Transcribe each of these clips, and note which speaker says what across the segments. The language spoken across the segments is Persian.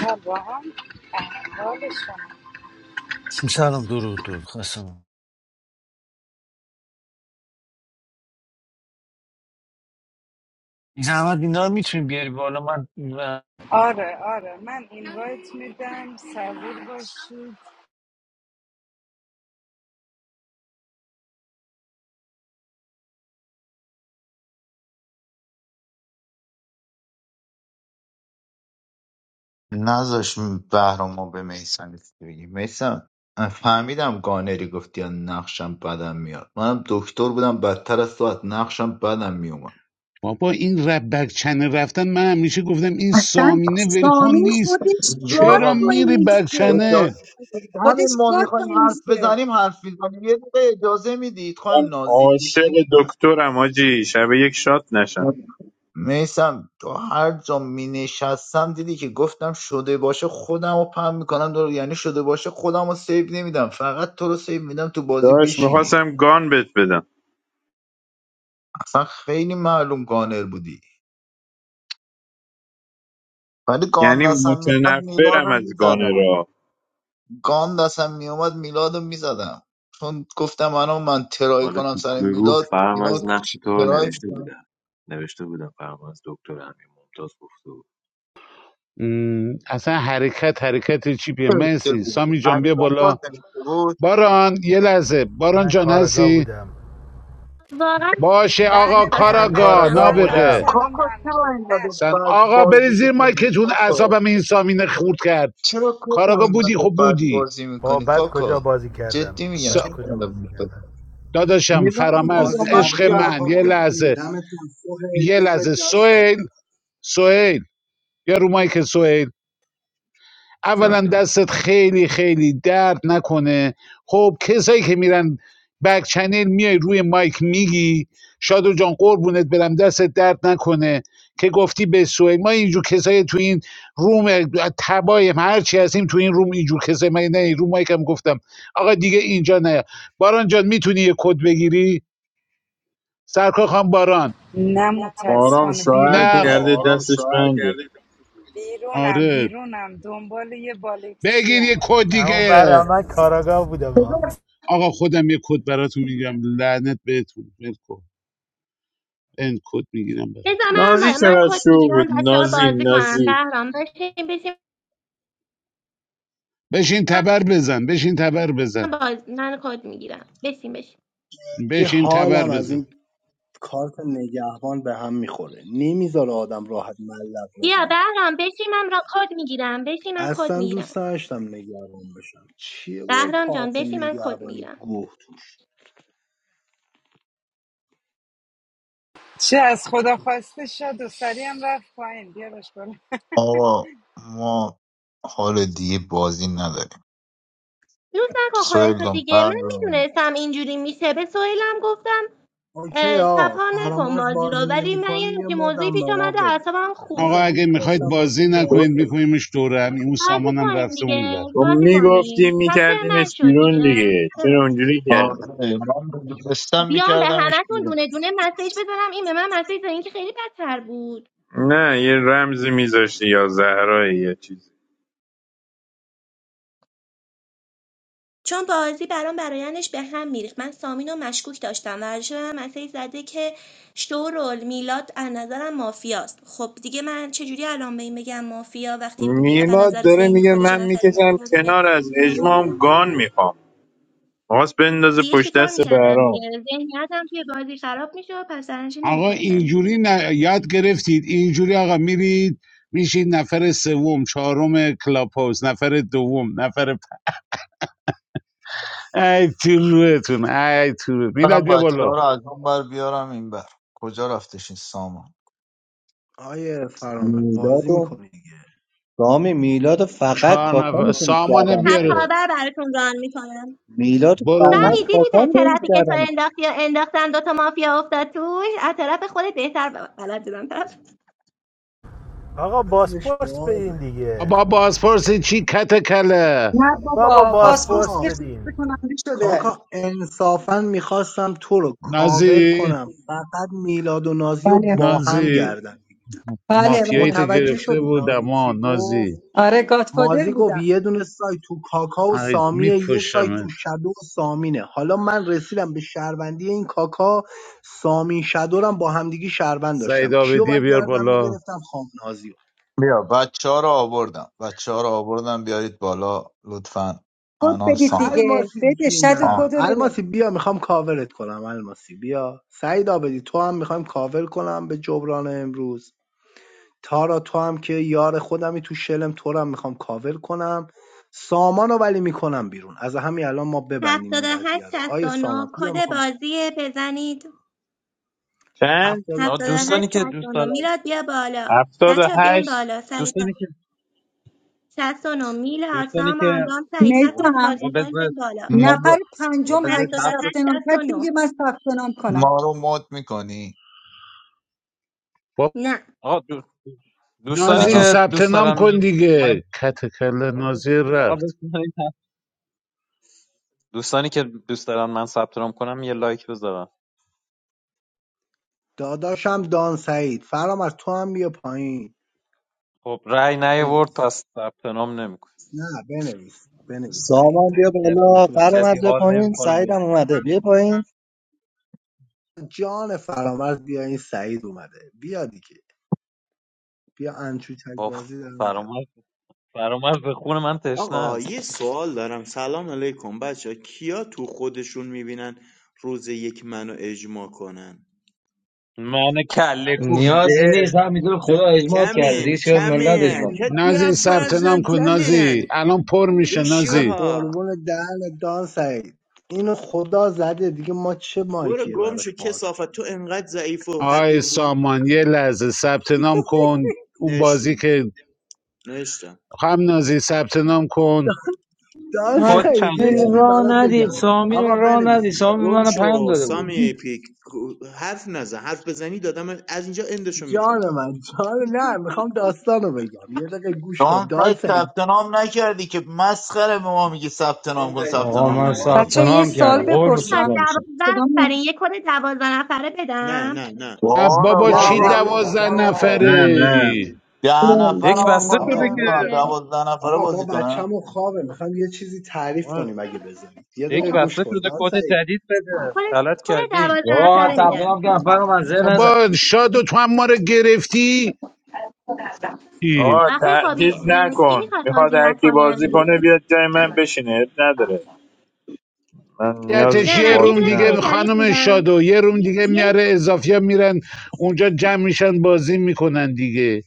Speaker 1: Abraham, حالشون
Speaker 2: سلام درود درود خواستم زحمت اینا رو میتونی بیاری بالا من و-
Speaker 1: آره آره من اینوایت میدم صبور باشید
Speaker 3: نذاش بهرامو به میسم بگی میسم فهمیدم گانری گفتی از نقشم بدم میاد منم دکتر بودم بدتر از تو از نقشم بدم میومد
Speaker 4: بابا این رب بک رفتن من همیشه گفتم این
Speaker 5: اصلا
Speaker 4: سامینه ولکن
Speaker 5: سامی
Speaker 4: نیست
Speaker 5: خودش گاد
Speaker 4: چرا
Speaker 3: آقا
Speaker 5: پای
Speaker 3: من
Speaker 4: میری بک
Speaker 5: میسته
Speaker 3: اجازه بدید. همین
Speaker 5: خودش
Speaker 3: ما
Speaker 5: گاد
Speaker 3: میخوایم
Speaker 5: پای
Speaker 3: حرف
Speaker 5: میسته
Speaker 3: بزنیم حرف بزنیم یه دقیقه اجازه میدید
Speaker 6: من
Speaker 3: خواهیم نازی
Speaker 6: عاشق
Speaker 3: دیدیم
Speaker 6: دکترم آجی شب یک شات نشم
Speaker 3: میسم تو هر جا می نشستم دیدی که گفتم شده باشه خودم رو پم میکنم دور یعنی شده باشه خودم رو سیو نمیدم فقط تو رو سیو میدم تو بازی
Speaker 6: داشت
Speaker 3: بشینی
Speaker 6: میخواستم گان بت بدم
Speaker 3: اصلا خیلی معلوم گانر بودی ولی گان
Speaker 6: یعنی
Speaker 3: دستم میومد میلاد
Speaker 6: متنفرم
Speaker 3: رو
Speaker 6: از گان
Speaker 3: میزدم
Speaker 6: را
Speaker 3: گان دستم میومد میلاد رو میزدم چون گفتم الان من ترای
Speaker 7: حالا
Speaker 3: کنم
Speaker 7: تو
Speaker 3: سر
Speaker 7: گروه
Speaker 3: میلاد اینا
Speaker 7: فرمز نقش تو رو
Speaker 3: ترای
Speaker 7: نوشته
Speaker 3: میکنم
Speaker 7: بودم نوشته بودم فرمز دکتر امین ممتاز گفته بود
Speaker 4: اصلا حرکت حرکت چیپیه
Speaker 3: فرشته
Speaker 4: مرسی
Speaker 3: بود
Speaker 4: سامی جان
Speaker 3: امیر
Speaker 4: بیا بالا
Speaker 3: ممتاز نوشته بود
Speaker 4: باران یه لحظه باران
Speaker 8: من
Speaker 4: جان
Speaker 8: کاراگاه
Speaker 4: هستی
Speaker 8: بودم
Speaker 9: واقعا نقشم رو
Speaker 4: باشه
Speaker 9: خیلی
Speaker 4: آقا
Speaker 1: بله
Speaker 9: دوست داشتم
Speaker 1: بله
Speaker 8: من
Speaker 9: دوست
Speaker 1: بله
Speaker 4: کاراگا
Speaker 9: داشتم
Speaker 8: کاراگاه
Speaker 9: بازی
Speaker 1: سلام
Speaker 4: نابغه
Speaker 9: تفاهم
Speaker 8: بودم
Speaker 1: سلام به
Speaker 3: کاکا
Speaker 9: بشه
Speaker 3: چرا
Speaker 1: همگی
Speaker 3: اینقدر
Speaker 1: بله
Speaker 4: سن
Speaker 3: بد
Speaker 4: آقا بری
Speaker 3: بازی
Speaker 4: زیر
Speaker 3: میکنی
Speaker 4: مایکتون
Speaker 3: کاکا
Speaker 4: اعصابم این سامینه خورد کرد
Speaker 3: چرا کاکا
Speaker 4: کاراگا بودی
Speaker 3: اینقدر
Speaker 4: خب
Speaker 3: بد
Speaker 4: بودی
Speaker 3: بازی
Speaker 8: با
Speaker 3: میکنی
Speaker 8: بعد کجا
Speaker 3: کاکا
Speaker 8: بازی کردم
Speaker 3: جدی میگم
Speaker 4: سا...
Speaker 8: بعد
Speaker 3: چرا
Speaker 8: کجا
Speaker 3: اینقدر بد
Speaker 8: بازی
Speaker 3: بازی می‌کنی؟
Speaker 8: کردم
Speaker 4: داداشم
Speaker 3: میلاد میگه
Speaker 4: فرامرز
Speaker 10: باز
Speaker 3: یا من
Speaker 4: عشق
Speaker 10: قبلی رو
Speaker 4: من
Speaker 10: رها
Speaker 3: گردن
Speaker 4: یه
Speaker 10: کنید دیگه
Speaker 3: می‌گیری.
Speaker 4: لحظه
Speaker 10: دمت گرم سهیل
Speaker 4: یه
Speaker 10: دمت
Speaker 4: لحظه
Speaker 10: گرم
Speaker 4: سویل یا رو مایک سوهیل
Speaker 7: جان
Speaker 4: اولا دستت خیلی خیلی درد نکنه خب کسایی که میرن بک چنل میای روی مایک میگی شادو جان قربونت برم دست درد نکنه که گفتی به سوهیل ما اینجور کسایی تو این روم تبایم هرچی هستیم تو این روم اینجور کسایی من نه رو مایکم گفتم آقا دیگه اینجا نه باران جان میتونی یه کد بگیری سرکار خان باران
Speaker 1: نه
Speaker 6: مارام
Speaker 1: متاسفانه
Speaker 6: شوهر
Speaker 4: نه
Speaker 1: بیرونم
Speaker 4: خ-
Speaker 6: کرده
Speaker 1: بهرام
Speaker 4: باران
Speaker 6: دستش
Speaker 4: شوهر
Speaker 6: بنده
Speaker 4: کرده
Speaker 1: بیرونم
Speaker 4: آره
Speaker 1: بیرونم دنبال یه بالکچی
Speaker 4: بگیر یه
Speaker 1: هم.
Speaker 4: کد
Speaker 8: اما
Speaker 4: دیگه
Speaker 8: برای من کاراگاه بودم ها.
Speaker 5: بذار
Speaker 4: آقا خودم یه کد براتون میگم لعنت بهتون ول کن این کد میگیرم
Speaker 9: بذار
Speaker 4: براتون
Speaker 9: من
Speaker 6: نازی
Speaker 9: با... من
Speaker 6: چقدر
Speaker 9: کد
Speaker 6: شو بود
Speaker 9: میگیرم بچه ها
Speaker 6: نازی
Speaker 9: بازی کنم
Speaker 6: نازی
Speaker 9: بهرام بشین بشین
Speaker 4: بشین
Speaker 9: من
Speaker 4: تبر بزن بشین تبر بزن
Speaker 9: باز... من کد میگیرم بشین بشین
Speaker 10: این
Speaker 4: بشین تبر
Speaker 10: حالم از
Speaker 4: بزن
Speaker 10: این کارت نگهبان به هم میخوره نمیذاره آدم راحت ملق
Speaker 9: بیا
Speaker 10: بزنه
Speaker 9: بهرام بشین من را کد میگیرم بشین من کد
Speaker 10: اصلا دوست
Speaker 9: میگیرم
Speaker 10: داشتم نگهبان بشم چیه با
Speaker 9: بهرام جان
Speaker 10: کارت
Speaker 9: بشین من کد
Speaker 10: نگهبانی
Speaker 9: میگیرم
Speaker 10: گوه توش
Speaker 1: چه از خدا خواسته شد و سری هم رفت پایین بیارش بالا
Speaker 3: آقا ما حال دیگه بازی نداریم
Speaker 9: لوس نکن خودت
Speaker 3: سویل
Speaker 9: رو
Speaker 3: دم
Speaker 9: دیگه من
Speaker 3: پردون
Speaker 9: میدونستم اینجوری میشه به سویلم گفتم
Speaker 10: اوکی
Speaker 9: اه،
Speaker 10: آقا
Speaker 9: تپا نکن
Speaker 10: فرامرز
Speaker 9: بازی رو
Speaker 10: بازی
Speaker 9: ولی من
Speaker 10: نمیکنه
Speaker 9: یه
Speaker 10: یه
Speaker 9: همچین موضوعی
Speaker 10: مدم به
Speaker 9: پیش
Speaker 10: ما
Speaker 9: آمده
Speaker 10: بده
Speaker 9: اعصابم
Speaker 4: آقا
Speaker 10: من
Speaker 9: خورده
Speaker 4: اگه
Speaker 10: دوست
Speaker 4: میخواید
Speaker 10: داشتم با تو
Speaker 4: بازی نکنید
Speaker 10: بازی کنم
Speaker 4: میکنیمش دوره هم اون
Speaker 9: بازی
Speaker 4: سامانم
Speaker 9: کنیم
Speaker 4: رفته اون
Speaker 9: دیگه
Speaker 4: بر
Speaker 6: تو
Speaker 9: بازی
Speaker 6: میگفتی
Speaker 9: کنیم تقصیر من
Speaker 6: میکردیمش
Speaker 9: شد
Speaker 6: بیرون
Speaker 9: دیگه
Speaker 6: دیگه چرا اونجوری
Speaker 9: ببخشید
Speaker 6: کردی
Speaker 3: آره من دونستم
Speaker 9: بیام به
Speaker 3: میکردمش
Speaker 9: همتون
Speaker 3: بیرون
Speaker 9: دونه دونه مسیج بزنم این به من مسیج زنی که خیلی بدتر بود
Speaker 6: نه یه رمزی میذاشتی یا زهرایی یا چیزی
Speaker 9: چون بازی برام برایندش به هم میریخت من سامین رو مشکوک داشتم و هم مسیج زده که شورول میلاد از نظرم مافیاست خب دیگه من چجوری الان به این بگم مافیا وقتی بی- به
Speaker 6: میلاد
Speaker 9: نظر
Speaker 6: داره
Speaker 9: ذهنی
Speaker 6: میگه
Speaker 9: خودش یه
Speaker 6: من
Speaker 9: نفر
Speaker 6: میکشم
Speaker 9: مافیا داره
Speaker 6: کنار از اجمام گان میخوام خواست بندازه
Speaker 9: دیگه
Speaker 6: پشت
Speaker 9: چیکار
Speaker 6: دست
Speaker 9: میکردم
Speaker 6: برام
Speaker 9: دیگه ذهنیتم توی بازی خراب میشه پس درنچه
Speaker 4: آقا
Speaker 9: نمیتونستم
Speaker 4: اینجوری نه- یاد گرفتید اینجوری آقا میرید میشید نفر سوم چهارم کلاب هاوس نفر دوم نفر پ... ای تو روحتون ای تو روح. میلاد
Speaker 3: برم
Speaker 4: بیا
Speaker 3: بچه ها
Speaker 4: بالا
Speaker 3: رو از اون بر بیارم این بر کجا رفتش این سامان
Speaker 10: آیه فرامرز بازی
Speaker 11: میلاد و
Speaker 10: میکنی دیگه
Speaker 11: رامی میلاد و فقط
Speaker 4: چهار
Speaker 11: کاکا
Speaker 4: نفر
Speaker 11: میتونست گردن
Speaker 4: سامان بیار
Speaker 11: بگیره
Speaker 9: تکاور براتون ران میکنم
Speaker 11: میلاد و فقط
Speaker 4: برو
Speaker 9: سمی
Speaker 11: کاکا
Speaker 9: دیدی
Speaker 11: میتونست
Speaker 5: بده.
Speaker 9: ترافیک تو
Speaker 11: گردن بگیره
Speaker 9: انداختی و انداختن دوتا مافیا افتاد توش از طرف خودت بهتر ب- بلد بودم طرف
Speaker 8: آقا
Speaker 10: عقلش
Speaker 8: بازپرس بدین
Speaker 10: بازه
Speaker 8: دیگه
Speaker 4: آبا بازپرسی چی کته کله
Speaker 5: نه
Speaker 8: بابا
Speaker 5: بابا پاسپورت
Speaker 8: بازپرس
Speaker 10: کاکا
Speaker 5: که خسته
Speaker 8: بدین
Speaker 5: کننده
Speaker 10: کاکا
Speaker 5: شده
Speaker 10: انصافا میخواستم تو رو کاور
Speaker 4: نازی
Speaker 10: کنم فقط میلاد و نازی رو
Speaker 5: بله
Speaker 10: با هم
Speaker 4: نازی
Speaker 10: گردن بگیر.
Speaker 5: بله
Speaker 4: مافیایی تو
Speaker 5: بله
Speaker 10: متوجه
Speaker 4: گرفته
Speaker 10: شدی نازی
Speaker 4: بودم آ
Speaker 10: چی
Speaker 4: نازی
Speaker 10: گفت
Speaker 5: آره گادفادر
Speaker 10: مازی گفت
Speaker 5: بودم
Speaker 10: یه دونه سایت تو کاکا و
Speaker 4: ای
Speaker 10: سامیه یه سایت تو
Speaker 4: میکشمت
Speaker 10: شدو و سامینه حالا من رسیدم به شهروندی این کاکا سامین شدورم با همدیگه شهروند داشتم
Speaker 4: سعید
Speaker 10: کیو
Speaker 4: آبدی
Speaker 10: باید
Speaker 4: بیار
Speaker 10: گردن
Speaker 4: بالا
Speaker 10: میگرفتم خام
Speaker 3: بیا بچه ها رو آوردم بچه ها رو آوردم بیارید بالا لطفا
Speaker 5: کد
Speaker 3: انان
Speaker 5: بدید
Speaker 3: سامان
Speaker 5: دیگه
Speaker 10: الماسی
Speaker 5: بده شد و
Speaker 10: جونم
Speaker 3: سام
Speaker 5: کدو بده
Speaker 10: الماسی بیا میخوام کاورت کنم الماسی بیا سعید آبدی تو هم میخوام کاور کنم به جبران امروز تارا تو هم که یار خودمی تو شلم تو رو هم میخوام کاور کنم سامانو ولی میکنم بیرون از همین الان ما ببندیم
Speaker 9: هفتاد و
Speaker 10: این
Speaker 9: هشت
Speaker 10: قضیه رو
Speaker 9: شست
Speaker 10: آیه
Speaker 9: و نو
Speaker 10: سامان بیا
Speaker 9: کد
Speaker 10: میخوام
Speaker 9: بازی بزنید
Speaker 6: چند
Speaker 10: هفته رو
Speaker 12: آقا
Speaker 9: هفتاد و هشت
Speaker 12: دوستانی
Speaker 10: بزنیم.
Speaker 12: که
Speaker 9: شست
Speaker 12: دوست
Speaker 9: و نو
Speaker 12: دارن
Speaker 9: میلاد بیا بالا
Speaker 6: هفتاد و
Speaker 9: بچه ها بیاین
Speaker 6: هشت
Speaker 9: بالا سریعتر
Speaker 12: دوستانی که
Speaker 9: شست و نو میلاد
Speaker 12: دوستانی که
Speaker 9: سامان دام سعید هر کدوم که بازی
Speaker 5: میفهم
Speaker 12: آقا
Speaker 9: میکنین
Speaker 12: بذار
Speaker 9: بیاین بالا
Speaker 3: ما
Speaker 5: نفر
Speaker 3: رو
Speaker 12: آقا
Speaker 5: پنجم هر
Speaker 12: بذار
Speaker 5: کی
Speaker 9: هفتاد و
Speaker 12: حرف بز-
Speaker 5: ثبت
Speaker 9: هشت
Speaker 5: نام
Speaker 9: شست و
Speaker 5: کرد
Speaker 9: نو
Speaker 5: بگه من ثبت نام کنم
Speaker 3: ما رو مد میکنی
Speaker 4: با...
Speaker 9: نه
Speaker 12: آقا دو- دوستانی
Speaker 4: نازی
Speaker 6: سلام
Speaker 12: که
Speaker 4: ثبت
Speaker 12: دوست
Speaker 4: نام
Speaker 12: دارن من
Speaker 4: کن
Speaker 12: من
Speaker 4: دیگه کته کله نازی
Speaker 12: آقا
Speaker 4: رفت
Speaker 12: بذارید حرف- دوستانی که دوست دارن من ثبت نام کنم یه لایک بذارن
Speaker 10: داداشم دان سعید فرام از تو هم بیا پایین
Speaker 12: خب رأی نیاورد
Speaker 10: بنویس
Speaker 12: پس ثبت نام نمیکنه
Speaker 10: نه بنویس بنویس سعید
Speaker 11: سامان بیا
Speaker 12: کسی
Speaker 11: بالا
Speaker 10: دکتر
Speaker 11: قرم
Speaker 10: سعید
Speaker 12: کسی
Speaker 11: از بیا
Speaker 12: حال
Speaker 11: پایین
Speaker 12: نمیکنه
Speaker 11: سعیدم اومده بیا پایین
Speaker 10: جان فرامرز بیا این سعید اومده بیا دیگه بیا انچوتک
Speaker 12: بابا
Speaker 10: بازی در میاد
Speaker 12: فرامرز فرامرز به خون من تشنه
Speaker 13: آقا
Speaker 12: است
Speaker 13: یه سوال دارم سلام علیکم بچه کیا تو خودشون میبینن روز یک منو اجماع کنن
Speaker 12: من کله
Speaker 14: نیازی
Speaker 12: گنده
Speaker 14: نیست همینطور خدا اجماع کرده دیگه
Speaker 13: کمین
Speaker 14: چرا ملت
Speaker 13: کمین
Speaker 14: اجماع
Speaker 13: کتی
Speaker 4: نازی ثبت نام
Speaker 13: افزن
Speaker 4: کن نازی
Speaker 13: کمین
Speaker 4: الان پر میشه
Speaker 10: از
Speaker 4: نازی
Speaker 13: بوشوها
Speaker 10: قربون دهن دان سعید اینو خدا زده دیگه ما چه
Speaker 13: برو
Speaker 10: مایکیه
Speaker 13: گم شو
Speaker 10: براش باز
Speaker 13: کسافت تو
Speaker 10: کنیم
Speaker 13: انقدر ضعیف و
Speaker 4: آقای
Speaker 13: حقیر بودی
Speaker 4: سامان یه لحظه ثبت نام کن اون بازی
Speaker 13: نشتم
Speaker 4: که
Speaker 13: نشتم
Speaker 4: هم نازی ثبت نام کن
Speaker 10: دان
Speaker 12: کد
Speaker 10: سعید یه
Speaker 12: چنده
Speaker 14: مسئول
Speaker 10: چیزی
Speaker 14: را
Speaker 10: برات
Speaker 14: ندید
Speaker 10: بگم
Speaker 14: سامی
Speaker 10: آقا
Speaker 14: رو را ندید
Speaker 10: بنویسی
Speaker 14: سامی
Speaker 13: گم
Speaker 14: من پیام
Speaker 13: شو
Speaker 14: داده بود
Speaker 13: سامی پیک حرف نزن حرف بزنی دادم از اینجا اندشو
Speaker 10: جان
Speaker 13: میزنم
Speaker 10: من جان نه میخوام داستانو بگم یه دقیقه گوش
Speaker 3: تو
Speaker 10: کن
Speaker 3: هم
Speaker 10: دان
Speaker 3: سایت
Speaker 10: سعید
Speaker 3: ثبت نام نکردی که مسخره به ما میگی ثبت نام کن ثبت
Speaker 14: آقا
Speaker 3: نام
Speaker 14: من
Speaker 3: نمیکنی
Speaker 14: ثبت
Speaker 5: بچه یه
Speaker 14: نام
Speaker 5: سال
Speaker 14: کردم قرب
Speaker 9: تا
Speaker 5: بپرسم
Speaker 14: چشم میشم
Speaker 9: دوازده
Speaker 5: صدا
Speaker 9: نفرین یه کد دوازده نفره
Speaker 13: نه
Speaker 9: بدم
Speaker 13: نه نه
Speaker 4: نه
Speaker 3: بارا
Speaker 4: بابا
Speaker 12: آقا
Speaker 10: نه
Speaker 4: چی
Speaker 12: دک
Speaker 3: بابا
Speaker 10: نه
Speaker 3: ببین
Speaker 10: آقا در
Speaker 4: دوازده
Speaker 10: نفره
Speaker 3: بابا.
Speaker 6: نه
Speaker 4: نفره
Speaker 10: بگم
Speaker 6: نه
Speaker 4: ای
Speaker 3: ده نفر
Speaker 12: دک
Speaker 3: من
Speaker 12: بسته
Speaker 9: بدم
Speaker 3: بازی
Speaker 10: آقا
Speaker 12: شده
Speaker 10: ما
Speaker 3: نمیکنم
Speaker 12: که
Speaker 9: دیگه
Speaker 10: بچه
Speaker 3: دوازده نفره
Speaker 10: آقا ما
Speaker 3: بازی کنم
Speaker 10: بچه‌مون خوابه میخوام یه چیزی تعریف
Speaker 12: آقا
Speaker 10: کنیم اگه بذارید یه
Speaker 12: دک
Speaker 10: دقیقه گوش
Speaker 12: بسته
Speaker 10: کن
Speaker 12: شده
Speaker 10: دان
Speaker 12: کد
Speaker 10: سعید
Speaker 12: جدید بده
Speaker 9: کل
Speaker 12: غلط
Speaker 9: کل
Speaker 12: کردین
Speaker 9: دوازده
Speaker 14: آقا
Speaker 9: نفره
Speaker 14: ثبت
Speaker 9: میدم
Speaker 14: نام کردم فرام از ذهن نزن
Speaker 4: بابا شادو تو هم ما رو گرفتی ای.
Speaker 6: آقا
Speaker 9: آخه
Speaker 6: ت-
Speaker 9: خابی اه، کی
Speaker 6: نکن
Speaker 9: میخواد
Speaker 6: میخواد
Speaker 9: بازی
Speaker 6: هرکی بازی
Speaker 9: نکنه
Speaker 6: کنه بیاد جای من بشینه اب نداره من نیاز
Speaker 4: یتش
Speaker 6: به
Speaker 9: نه
Speaker 4: یه
Speaker 9: نه یه
Speaker 4: روم
Speaker 6: بازی
Speaker 9: دونه کل
Speaker 4: دیگه
Speaker 6: ندارم
Speaker 9: جدید
Speaker 4: خانم
Speaker 9: میدم
Speaker 4: شادو یه روم دیگه
Speaker 9: یه
Speaker 4: میاره اضافی ها میرن اونجا جمع میشن بازی میکنن دیگه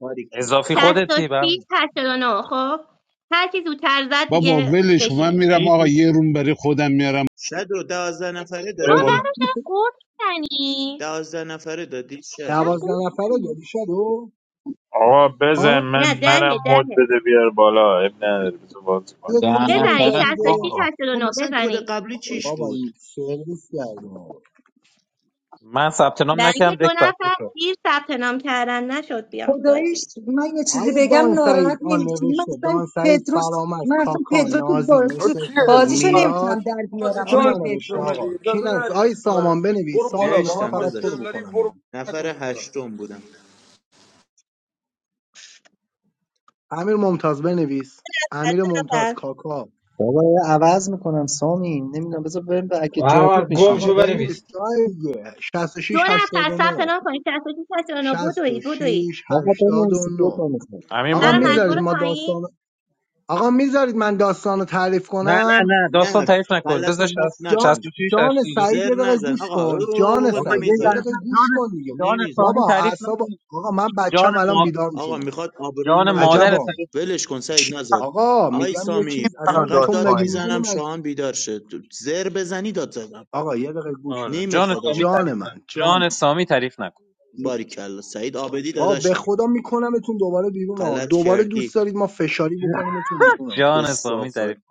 Speaker 13: باریکن
Speaker 12: اضافی
Speaker 9: شست و
Speaker 12: خودتی
Speaker 9: شیش
Speaker 12: بم
Speaker 9: هشتاد و نه خب هر کی زودتر زد
Speaker 4: بابا
Speaker 9: دیگه
Speaker 4: ولش کن. من
Speaker 9: بشینه دیگه
Speaker 4: میرم
Speaker 12: چی چی
Speaker 4: آقا یه روم برای خودم میارم
Speaker 13: شد رو دوازده نفره
Speaker 12: برو
Speaker 9: بابا
Speaker 6: بزن
Speaker 12: برو
Speaker 13: دادی
Speaker 9: بعدش چرا قورت میزنی
Speaker 13: دوازده نفره دادی
Speaker 9: چرا
Speaker 13: شد
Speaker 10: دوازده
Speaker 9: قورت
Speaker 10: نفره
Speaker 9: میزنی
Speaker 10: گلی شد
Speaker 6: آقا
Speaker 10: ها
Speaker 6: بزن من
Speaker 9: نه
Speaker 6: منم
Speaker 9: دهه
Speaker 6: مد
Speaker 9: دهه
Speaker 6: بده بیار بالا اب نداره بزن بازی کن
Speaker 10: یه کد
Speaker 3: ده
Speaker 10: الان
Speaker 9: بزنی
Speaker 3: نفره
Speaker 9: شست و
Speaker 10: جدیده
Speaker 9: شیش
Speaker 3: بابا
Speaker 9: هشتاد و
Speaker 13: خب
Speaker 9: نه
Speaker 13: مثلا کد
Speaker 9: بزنی
Speaker 13: قبلی چیش
Speaker 10: بابا
Speaker 13: بود
Speaker 10: سرویس کردیم آقا
Speaker 12: من ثبت نام
Speaker 9: برای
Speaker 12: نکردم
Speaker 9: که
Speaker 12: دک
Speaker 9: دو
Speaker 12: بسته
Speaker 9: نفر
Speaker 12: شد
Speaker 9: دیر ثبت نام کردن نشد بیان تو
Speaker 5: خداییش
Speaker 9: بازی
Speaker 5: من یه چیزی
Speaker 10: آیه
Speaker 5: بگم
Speaker 10: دان
Speaker 5: ناراحت
Speaker 10: سعید آن
Speaker 5: نمیشی من
Speaker 10: نوشته
Speaker 5: اصلا
Speaker 10: دان سعید
Speaker 5: پدروس
Speaker 10: فرامرز
Speaker 5: من اصلا
Speaker 10: کاکا
Speaker 5: پدرو تو
Speaker 10: نازی
Speaker 5: بازی
Speaker 10: مستر سعید
Speaker 5: بازیشو
Speaker 10: میلاد
Speaker 5: نمیتونم در بیارم
Speaker 10: کی
Speaker 5: آقای
Speaker 10: ننوشته
Speaker 5: پدرو
Speaker 10: آقا کی ننوشته آیه سامان بنویس سامان میخوام
Speaker 13: نوشتم
Speaker 10: فقط تو رو
Speaker 13: داداش
Speaker 10: بکنم بیرون
Speaker 13: نفر هشتم بودم
Speaker 10: امیر ممتاز بنویس
Speaker 9: از
Speaker 10: امیر
Speaker 9: دو
Speaker 10: ممتاز
Speaker 9: نفر
Speaker 10: کاکا
Speaker 11: بابا یه عوض میکنم سامی نمیدونم بذار بریم به- اگه
Speaker 14: هر
Speaker 11: جا بود
Speaker 14: وقت گم
Speaker 10: آقا
Speaker 11: میشینیم
Speaker 14: شو
Speaker 10: بنویس
Speaker 14: بنویس
Speaker 10: آیه دیگه.
Speaker 9: دو
Speaker 10: 66
Speaker 9: نفر ثبت
Speaker 10: 89
Speaker 9: نام کنی 66 69 بدوی بدوی
Speaker 10: 66
Speaker 11: آقا بنویسید دو
Speaker 10: 89
Speaker 11: تا میخوام
Speaker 12: امیر
Speaker 13: من
Speaker 10: آقا
Speaker 13: با
Speaker 9: منو
Speaker 12: ممتاز
Speaker 10: میذارید
Speaker 9: مجبور
Speaker 12: بود.
Speaker 10: ما داستان
Speaker 9: پایین
Speaker 10: آقا میذارید من داستان رو تعریف
Speaker 12: نه نه
Speaker 10: کنم
Speaker 12: نه داستان
Speaker 13: نه
Speaker 12: تعریف نکن
Speaker 13: غلط
Speaker 12: بذار
Speaker 13: و مفت
Speaker 10: جان
Speaker 13: نکن
Speaker 12: 66
Speaker 10: جان
Speaker 12: 82
Speaker 10: سعید
Speaker 13: زر
Speaker 10: یه دقیقه
Speaker 13: نزن
Speaker 10: گوش کن جان
Speaker 13: آقا
Speaker 12: آقا یه
Speaker 10: سعید یه
Speaker 13: نمیذارم
Speaker 10: دقیقه
Speaker 12: لحظه
Speaker 10: گوش
Speaker 12: جان
Speaker 10: کن دیگه
Speaker 12: جان سامی
Speaker 13: نمیذارم
Speaker 10: بابا
Speaker 12: تعریف
Speaker 10: اعصاب
Speaker 12: نکن
Speaker 10: آقا من
Speaker 12: جان
Speaker 10: بچم الان
Speaker 12: ما
Speaker 10: بیدار میشه
Speaker 13: آقا
Speaker 10: اینجا.
Speaker 13: میخواد آبروی
Speaker 12: جان
Speaker 13: منو
Speaker 12: مادر
Speaker 10: عجبا
Speaker 13: ببره
Speaker 12: تعریف نکن.
Speaker 13: ولش کن سعید نزد
Speaker 10: آقا
Speaker 13: آی
Speaker 10: میگم یه
Speaker 13: سامی
Speaker 10: چیز اصلا
Speaker 3: منو
Speaker 13: انقدر
Speaker 10: تو
Speaker 3: داد
Speaker 13: داد
Speaker 10: مگه
Speaker 3: پایین
Speaker 10: میدونی
Speaker 13: میزنم
Speaker 10: من
Speaker 13: شاهان بیدار شد زر بزنی داد زدم
Speaker 10: آقا یه دقیقه گوش
Speaker 12: آره
Speaker 10: کن
Speaker 12: جان
Speaker 13: نمیخواد
Speaker 12: سامی
Speaker 13: آقا
Speaker 10: جان
Speaker 12: تعریف
Speaker 10: من
Speaker 12: نکن
Speaker 10: جان
Speaker 12: جان
Speaker 10: من
Speaker 12: سامی تعریف نکن
Speaker 13: باریکلا سعید آبدی
Speaker 10: با به
Speaker 13: داداشم
Speaker 10: خدا میکنمتون دوباره بیرون ها
Speaker 13: غلط
Speaker 10: دوباره
Speaker 13: کردی
Speaker 10: دوست دارید ما فشاری بکنیمتون بیرون ها
Speaker 13: یه
Speaker 12: جان سامی تعریف
Speaker 13: صافه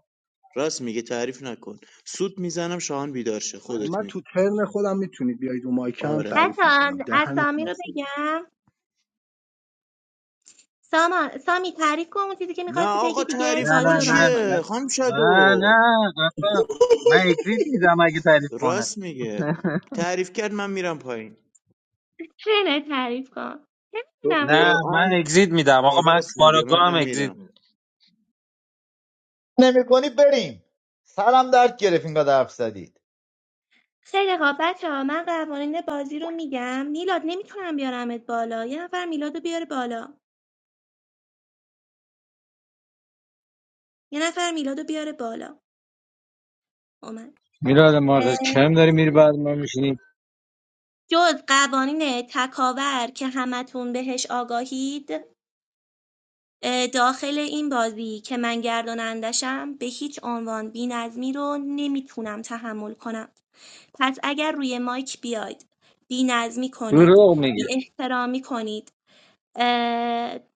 Speaker 13: راست میگه تعریف نکن سود میزنم شاهان بیدار شه
Speaker 10: خب،
Speaker 13: خودت
Speaker 10: من تو
Speaker 13: میگی
Speaker 10: ترن خودم میتونید بیاید رو مایکم
Speaker 13: آره
Speaker 10: تعریف
Speaker 9: بچه
Speaker 10: میکنم دهنتون
Speaker 9: اسامی
Speaker 10: هم
Speaker 9: رو بگم ساما سامی تعریف کن اون چیزی که
Speaker 13: نه
Speaker 9: میخواستی
Speaker 13: آقا
Speaker 9: بگی دیگه
Speaker 13: تعریف
Speaker 12: نه نه
Speaker 9: بازی
Speaker 13: کن
Speaker 9: رو
Speaker 12: نه
Speaker 9: ران
Speaker 13: چیه
Speaker 12: ت-
Speaker 9: کنیم
Speaker 13: خانم
Speaker 12: نه نه
Speaker 13: شدو
Speaker 12: اصلا من اگزیت میدم اگه تعریف کنه
Speaker 13: راست میگه تعریف کرد من میرم پایین
Speaker 9: چه تعریف کن
Speaker 13: به
Speaker 9: نمیدونم بود
Speaker 12: نه من
Speaker 13: قرآن
Speaker 12: اگزیت میدم آقا من
Speaker 13: راست میگه
Speaker 12: کاراگاه هم
Speaker 13: منم
Speaker 12: اگزیت میدم
Speaker 13: میرم
Speaker 3: نمی کنی بریم سلام درد گرفت اینقدر حرف زدید
Speaker 9: خیلی خب بچه ها من قوانین بازی رو میگم میلاد نمیتونم بیارمت بالا یه نفر میلاد رو بیاره بالا یه نفر میلاد رو بیاره بالا اومد
Speaker 14: میلاد
Speaker 9: اه،
Speaker 14: مارد کم داری میری بعد ما میشینی
Speaker 9: جز قوانین تکاور که همتون بهش آگاهید داخل این بازی که من گردانندشم به هیچ عنوان بی‌نظمی رو نمیتونم تحمل کنم پس اگر روی مایک بیاید بی‌نظمی کنید
Speaker 14: دروغ میگی
Speaker 9: بی احترامی کنید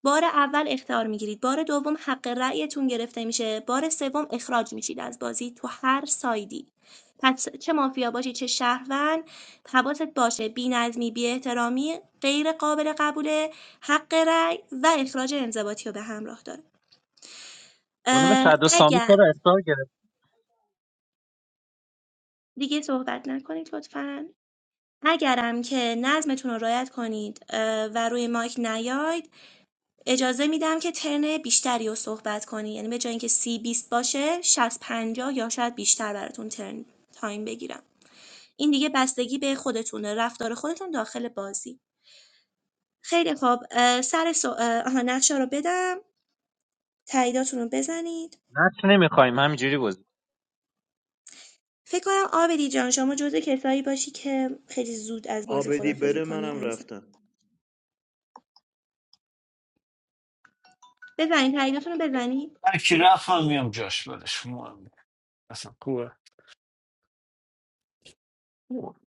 Speaker 9: بار اول اختار میگیرید بار دوم حق رأیتون گرفته میشه بار سوم اخراج میشید از بازی تو هر سایدی پس چه مافیا باشی چه شهروند حواست باشه بی نظمی بی احترامی غیر قابل قبوله حق رأی و اخراج انضباطی رو به همراه داره
Speaker 12: خانم
Speaker 9: اه،
Speaker 12: شد و سامی
Speaker 9: اگر
Speaker 12: چرا اختار گرفت
Speaker 9: دیگه صحبت نکنید لطفا اگرم که نظمتون رو رعایت کنید اه، و روی مایک نیاید اجازه میدم که ترن بیشتری رو صحبت کنید یعنی به جای اینکه سی بیست باشه 60 50 یا شاید بیشتر براتون ترن تایم بگیرم این دیگه بستگی به خودتونه رفتار خودتون داخل بازی خیلی خوب اه، سر سو... اه، آها نقشه رو بدم تاییداتون رو بزنید
Speaker 12: نقش نمیخوایم همینجوری بازی
Speaker 9: فکر کنم آبدی جان شما جزو کسایی باشی که خیلی زود از بازی
Speaker 13: آبدی
Speaker 9: خدافزی
Speaker 13: بره منم
Speaker 9: کنی
Speaker 13: رفتم
Speaker 9: بزنید تاییداتون رو بزنید
Speaker 2: هر کی رفت من میام جاش بدش مهم اصلا خوبه خوبه.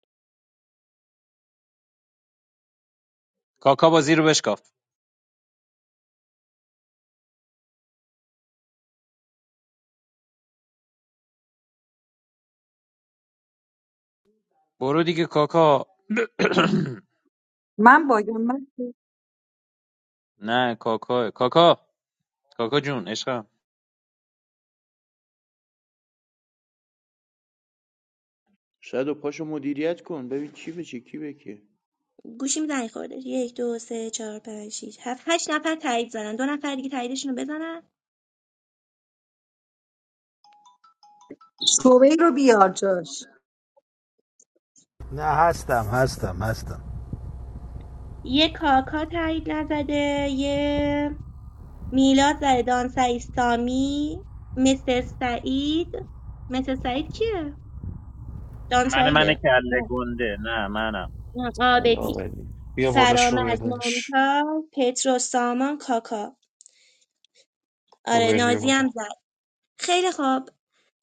Speaker 12: کاکا بازی رو بشکاف برو دیگه کاکا
Speaker 5: من باگم من
Speaker 12: نه کاکا کاکا کاکا جون عشقم
Speaker 13: شدو پاشو مدیریت کن ببین چی بشه چه کی به
Speaker 9: گوشیم زنگ خورده یک دو سه چهار پنج شش هفت هشت نفر تایید زدن دو نفر دیگه تاییدشون رو بزنن
Speaker 5: شعبه رو بیار جاش
Speaker 8: نه هستم هستم هستم
Speaker 9: یه کاکا تایید نزده یه میلاد زده دانسعید سامی مستر سعید مستر سعید کیه
Speaker 12: من من
Speaker 9: دانسعیده
Speaker 12: کله
Speaker 9: نه
Speaker 12: گنده نه منم
Speaker 9: نه،
Speaker 2: ای
Speaker 9: آبدی
Speaker 2: آوردی. بیا بالا شوگر
Speaker 9: فرامرز
Speaker 2: دادش
Speaker 9: ممتاز پترو سامان کاکا آره
Speaker 2: شوگر بیا
Speaker 9: نازی هم
Speaker 2: بالا
Speaker 9: زد. خیلی خوب،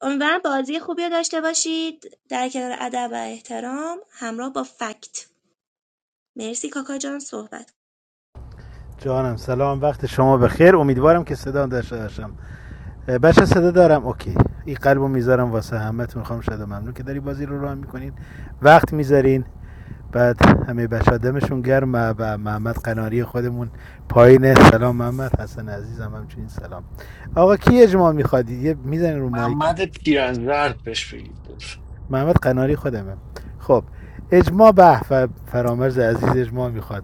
Speaker 9: امیدوارم بازی خوبی داشته باشید در کنار ادب و احترام همراه با فکت مرسی کاکا جان صحبت
Speaker 8: جانم سلام وقت شما بخیر امیدوارم که صدا داشته باشم بچه صدا دارم اوکی این قلبو میذارم واسه همتون میخوام شده ممنون که داری بازی رو راه میکنین وقت میذارین بعد همه بچه ها دمشون گرم و محمد قناری خودمون پایینه سلام محمد حسن عزیزم همچنین سلام آقا کی اجماع میخوادید یه میزنین رو مایک
Speaker 2: محمد پیرنزرد بهش بگید
Speaker 8: محمد قناری خودمه خب اجماع به و فرامرز عزیز اجماع میخواد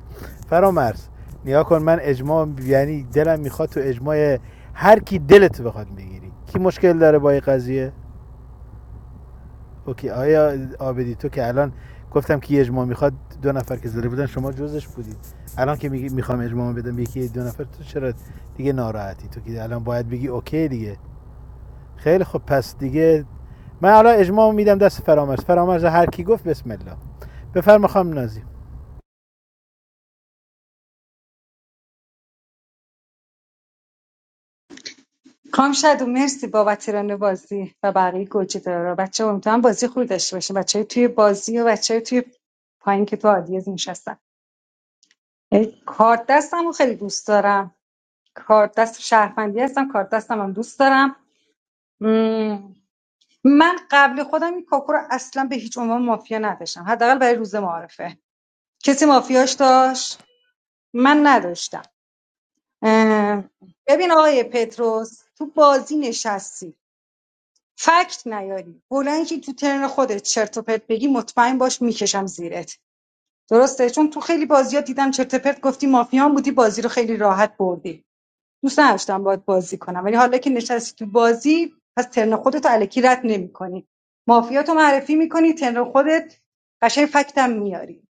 Speaker 8: فرامرز نیا کن من اجماع یعنی دلم میخواد تو اجماع هر کی دلت بخواد بگیری کی مشکل داره با این قضیه اوکی آیا آبدی تو که الان گفتم که اجماع میخواد دو نفر که زده بودن شما جزش بودید الان که میگی میخوام اجماع بدم یکی دو نفر تو چرا دیگه ناراحتی تو که الان باید بگی اوکی دیگه خیلی خب پس دیگه من حالا اجماع میدم دست فرامرز فرامرز هر کی گفت بسم الله بفرما خانم نازی
Speaker 5: کام شد و مرسی بابت ران بازی و بقیه گوجه دارا بچه امیدوارم بازی خوبی داشته باشه بچه توی بازی و بچه توی پایین که تو آدیز نشستن اه، کارت دستم رو خیلی دوست دارم کارت دست شهروندی هستم کارت دستم هم دوست دارم من قبل خودم این کاکو رو اصلا به هیچ عنوان مافیا نداشتم حداقل برای روز معارفه کسی مافیاش داشت من نداشتم ببین آقای پتروس تو بازی نشستی فکت نیاری بلند که تو ترن خودت چرت و پرت بگی مطمئن باش میکشم زیرت درسته چون تو خیلی بازی دیدم چرت و پرت گفتی مافیا هم بودی بازی رو خیلی راحت بردی دوست نداشتم باید بازی کنم ولی حالا که نشستی تو بازی پس ترن خودت رو الکی رد نمیکنی مافیاتو معرفی میکنی ترن خودت قشنگ فکتم میاری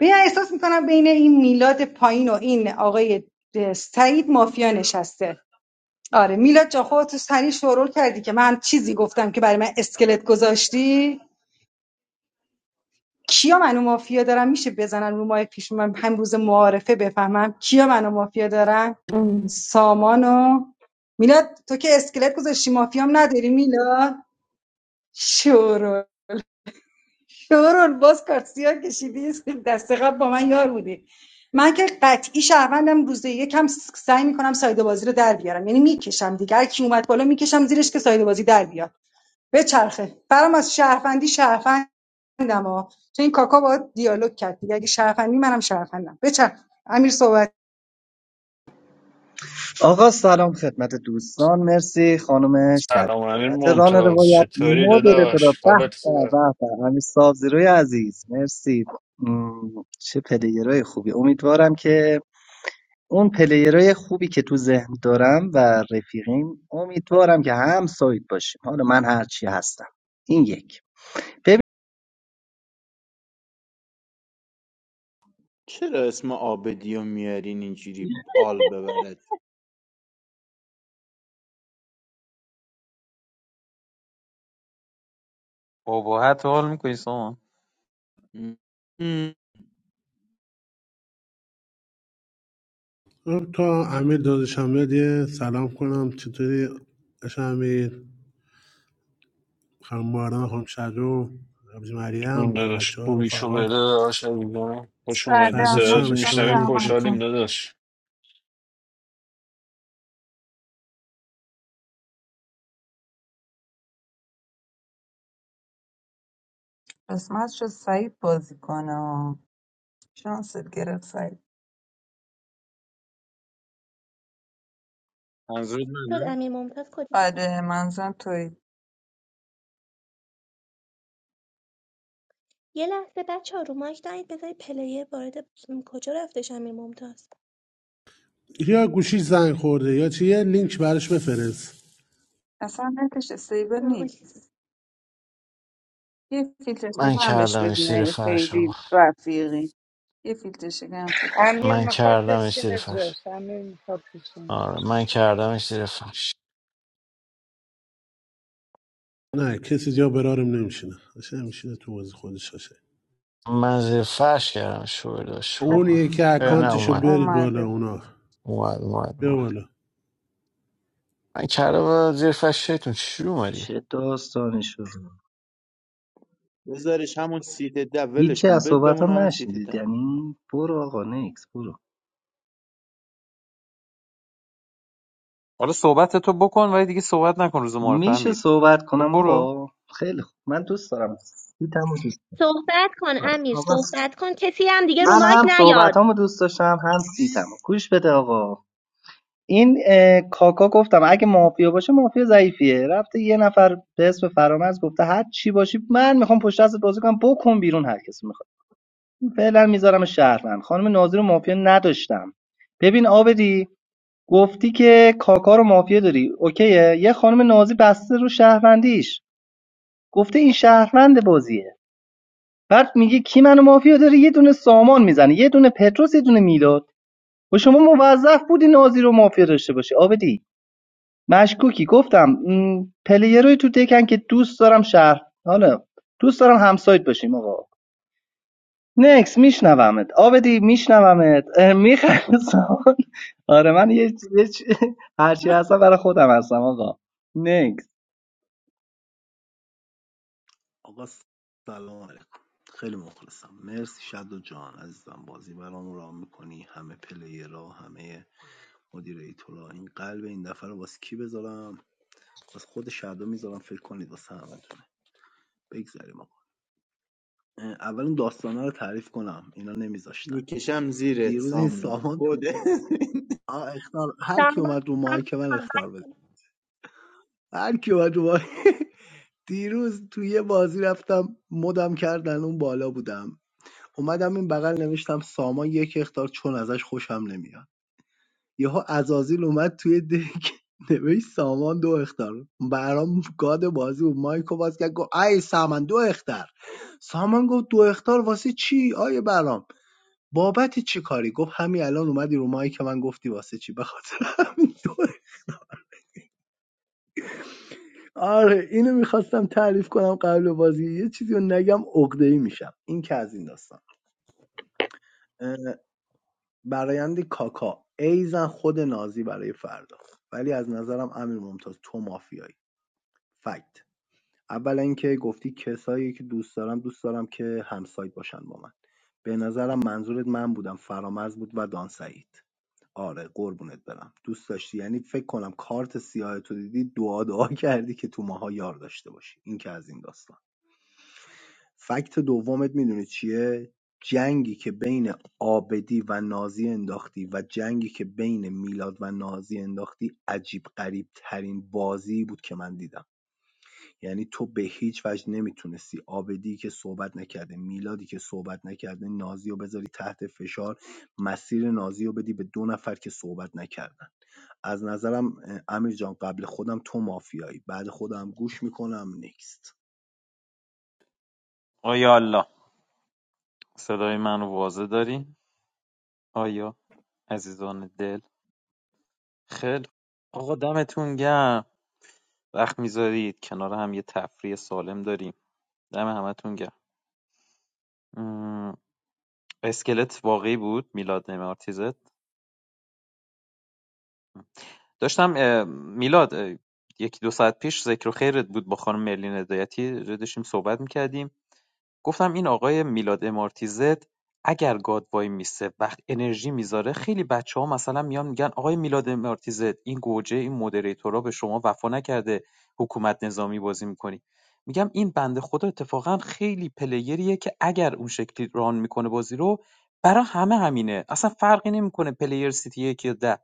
Speaker 5: ببین احساس میکنم بین این میلاد پایین و این آقای سعید مافیا نشسته آره میلاد جا خودت سری شورول کردی که من چیزی گفتم که برای من اسکلت گذاشتی کیا منو مافیا دارن میشه بزنن رو ماه پیش من هم روز معارفه بفهمم کیا منو مافیا دارن
Speaker 15: Mm.
Speaker 5: سامانو میلاد تو که اسکلت گذاشتی مافیام نداری میلاد شورون شورون باز کارت سیاه کشیدی دست قبل با من یار بودی من که قطعی شهروندم روز یکم سعی میکنم سایده بازی رو در بیارم یعنی میکشم دیگه هر کی اومد بالا میکشم زیرش که سایده بازی در بیاد بچرخه برام از شهروندی شهروندم ها چون این کاکا باید دیالوگ کرد دیگه اگه شهروندی منم شهروندم بچرخ امیر صحبت
Speaker 11: آقا سلام خدمت دوستان مرسی خانم شدو
Speaker 2: سلام امیر
Speaker 11: بابت ران
Speaker 2: ممتاز
Speaker 11: روایت
Speaker 2: چطوری
Speaker 11: مدیرتورا
Speaker 2: داداش
Speaker 11: به
Speaker 2: حالت
Speaker 11: به
Speaker 2: خوبه
Speaker 11: به به همین صاحب عزیز مرسی مم، چه پلیرای خوبی امیدوارم که اون پلیرای خوبی که تو ذهن دارم و رفیقیم امیدوارم که هم همسایت باشیم حالا من هرچی هستم این یک
Speaker 13: چرا اسم آبدی رو میارین اینجوری آل ببرد
Speaker 12: ابهت حال میکنی سامان
Speaker 13: م.
Speaker 16: Abdul Amir, good evening. Salaam alaikum. How are you? Abdul Amir, Khalmurad, Khomchado, Abdul Maria,
Speaker 2: اون داداش
Speaker 16: Baruchar, and
Speaker 2: خوبیشو بده
Speaker 16: Fagah.
Speaker 2: داداش عزیزم خوش اومدی
Speaker 16: Farhad
Speaker 17: سلام
Speaker 16: Shah
Speaker 2: صداتو
Speaker 16: is
Speaker 17: میکنم
Speaker 2: میشنویم
Speaker 16: coming. What
Speaker 17: رحمتون
Speaker 2: خوشحالیم
Speaker 16: is
Speaker 2: داداش
Speaker 17: قسمت شد سعید بازی کنه شانست گرفت سعید
Speaker 12: منظورت
Speaker 9: شد
Speaker 12: منم
Speaker 9: امیر ممتاز کجا
Speaker 17: آره منظورم توی
Speaker 9: یه لحظه بچه ها رو مایک دارید بذارید پلیر وارد کجا رفتش امیر ممتاز
Speaker 16: your position? Is it a link to Paris?
Speaker 17: اصلا نتش استیبل نیست یه فیلتر
Speaker 2: من
Speaker 17: شکن هم بهش
Speaker 2: کردمش
Speaker 17: بدین
Speaker 2: زیر
Speaker 17: اگه
Speaker 2: فرش آقا
Speaker 17: خیلی رفیقی یه فیلتر شکن هم خوبش بدین
Speaker 1: امیر
Speaker 2: من
Speaker 1: میخواد
Speaker 2: کردمش زیر
Speaker 1: بشینه
Speaker 2: فرش
Speaker 1: جاش امیر میخواد بشینه
Speaker 2: آره من کردمش زیر فرش
Speaker 16: No, I don't think it's a link to Paris. Who is it?
Speaker 2: من زیر فرش کردم شو داشت
Speaker 17: از
Speaker 16: I'm not
Speaker 2: کنم
Speaker 16: sure. I'm
Speaker 2: اه، نه
Speaker 16: not
Speaker 17: سمتش
Speaker 16: sure.
Speaker 2: اومد
Speaker 16: You're the one
Speaker 17: اومده
Speaker 16: who knows.
Speaker 2: اومد اومد
Speaker 16: He's the one who
Speaker 2: اومد
Speaker 16: brought it.
Speaker 2: من کردم و زیر فرش شیطون چی اومدی
Speaker 18: چه داستانی شد
Speaker 13: بذارش همون سیت ده ولش
Speaker 18: هیچی
Speaker 13: کن
Speaker 18: از
Speaker 13: ب- بمون
Speaker 18: صحبتم
Speaker 13: همون سیت
Speaker 18: نشنیدید
Speaker 13: ده
Speaker 18: یعنی برو آقا نکس برو
Speaker 12: حالا صحبت تو بکن ولی دیگه صحبت نکن روز معرفه
Speaker 18: میشه
Speaker 12: امیر
Speaker 18: صحبت
Speaker 12: تو
Speaker 18: کنم
Speaker 12: برو
Speaker 18: آقا خیلی خوب من دوست دارم سیتمو دوست
Speaker 9: صحبت کن امیر
Speaker 18: دارم. آقا
Speaker 9: صحبت کن کسی هم دیگه رو
Speaker 18: من
Speaker 9: مایک
Speaker 18: هم
Speaker 9: نیاد
Speaker 18: صحبتامو دوست داشتم هم سیتمو گوش بده آقا این اه، کاکا گفتم اگه مافیا باشه مافیا ضعیفیه رفته یه نفر به اسم فرامرز گفته هر چی باشی من میخوام پشت دستت بازی کنم بکن بیرون هر کسی میخواد فعلا میذارم شهروند خانم ناظر رو مافیا نداشتم ببین آبدی گفتی که کاکا رو مافیا داری اوکیه یه خانم نازی بسته رو شهروندیش گفته این شهروند بازیه بعد میگه کی منو مافیا داری؟ یه دونه سامان میزنه یه دونه پتروس یه دونه میلاد و شما موظف بودی نازی رو مافیا داشته باشی آبدی مشکوکی گفتم م، تو دکن که دوست دارم شهر حالا دوست دارم همسایت باشیم آقا نکس میشنومت آبدی میشنومت میخرسان آره من یه, یه چی- هرچی هستم برای خودم هستم آقا نکس.
Speaker 10: آقا سلام علیکم خیلی مخلصم مرسی شد و جان عزیزم بازی برام رام میکنی همه پلیرها همه مدیریتورا این قلب این دفعه رو واسه کی بذارم واسه خود شدو میذارم فکر کنید واسه همتونه بگذاریم آقا اه، اول اون داستانه رو تعریف کنم اینا نمیذاشتن
Speaker 13: میکشم زیرت
Speaker 10: دیروز این
Speaker 13: سامی
Speaker 10: سامان تو
Speaker 13: خود
Speaker 10: آه اختار هر کی
Speaker 9: سامان،
Speaker 10: اومد رو مایک من
Speaker 9: سامان،
Speaker 10: اختار بده هر کی اومد رو مایک دیروز توی یه بازی رفتم مدم کردن اون بالا بودم اومدم این بغل نوشتم سامان یک اختار چون ازش خوشم نمیاد یهو عزازیل اومد توی دک نوشت سامان دو اختار برام گاد بازی و مایکو باز کرد گفت ای سامان دو اختار سامان گفت دو اختار واسه چی آیه برام بابت چی کاری گفت همین الان اومدی رو مایک من گفتی واسه چی بخاطر همین دو آره اینو میخواستم تعریف کنم قبل بازی یه چیزی رو نگم عقده‌ای میشم این که از این داستان برایند کاکا ایزن خود نازی برای فردا ولی از نظرم امیر ممتاز تو مافیایی فکت اولا اینکه گفتی کسایی که دوست دارم دوست دارم که همسایت باشن با من به نظرم منظورت من بودم فرامرز بود و دانسعید آره قربونت برم دوست داشتی یعنی فکر کنم کارت سیاه تو دیدی دعا دعا کردی که تو ماها یار داشته باشی این که از این داستان فکت دومت میدونی چیه؟ جنگی که بین عابدی و نازی انداختی و جنگی که بین میلاد و نازی انداختی عجیب غریب ترین بازی بود که من دیدم یعنی تو به هیچ وجه نمیتونستی عابدی که صحبت نکرده میلادی که صحبت نکرده نازی رو بذاری تحت فشار مسیر نازی رو بدی به دو نفر که صحبت نکردن از نظرم اه، امیر جان قبل خودم تو مافیایی بعد خودم گوش میکنم نیکست
Speaker 12: آیا صدای من رو واضح داری؟ آیا عزیزان دل؟ خیلی خوب. آقا دمتون گرم وقت میذارید کنار هم یه تفریح سالم داریم دم همتون گرم م، اسکلت واقعی بود میلاد نمارتیزت داشتم اه، میلاد اه، یکی دو ساعت پیش ذکر و خیرت بود با خانم مرلین هدایتی داشتیم صحبت میکردیم گفتم این آقای میلاد امارتیزت اگر گاد وای میسه وقت انرژی میذاره خیلی بچه ها مثلا میان میگن آقای میلاد امارتیزت این گوجه این مدریتورا به شما وفا نکرده حکومت نظامی بازی میکنی میگم این بنده خدا اتفاقا خیلی پلیریه که اگر اون شکلی ران میکنه بازی رو برا همه همینه اصلا فرقی نمیکنه پلیر سیتی یک یا ده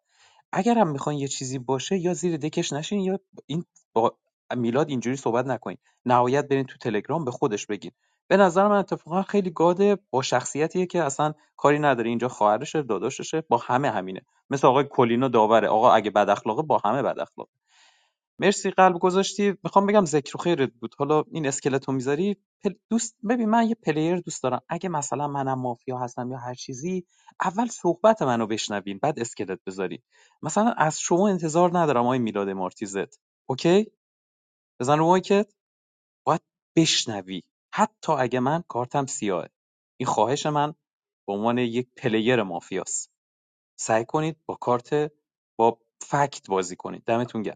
Speaker 12: اگر هم میخواین یه چیزی باشه یا زیر دکش نشین یا این با میلاد اینجوری صحبت نکنین نهایت برین تو تلگرام به خودش بگین به نظر من اتفاقا خیلی گاده با شخصیتیه که اصلا کاری نداره اینجا خواهرشه داداششه با همه همینه مثل آقای کلینا داوره آقا اگه بد اخلاقه با همه بد اخلاقه. مرسی قلب گذاشتی میخوام بگم ذکر و خیرت بود حالا این اسکلتو میذاری پل... دوست ببین من یه پلیر دوست دارم اگه مثلا منم مافیا هستم یا هر چیزی اول صحبت منو بشنوین بعد اسکلت بذارین مثلا از شما انتظار ندارم آقای میلاد مارتیزت اوکی بزن رو مایکت باید بشنوی حتی اگه من کارتم سیاهه این خواهش من به عنوان یک پلیر مافیاست سعی کنید با کارت با فکت بازی کنید دمتون گرم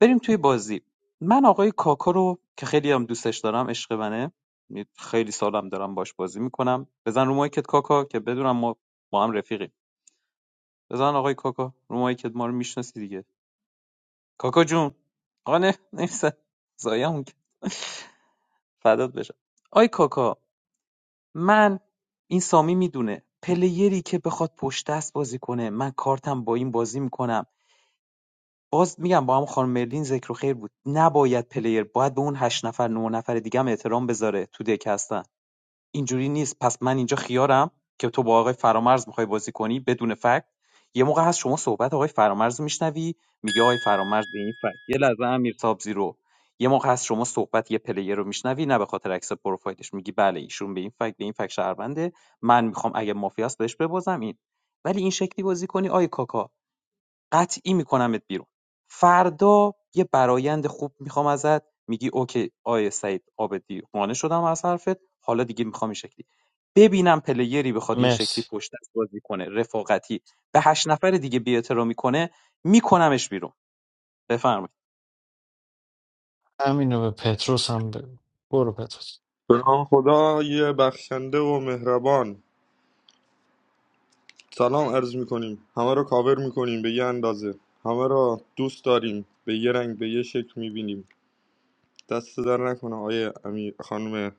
Speaker 12: بریم توی بازی من آقای کاکا رو که خیلی هم دوستش دارم عشق منه یعنی خیلی سالم دارم باش بازی میکنم بزن رو مایکت کاکا که بدونم ما ما هم رفیقیم بزن آقای کاکا رو مایکت ما رو میشناسی دیگه کاکا جون آقا نه نیست زایمون که فدات بشم آی کاکا من این سامی میدونه پلیری که بخواد پشت دست بازی کنه من کارتم با این بازی میکنم باز میگم با هم خانم مرلین ذکر و خیر بود نباید پلیر باید به اون هشت نفر نه نفر دیگه هم احترام بذاره تو دک هستن اینجوری نیست پس من اینجا خیارم که تو با آقای فرامرز میخوای بازی کنی بدون فکت یه موقع هست شما صحبت آقای فرامرز رو میشنوی میگه آقای فرامرز به این فکت یه لحظه امیر سابزی رو یه موقع هست شما صحبت یه پلیر رو میشنوی نه به خاطر عکس پروفایلش میگی بله ایشون به این فکت به این فکت شهرونده من میخوام اگه مافیاس بهش ببازم این ولی این شکلی بازی کنی آی کاکا قطعی میکنمت بیرون فردا یه برایند خوب میخوام ازت میگی اوکی آیه سعید آبدی قانع شدم از حرفت حالا دیگه میخوام این شکلی ببینم پلیری بخواد این شکلی
Speaker 2: مرسی
Speaker 12: پشت دست بازی کنه رفاقتی به هشت نفر دیگه بی‌احترامی کنه میکنمش بیرون بفرمایید
Speaker 2: همینو به پتروس هم بگو برو پتروس
Speaker 19: به نام خدا یه بخشنده و مهربان سلام عرض میکنیم همه رو کاور میکنیم به یه اندازه همه را دوست داریم به یه رنگ به یه شکل میبینیم دست در نکنه آیه امیر خانم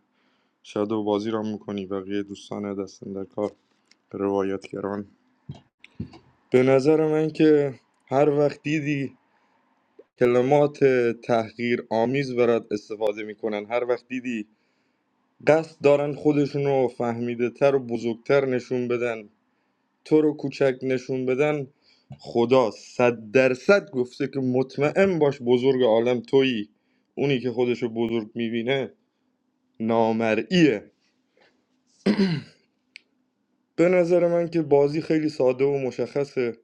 Speaker 19: شادو بازی را میکنی بقیه دوستان دستن در کار روایتگران به نظر من که هر وقت دیدی کلمات تحقیر آمیز برات استفاده میکنن هر وقت دیدی قصد دارن خودشون رو فهمیده تر و بزرگتر نشون بدن تو رو کوچک نشون بدن خدا صد درصد گفته که مطمئن باش بزرگ عالم تویی اونی که خودشو بزرگ میبینه نامرئیه به نظر من که بازی خیلی ساده و مشخصه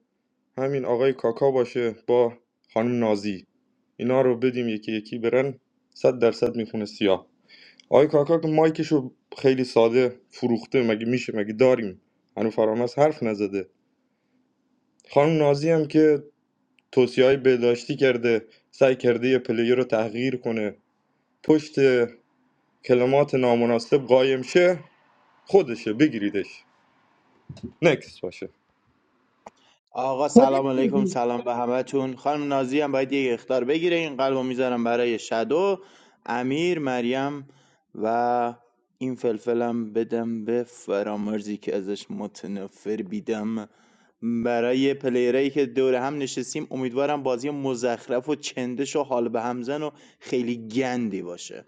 Speaker 19: همین آقای کاکا باشه با خانم نازی اینا رو بدیم یکی یکی برن صد درصد میخونه سیاه آقای کاکا که مایکشو خیلی ساده فروخته مگه میشه مگه داریم هنو فرامرز حرف نزده خانم نازی هم که توصیه‌های بهداشتی کرده سعی کرده یه پلیر رو تغییر کنه پشت کلمات نامناسب قایم شه خودشه بگیریدش نکس باشه
Speaker 13: آقا
Speaker 5: خودت
Speaker 13: سلام علیکم
Speaker 5: بودی
Speaker 13: سلام به همتون خانم نازی هم باید یک اختار بگیره این قلبو میذارم برای شدو امیر مریم و این فلفلم بدم به فرامرزی که ازش متنفر بیدم برای پلیرایی که دور هم نشستیم امیدوارم بازی مزخرف و چندش و حال به همزن و خیلی گندی باشه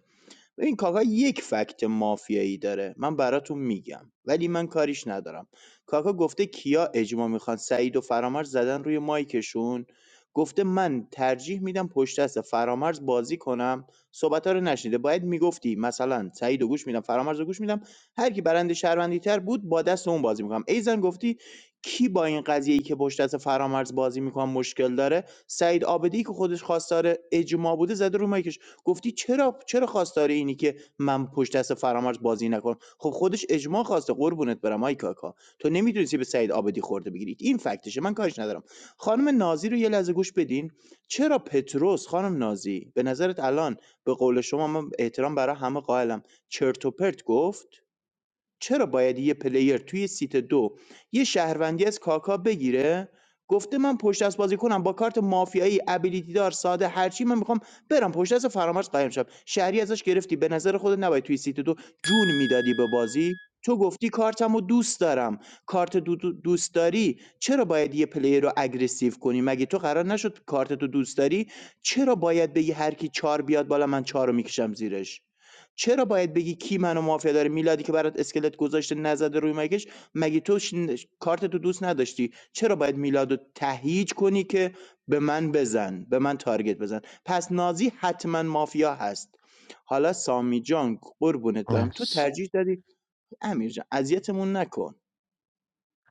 Speaker 13: این کاکا یک فکت مافیایی داره من براتون میگم ولی من کاریش ندارم کاکا گفته کیا اجماع میخوان سعید و فرامرز زدن روی مایکشون گفته من ترجیح میدم پشت دست فرامرز بازی کنم صحبت رو نشنیده باید میگفتی مثلا سعید و گوش میدم فرامرز و گوش میدم هر کی برنده شهروندی تر بود با دست اون بازی میکنم ایزن گفتی کی با این قضیه ای که پشت دست فرامرز بازی میکنم مشکل داره سعید آبدی که خودش خواستار اجماع بوده زده رو مایکش گفتی چرا چرا خواستار اینی که من پشت دست فرامرز بازی نکنم خب خودش اجماع خواسته قربونت برم آی کاکا تو نمیتونستی به سعید آبدی خورده بگیرید این فکتشه من کارش ندارم خانم نازی رو یه لحظه گوش بدین چرا پتروس خانم نازی به نظرت الان به قول شما من احترام برای همه قائلم چرت و پرت گفت چرا باید یه پلیر توی سیت دو یه شهروندی از کاکا بگیره گفته من پشت دست بازی کنم با کارت مافیایی ابیلیتی دار ساده هرچی من میخوام برم پشت دست فرامرز قایم شم شهری ازش گرفتی به نظر خودت نباید توی سیت دو جون میدادی به بازی تو گفتی کارتم رو دوست دارم کارت دو دو- دوست داری چرا باید یه پلیر رو اگریسیو کنی مگه تو قرار نشد کارت تو دوست داری چرا باید بگی هر کی چار بیاد بالا من چهار رو میکشم زیرش چرا باید بگی کی منو مافیا داره میلادی که برات اسکلت گذاشته نزده روی مگش مگه تو ش... کارت تو دوست نداشتی چرا باید میلادو تهیج کنی که به من بزن به من تارگت بزن پس نازی حتما مافیا هست حالا سامی جان قربونت برم تو
Speaker 2: مرسی
Speaker 13: ترجیح دادی امیر جان اذیتمون نکن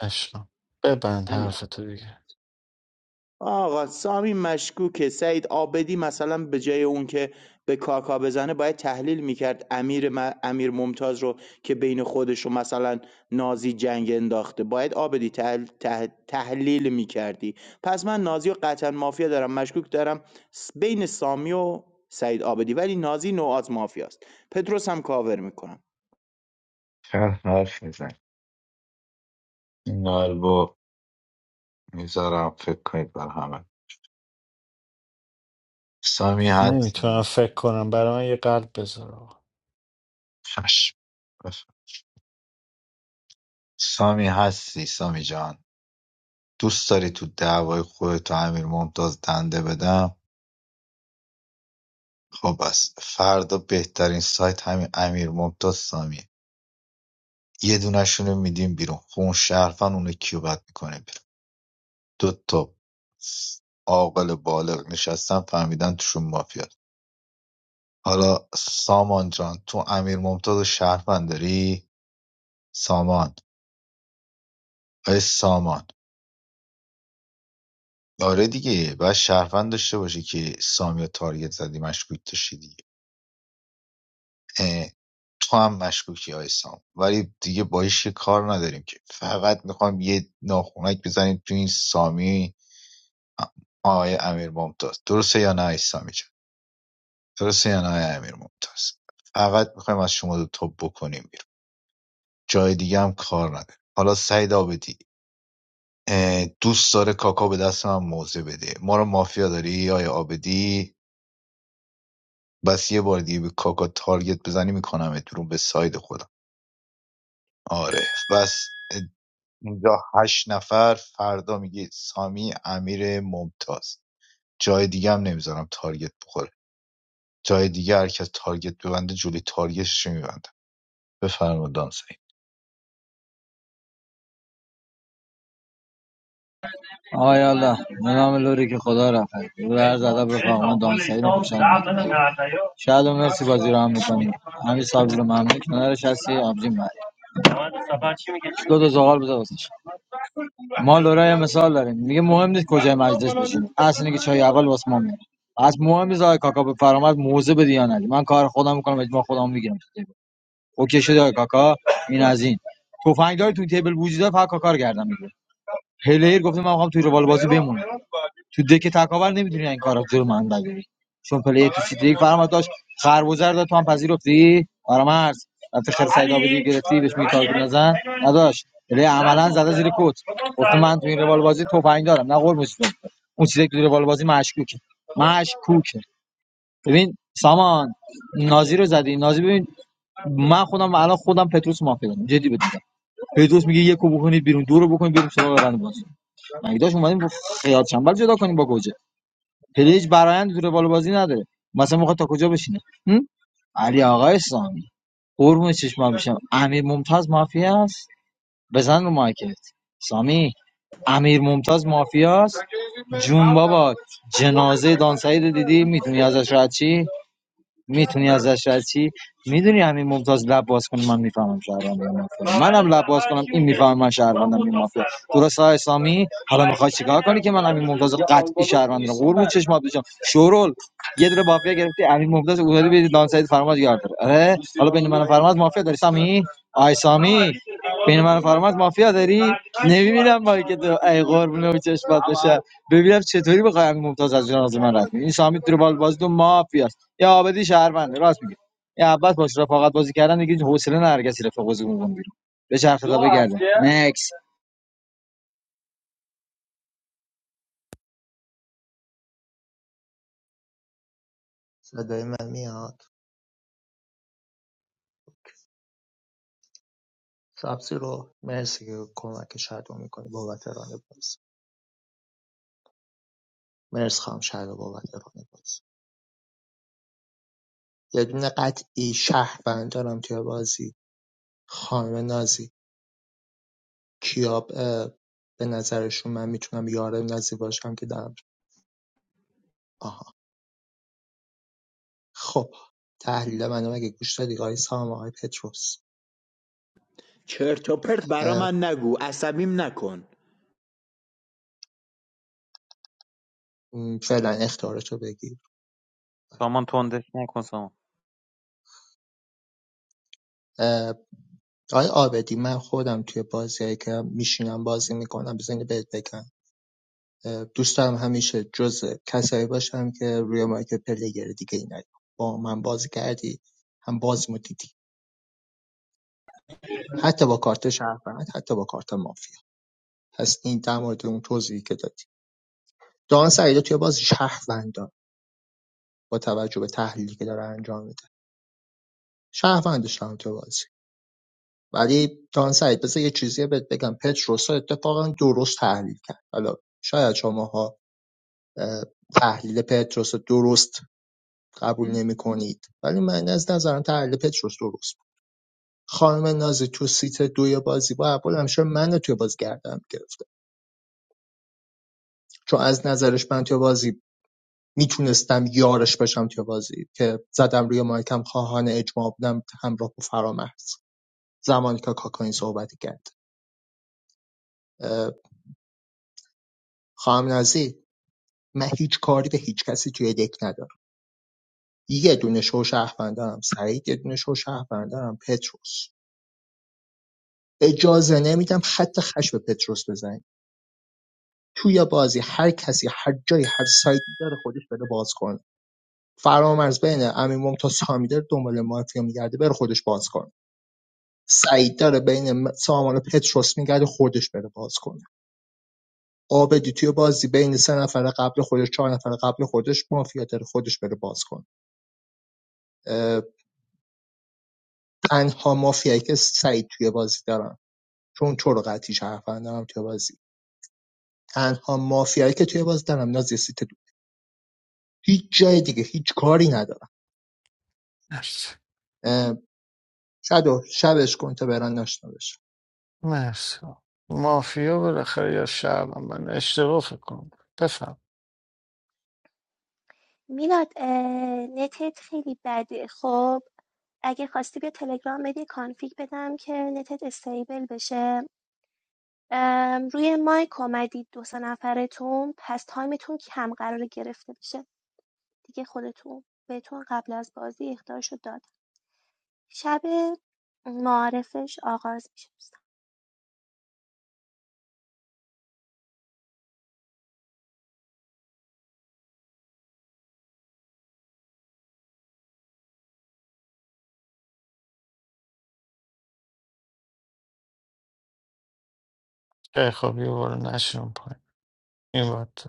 Speaker 2: عشقم ببند
Speaker 13: امیر
Speaker 2: حرفتو دیگه
Speaker 13: آقا سامی مشکوکه سعید آبدی مثلا به جای اون که به کاکا بزنه باید تحلیل میکرد امیر, م- امیر ممتاز رو که بین خودش رو مثلا نازی جنگ انداخته باید آبدی تحل... تح- تحلیل میکردی پس من نازی و قطعا مافیا دارم مشکوک دارم س- بین سامی و سعید آبدی ولی نازی نوعات مافیاست پتروس هم کاور میکنم
Speaker 3: چند حرف میزن این قلبو میذارم فکر کنید بر همه سامی
Speaker 2: نمیتونم
Speaker 3: هستی
Speaker 2: فکر کنم برای من یه قلب بذار آقا.
Speaker 3: چشم بفرم. سامی هستی سامی جان دوست داری تو دعوای خودت و امیر ممتاز دنده بدم خب بس فردا بهترین سایت همین امیر ممتاز سامیه یه دونشونو میدیم بیرون خون شرفن اونو کیو بد میکنه بیرون دو تا عاقل بالغ نشستن فهمیدن توشون مافیات حالا سامان جان تو امیر ممتاز و شهروند داری سامان آی سامان آره دیگه باید شهروند داشته باشی که سامی و تارگت زدی مشکوک داشتی دیگه. اه، تو هم مشکوکی آی سام ولی دیگه با هیچ کی کار نداریم که فقط میخوام یه ناخونک بزنیم تو این سامی آقای امیر ممتاز درسته یا نه آی سامی جان درسته یا نه آقای امیر ممتاز فقط میخوایم از شما دو تا بکنیم بیرون جای دیگه هم کار نداره حالا سعید آبدی اه، دوست داره کاکا به دست من موضع بده ما رو مافیا داری آیا آبدی بس یه بار دیگه به کاکا تارگت بزنی میکنم بیرون به ساید خودم آره بس اینجا هشت نفر فردا میگید سامی امیر ممتاز جای دیگه هم نمیذارم تارگت بخوره جای دیگه هر کس تارگت ببنده جلوی تارگتش رو میبنده بفرمایید دانسایی
Speaker 14: آقای الله به نام لوری که خدا رفت او را عرض ادب رفقا من دام سعید خوشحال شاید و مرسی بازی رو هم میکنی همین صاحب رو ممنون کنارش هستی آبجین بری دو تا زغال بذار واسش ما لورا یه مثال داریم میگه مهم نیست کجای مجلس بشین اصل اینه که چای اول واسه ما میاد از مهم نیست آقای کاکا به فرامد موزه بدی یا ندی من کار خودم میکنم اجماع خودم میگیرم اوکی شده آقای کاکا این از این تفنگدار تو تیبل وجود داره فقط کاکا رو گردن می‌گیره. پلیر گفته من میخوام توی روال بازی بمونم تو دک تکاور نمیدونی این کارا جلو من بگیری چون پلیر تو سیتی یک فرما داشت خربزر داد تو هم پذیرفتی آرامرز رفتی خیر سعید آبادی گرفتی بهش میگی تارگت نزن نداشت پلیر عملا زده زیر کت گفته من تو این روال بازی تفنگ دارم نه قربونش اون چیزی که تو روال بازی مشکوکه مشکوکه ببین سامان نازی رو زدی نازی ببین من خودم الان خودم پتروس مافیا دارم جدی بده فردوس میگه یکو بکنید بیرون دو رو بکنید بیرون سراغ روند بازی مگه داش اومدیم با خیال چنبل جدا کنیم با گوجه پلیج برایند تو روال بازی نداره مثلا میخواد تا کجا بشینه هم؟ علی آقای سامی. قربون چشما بشم امیر ممتاز مافیا است بزن رو مایکت سامی امیر ممتاز مافیا جون بابا جنازه دان سعید رو دیدی میتونی ازش رد چی میتونی ازش رد چی میدونی همین ممتاز لب باز کنه من میفهمم شهروندم یا مافیا منم لب باز کنم این میفهمه من شهروندم این مافیا درست های اسلامی حالا میخوای چیکار کنی که من همین ممتاز رو قطعی شهروند رو قربون چشمات بشم شورول یه دونه مافیا گرفتی همین ممتاز اومدی به دان سعید فرماد یار داره آره حالا بین من و فرماد مافیا داری سامی آی سامی بین من و فرماد مافیا داری نمیبینم با که تو ای قربونه و چشمات بشه ببینم چطوری بخوای همین ممتاز از جنازه من رد کنی. این سامی تو بال باز دو مافیا یا عابدی شهرونده راست میگه یا عباس باش رفاقت بازی کردن دیگه حوصله نه هر کسی رفاق بازی کنه بیرون به چرخ تا بگردم نکس
Speaker 20: صدای من میاد؟ سبزی رو مرسی که کمک شدو میکنی بابت ران بازی مرسی خواهم شدو بابت ران بازی یه دونه قطعی شهروند دارم توی بازی خانم نازی کیاب اه، به نظرشون من میتونم یاره نازی باشم که دارم آها خب تحلیل منو مگه گوش دادی آقای سام آقای پتروس
Speaker 13: چرت و پرت برا
Speaker 20: اه،
Speaker 13: من نگو عصبیم نکن
Speaker 20: م، فعلا اختیارتو بگیر
Speaker 12: سامان تندش نکن سامان
Speaker 20: اه، آقای آبدی من خودم توی بازیایی که میشینم بازی میکنم بزنی بهت بگم دوست دارم همیشه جزو کسایی باشم که روی مایک پلیر دیگه ای نیام با من بازی کردی هم بازیمو دیدی حتی با کارت شهروند حتی با کارت مافیا پس این در مورد اون توضیحی که دادی دان سعیدا توی بازی شهروندان با توجه به تحلیلی که داره انجام میده شهروندش دارم توی بازی ولی دان سعید بذار یه چیزی بهت بگم پتروسا اتفاقا درست تحلیل کرد حالا شاید شماها اه، تحلیل پتروس درست قبول نمی‌کنید ولی من از نظرم تحلیل پتروس درست بود خانم نازی تو سیت دوی بازی با اپول همیشه من توی بازی گردم گرفته چون از نظرش من توی بازی میتونستم یارش بشم توی بازی که زدم روی مایکم خواهان اجماع بودم همراه با فرامرز زمانی که کاکاین صحبت کرد اه، خانم نازی من هیچ کاری به هیچ کسی توی دک ندارم یه دونه شو شهروندم سعید یه دونه شو شهروندم پتروس اجازه نمیدم خط خش به پتروس بزنید توی بازی هر کسی هر جایی هر سایتی داره خودش بره باز کنه فرامرز بین امین ممتاز سامی داره دنبال مافیا میگرده بره خودش باز کنه سعید داره بین م- سامان و پتروس میگرده خودش بره باز کنه آبدی توی بازی بین سه نفر قبل خودش چهار نفر قبل خودش مافیا داره خودش بره باز کنه اه، تنها مافیایی که سعید توی بازی دارن چون چرا قطعی شرفن دارم توی بازی تنها مافیایی که توی بازی دارم نازی سیت دو هیچ جای دیگه هیچ کاری ندارم
Speaker 2: مرسی
Speaker 20: شدو شبش کن تا برن نشنوش
Speaker 2: مرسی مافیا بالاخره یا شب هم من اشتباه فکر کنم بفهم
Speaker 9: میلاد نتت خیلی بده خب اگه خواستی بیا تلگرام بدی کانفیگ بدم که نتت استیبل بشه روی مایک آمدید دو سه نفرتون پس تایمتون کم قرار گرفته بشه دیگه خودتون بهتون قبل از بازی اختارشو داد شب معارفش آغاز میشه دوستان
Speaker 2: خیلی خواب یه بار نشون پایین این وقت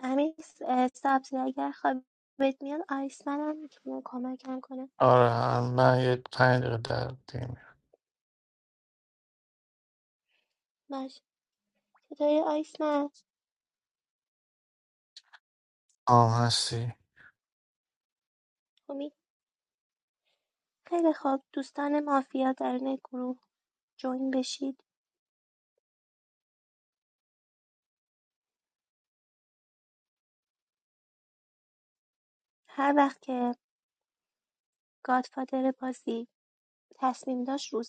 Speaker 9: امیر اه، سبزی اگر خوابت میاد آیسمن هم میتونه کمکم کنه
Speaker 2: آره من یه پنج دقیقه در دیگه میرم.
Speaker 9: باش چطوری آیسمن
Speaker 2: آم هستی
Speaker 9: امید خیلی خوب دوستان مافیا در این گروه جوین بشید هر وقت که گادفادر بازی تصمیم داشت روز.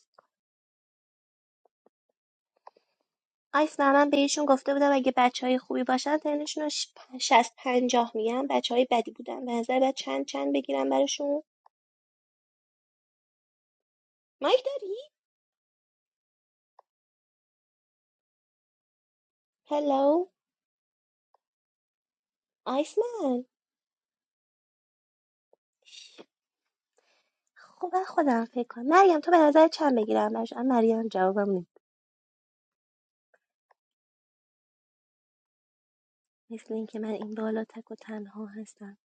Speaker 9: آیس من بهشون گفته بودم اگه بچه های خوبی باشن تنشون رو ش- پ- شست پنجاه میگم بچه های بدی بودن به نظر باید چند چند بگیرم براشون مایک داری؟ هلو آیس من خب من خودم فکر کنم مریم تو به نظر چند بگیرم براشون آه، مریم جوابم نید مثل اینکه من این بالا تک و تنها هستم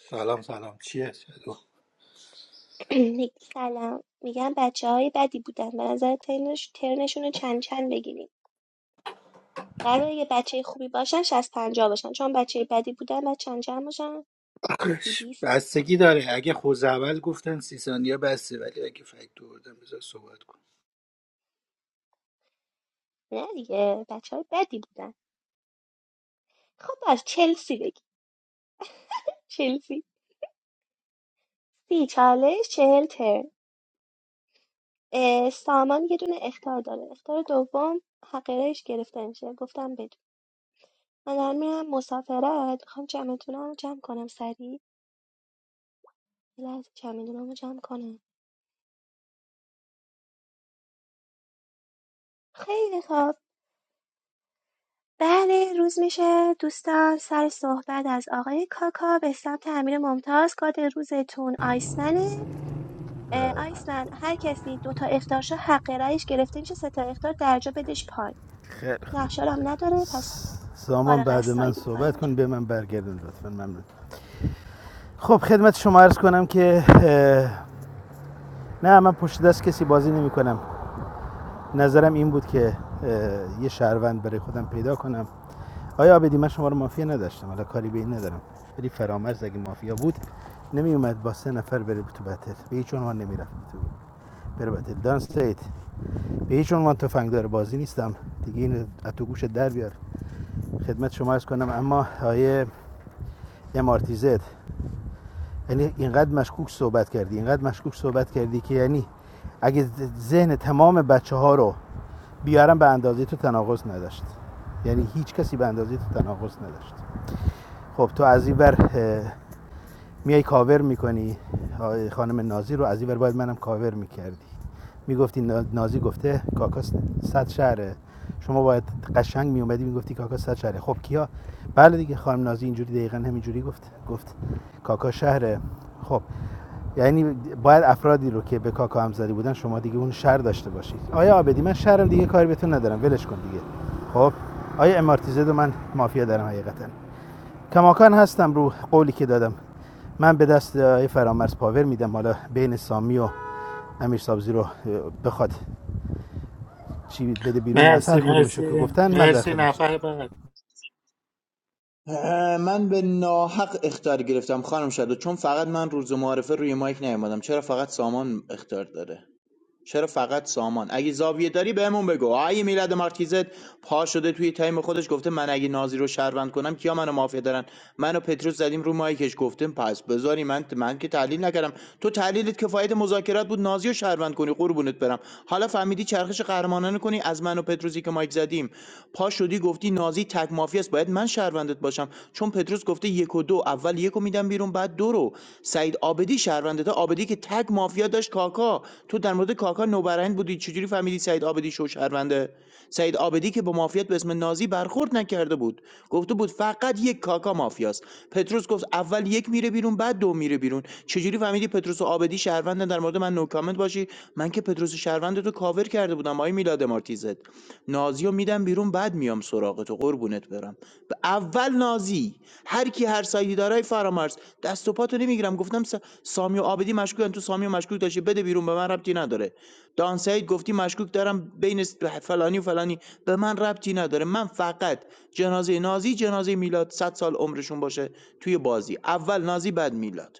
Speaker 21: سلام سلام چیه چطور؟
Speaker 9: نگ- سلام میگم بچه های بدی بودن به نظر ترنش ترنشون رو چند چند بگیریم قرار یه بچه خوبی باشن شست پنجاه باشن چون بچه بدی بودن و چند چند باشن سی
Speaker 21: آخش،
Speaker 9: بیست
Speaker 21: بستگی داره اگه خوز اول گفتن سی ثانیه بسته ولی اگه فکت دوردن بذار صحبت کن
Speaker 9: نه دیگه بچه های بدی بودن خب باش چلسی بگی چلسی سی چالش چهل ترن اه، سامان یه دونه اختار داره اختار دوم حق رایش گرفته میشه گفتم بدون من دارم میرم مسافرت میخوام جمعتونم جمع کنم سریع یه لحظه چمدونامو جمع کنم خیلی خوب بله روز میشه دوستان سر صحبت از آقای کاکا به سمت امیر ممتاز کاد روزتون آیسمنه اه، ایسمن هر کسی دو تا اخطارشو حق رأیش گرفته میشه سه تا اخطار درجا بدش پایین
Speaker 8: خیلی خب
Speaker 9: نقشه رو هم نداره پس
Speaker 8: سامان
Speaker 9: فارغ از
Speaker 8: بعد من
Speaker 9: ساید این کار رو
Speaker 8: صحبت کن
Speaker 9: انجام
Speaker 8: به من برگردون لطفا ممنون خب خدمت شما عرض کنم که نه من پشت دست کسی بازی نمی کنم نظرم این بود که یه شهروند برای خودم پیدا کنم آیا آبدی من شما رو مافیا نداشتم حالا کاری به این ندارم ولی فرامرز اگه مافیا بود نمی اومد با سه نفر بره تو بتل به هیچ عنوان نمی رفت تو بره بتل دان استریت به هیچ عنوان تفنگدار بازی نیستم دیگه این تو گوش در بیار خدمت شما عرض کنم اما آیه امارتیزت یعنی اینقدر مشکوک صحبت کردی اینقدر مشکوک صحبت کردی که یعنی اگه ذهن تمام بچه ها رو بیارم به اندازه تو تناقض نداشت یعنی هیچ کسی به اندازه تو تناقض نداشت خب تو از این ور میای کاور میکنی خانم نازی رو از این ور باید منم کاور میکردی میگفتی نازی گفته کاکا صد شهره شما باید قشنگ میومدی میگفتی کاکا صد شهره خب کیا بله دیگه خانم نازی اینجوری دقیقا همینجوری گفت گفت کاکا شهره خب یعنی باید افرادی رو که به کاکا همزدی بودن شما دیگه اون شر داشته باشید آیا آبدی من شرم دیگه کاری بهتون ندارم ولش کن دیگه خب آیا امارتیزه رو من مافیا دارم حقیقتا کماکان هستم رو قولی که دادم من به دست آقای فرامرز پاور میدم حالا بین سامی و امیر سابزی رو بخواد چی بده بیرون از هر
Speaker 21: مرسی
Speaker 8: کدومشو که
Speaker 21: مرسی
Speaker 8: گفتن من در
Speaker 21: مرسی
Speaker 8: خدمتشم
Speaker 21: نفر بعد
Speaker 13: من به ناحق اختار گرفتم خانم شادو چون فقط من روز معارفه روی مایک نیومدم چرا فقط سامان اختار داره چرا فقط سامان اگه زاویه داری بهمون بگو آیه میلاد مارکیزت پا شده توی تایم خودش گفته من اگه نازی رو شهروند کنم کیا منو مافیا دارن منو پتروس زدیم رو مایکش گفتم پس بذاری من من که تحلیل نکردم تو تحلیلت کفایت مذاکرات بود نازی رو شهروند کنی قربونت برم حالا فهمیدی چرخش قهرمانانه کنی از منو و پتروسی که مایک زدیم پا شدی گفتی نازی تک مافیاست باید من شهروندت باشم چون پتروس گفته یک یک و دو اول یک رو میدم بیرون بعد دو رو سعید آبدی شهرونده تا آبدی که تگ مافیا داشت کاکا تو در مورد کاکا نوبرند بودی چجوری فهمیدی سعید آبدی شو شهرونده سعید آبدی که با مافیات به اسم نازی برخورد نکرده بود گفته بود فقط یک کاکا مافیاست پتروس گفت اول یک میره بیرون بعد دو میره بیرون چجوری فهمیدی پتروس و آبدی شهروندن در مورد من نو کامنت باشی من که پتروس شهروند رو کاور کرده بودم آقای میلاد مارتیزت نازی رو میدم بیرون بعد میام سراغ تو قربونت برم ب- اول نازی هر کی هر سایدی دارای فرامرز دست و پاتو نمیگیرم گفتم س- سامی و عابدی مشکوکن تو سامی و مشکوک داشتی بده بیرون به من ربطی نداره دان سعید گفتی مشکوک دارم بین فلانی و فلانی به من ربطی نداره من فقط جنازه نازی جنازه میلاد 100 سال عمرشون باشه توی بازی اول نازی بعد میلاد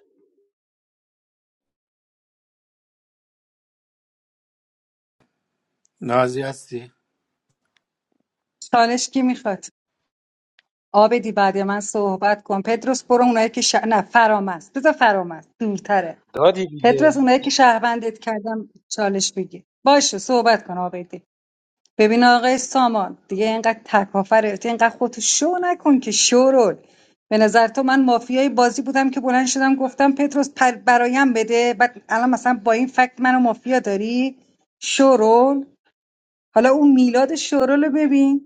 Speaker 21: نازی هستی
Speaker 5: چالش کی میخواد آبدی بعد من صحبت کن پدروس برو اونایی که شه... نه فرام است بذار فرام است دورتره
Speaker 12: دادی
Speaker 5: پدروس
Speaker 12: دیگه
Speaker 5: اونایی که شهروندت کردم چالش بگی باشه صحبت کن آبدی ببین آقای سامان دیگه اینقدر تکافر اینقدر خودتو شو نکن که شورول به نظر تو من مافیای بازی بودم که بلند شدم گفتم پتروس پر برایم بده بعد الان مثلا با این فکت منو مافیا داری شورول حالا اون میلاد شورول رو ببین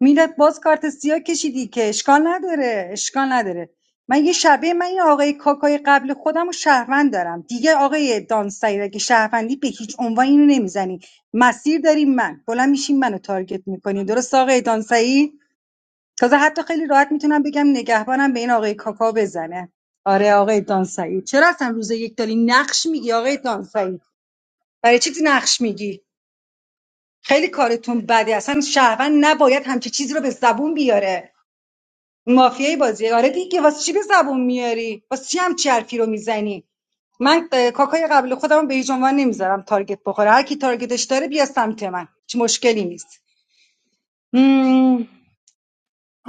Speaker 5: میلاد باز کارت سیاه کشیدی که اشکال نداره اشکال نداره من یه شبه من این آقای کاکای قبل خودم و شهروند دارم دیگه آقای دانستایی اگه شهروندی به هیچ عنوان اینو نمیزنی مسیر داریم من بلند میشیم منو تارگت میکنی درست آقای دانسایی تازه حتی خیلی راحت میتونم بگم نگهبانم به این آقای کاکا بزنه آره آقای دانسایی چرا اصلا روز یک داری نقش میگی آقای دانسایی برای چی نقش میگی خیلی کارتون بده اصلا شهروند نباید همچی چیزی رو به زبون بیاره مافیای بازی آره دیگه واسه چی به زبون میاری واسه چی هم چرفی رو میزنی من اه، کاکای قبل خودم رو به هیچ عنوان نمیذارم تارگت بخوره هر کی تارگتش داره بیا سمت من هیچ مشکلی نیست مم،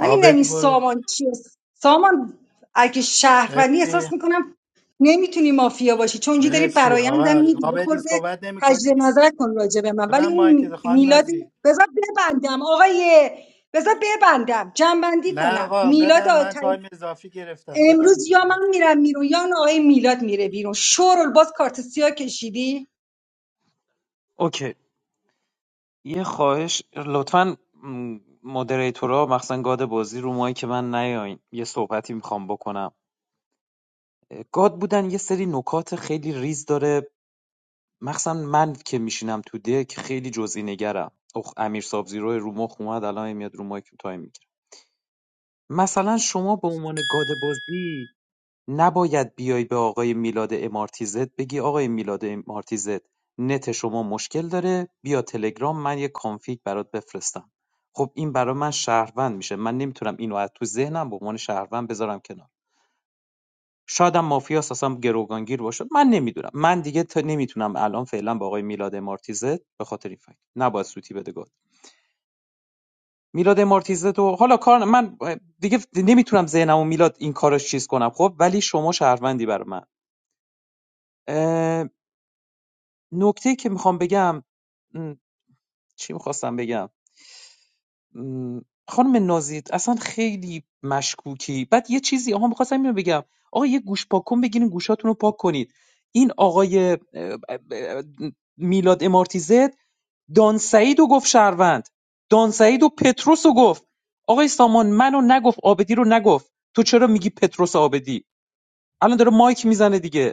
Speaker 5: من نمیدونم این
Speaker 21: برو
Speaker 5: سامان چیه سامان اگه شهروندی
Speaker 21: مرسی
Speaker 5: احساس میکنم نمیتونی مافیا باشی چون اینجا داری
Speaker 21: مرسی
Speaker 5: برایندم
Speaker 21: آقا
Speaker 5: میدی یه
Speaker 21: آبدی
Speaker 5: خورده
Speaker 21: صحبت نمی
Speaker 5: تجدید
Speaker 21: کنی؟
Speaker 5: نظر کن راجع به من ولی
Speaker 21: ببند مایک
Speaker 5: اون
Speaker 21: خان
Speaker 5: میلاد
Speaker 21: نازی
Speaker 5: بذار ببندم آقای بذار ببندم جنبندی
Speaker 21: نه
Speaker 5: کنم
Speaker 21: آقا ببند من
Speaker 5: میلاد
Speaker 21: تایم اضافی گرفتم ببند
Speaker 5: امروز یا
Speaker 21: دیگه بس.
Speaker 5: من میرم بیرون یا اون آقای میلاد میره بیرون شورل باز کارت سیاه کشیدی
Speaker 12: اوکی یه خواهش لطفا مدریتورا مخصوصا گاد بازی رو مایی که من نیاین یه صحبتی میخوام بکنم گاد بودن یه سری نکات خیلی ریز داره مخصوصا من که میشینم تو دک خیلی جزئی نگرم اخ امیر سابزیرو رو مخ اومد الان میاد رو مایک تایم میگیره مثلا شما به عنوان گاد بازی نباید بیای به آقای میلاد امارتیزت بگی آقای میلاد امارتیزت نت شما مشکل داره بیا تلگرام من یه کانفیگ برات بفرستم خب این برای من شهروند میشه من نمیتونم اینو از تو ذهنم به عنوان شهروند بذارم کنار شاید هم مافیاس اصلا گروگانگیر باشد من نمیدونم من دیگه تا نمیتونم الان فعلا با آقای میلاد مارتیزت به خاطر این فکت نباید سوتی بده گفت میلاد مارتیزت و حالا کار من دیگه نمیتونم ذهنم میلاد این کارش چیز کنم خب ولی شما شهروندی بر من نکته که میخوام بگم م، چی میخواستم بگم م، خانم نازید اصلا خیلی مشکوکی بعد یه چیزی آها میخواستم اینو بگم آقا یه گوش پاک کن بگیرین گوشاتون رو پاک کنید این آقای اه، اه، میلاد امارتیزت دانسعید و گفت شهروند دانسعید و پتروس رو گفت آقای سامان منو نگفت آبدی رو نگفت تو چرا میگی پتروس آبدی الان داره مایک میزنه دیگه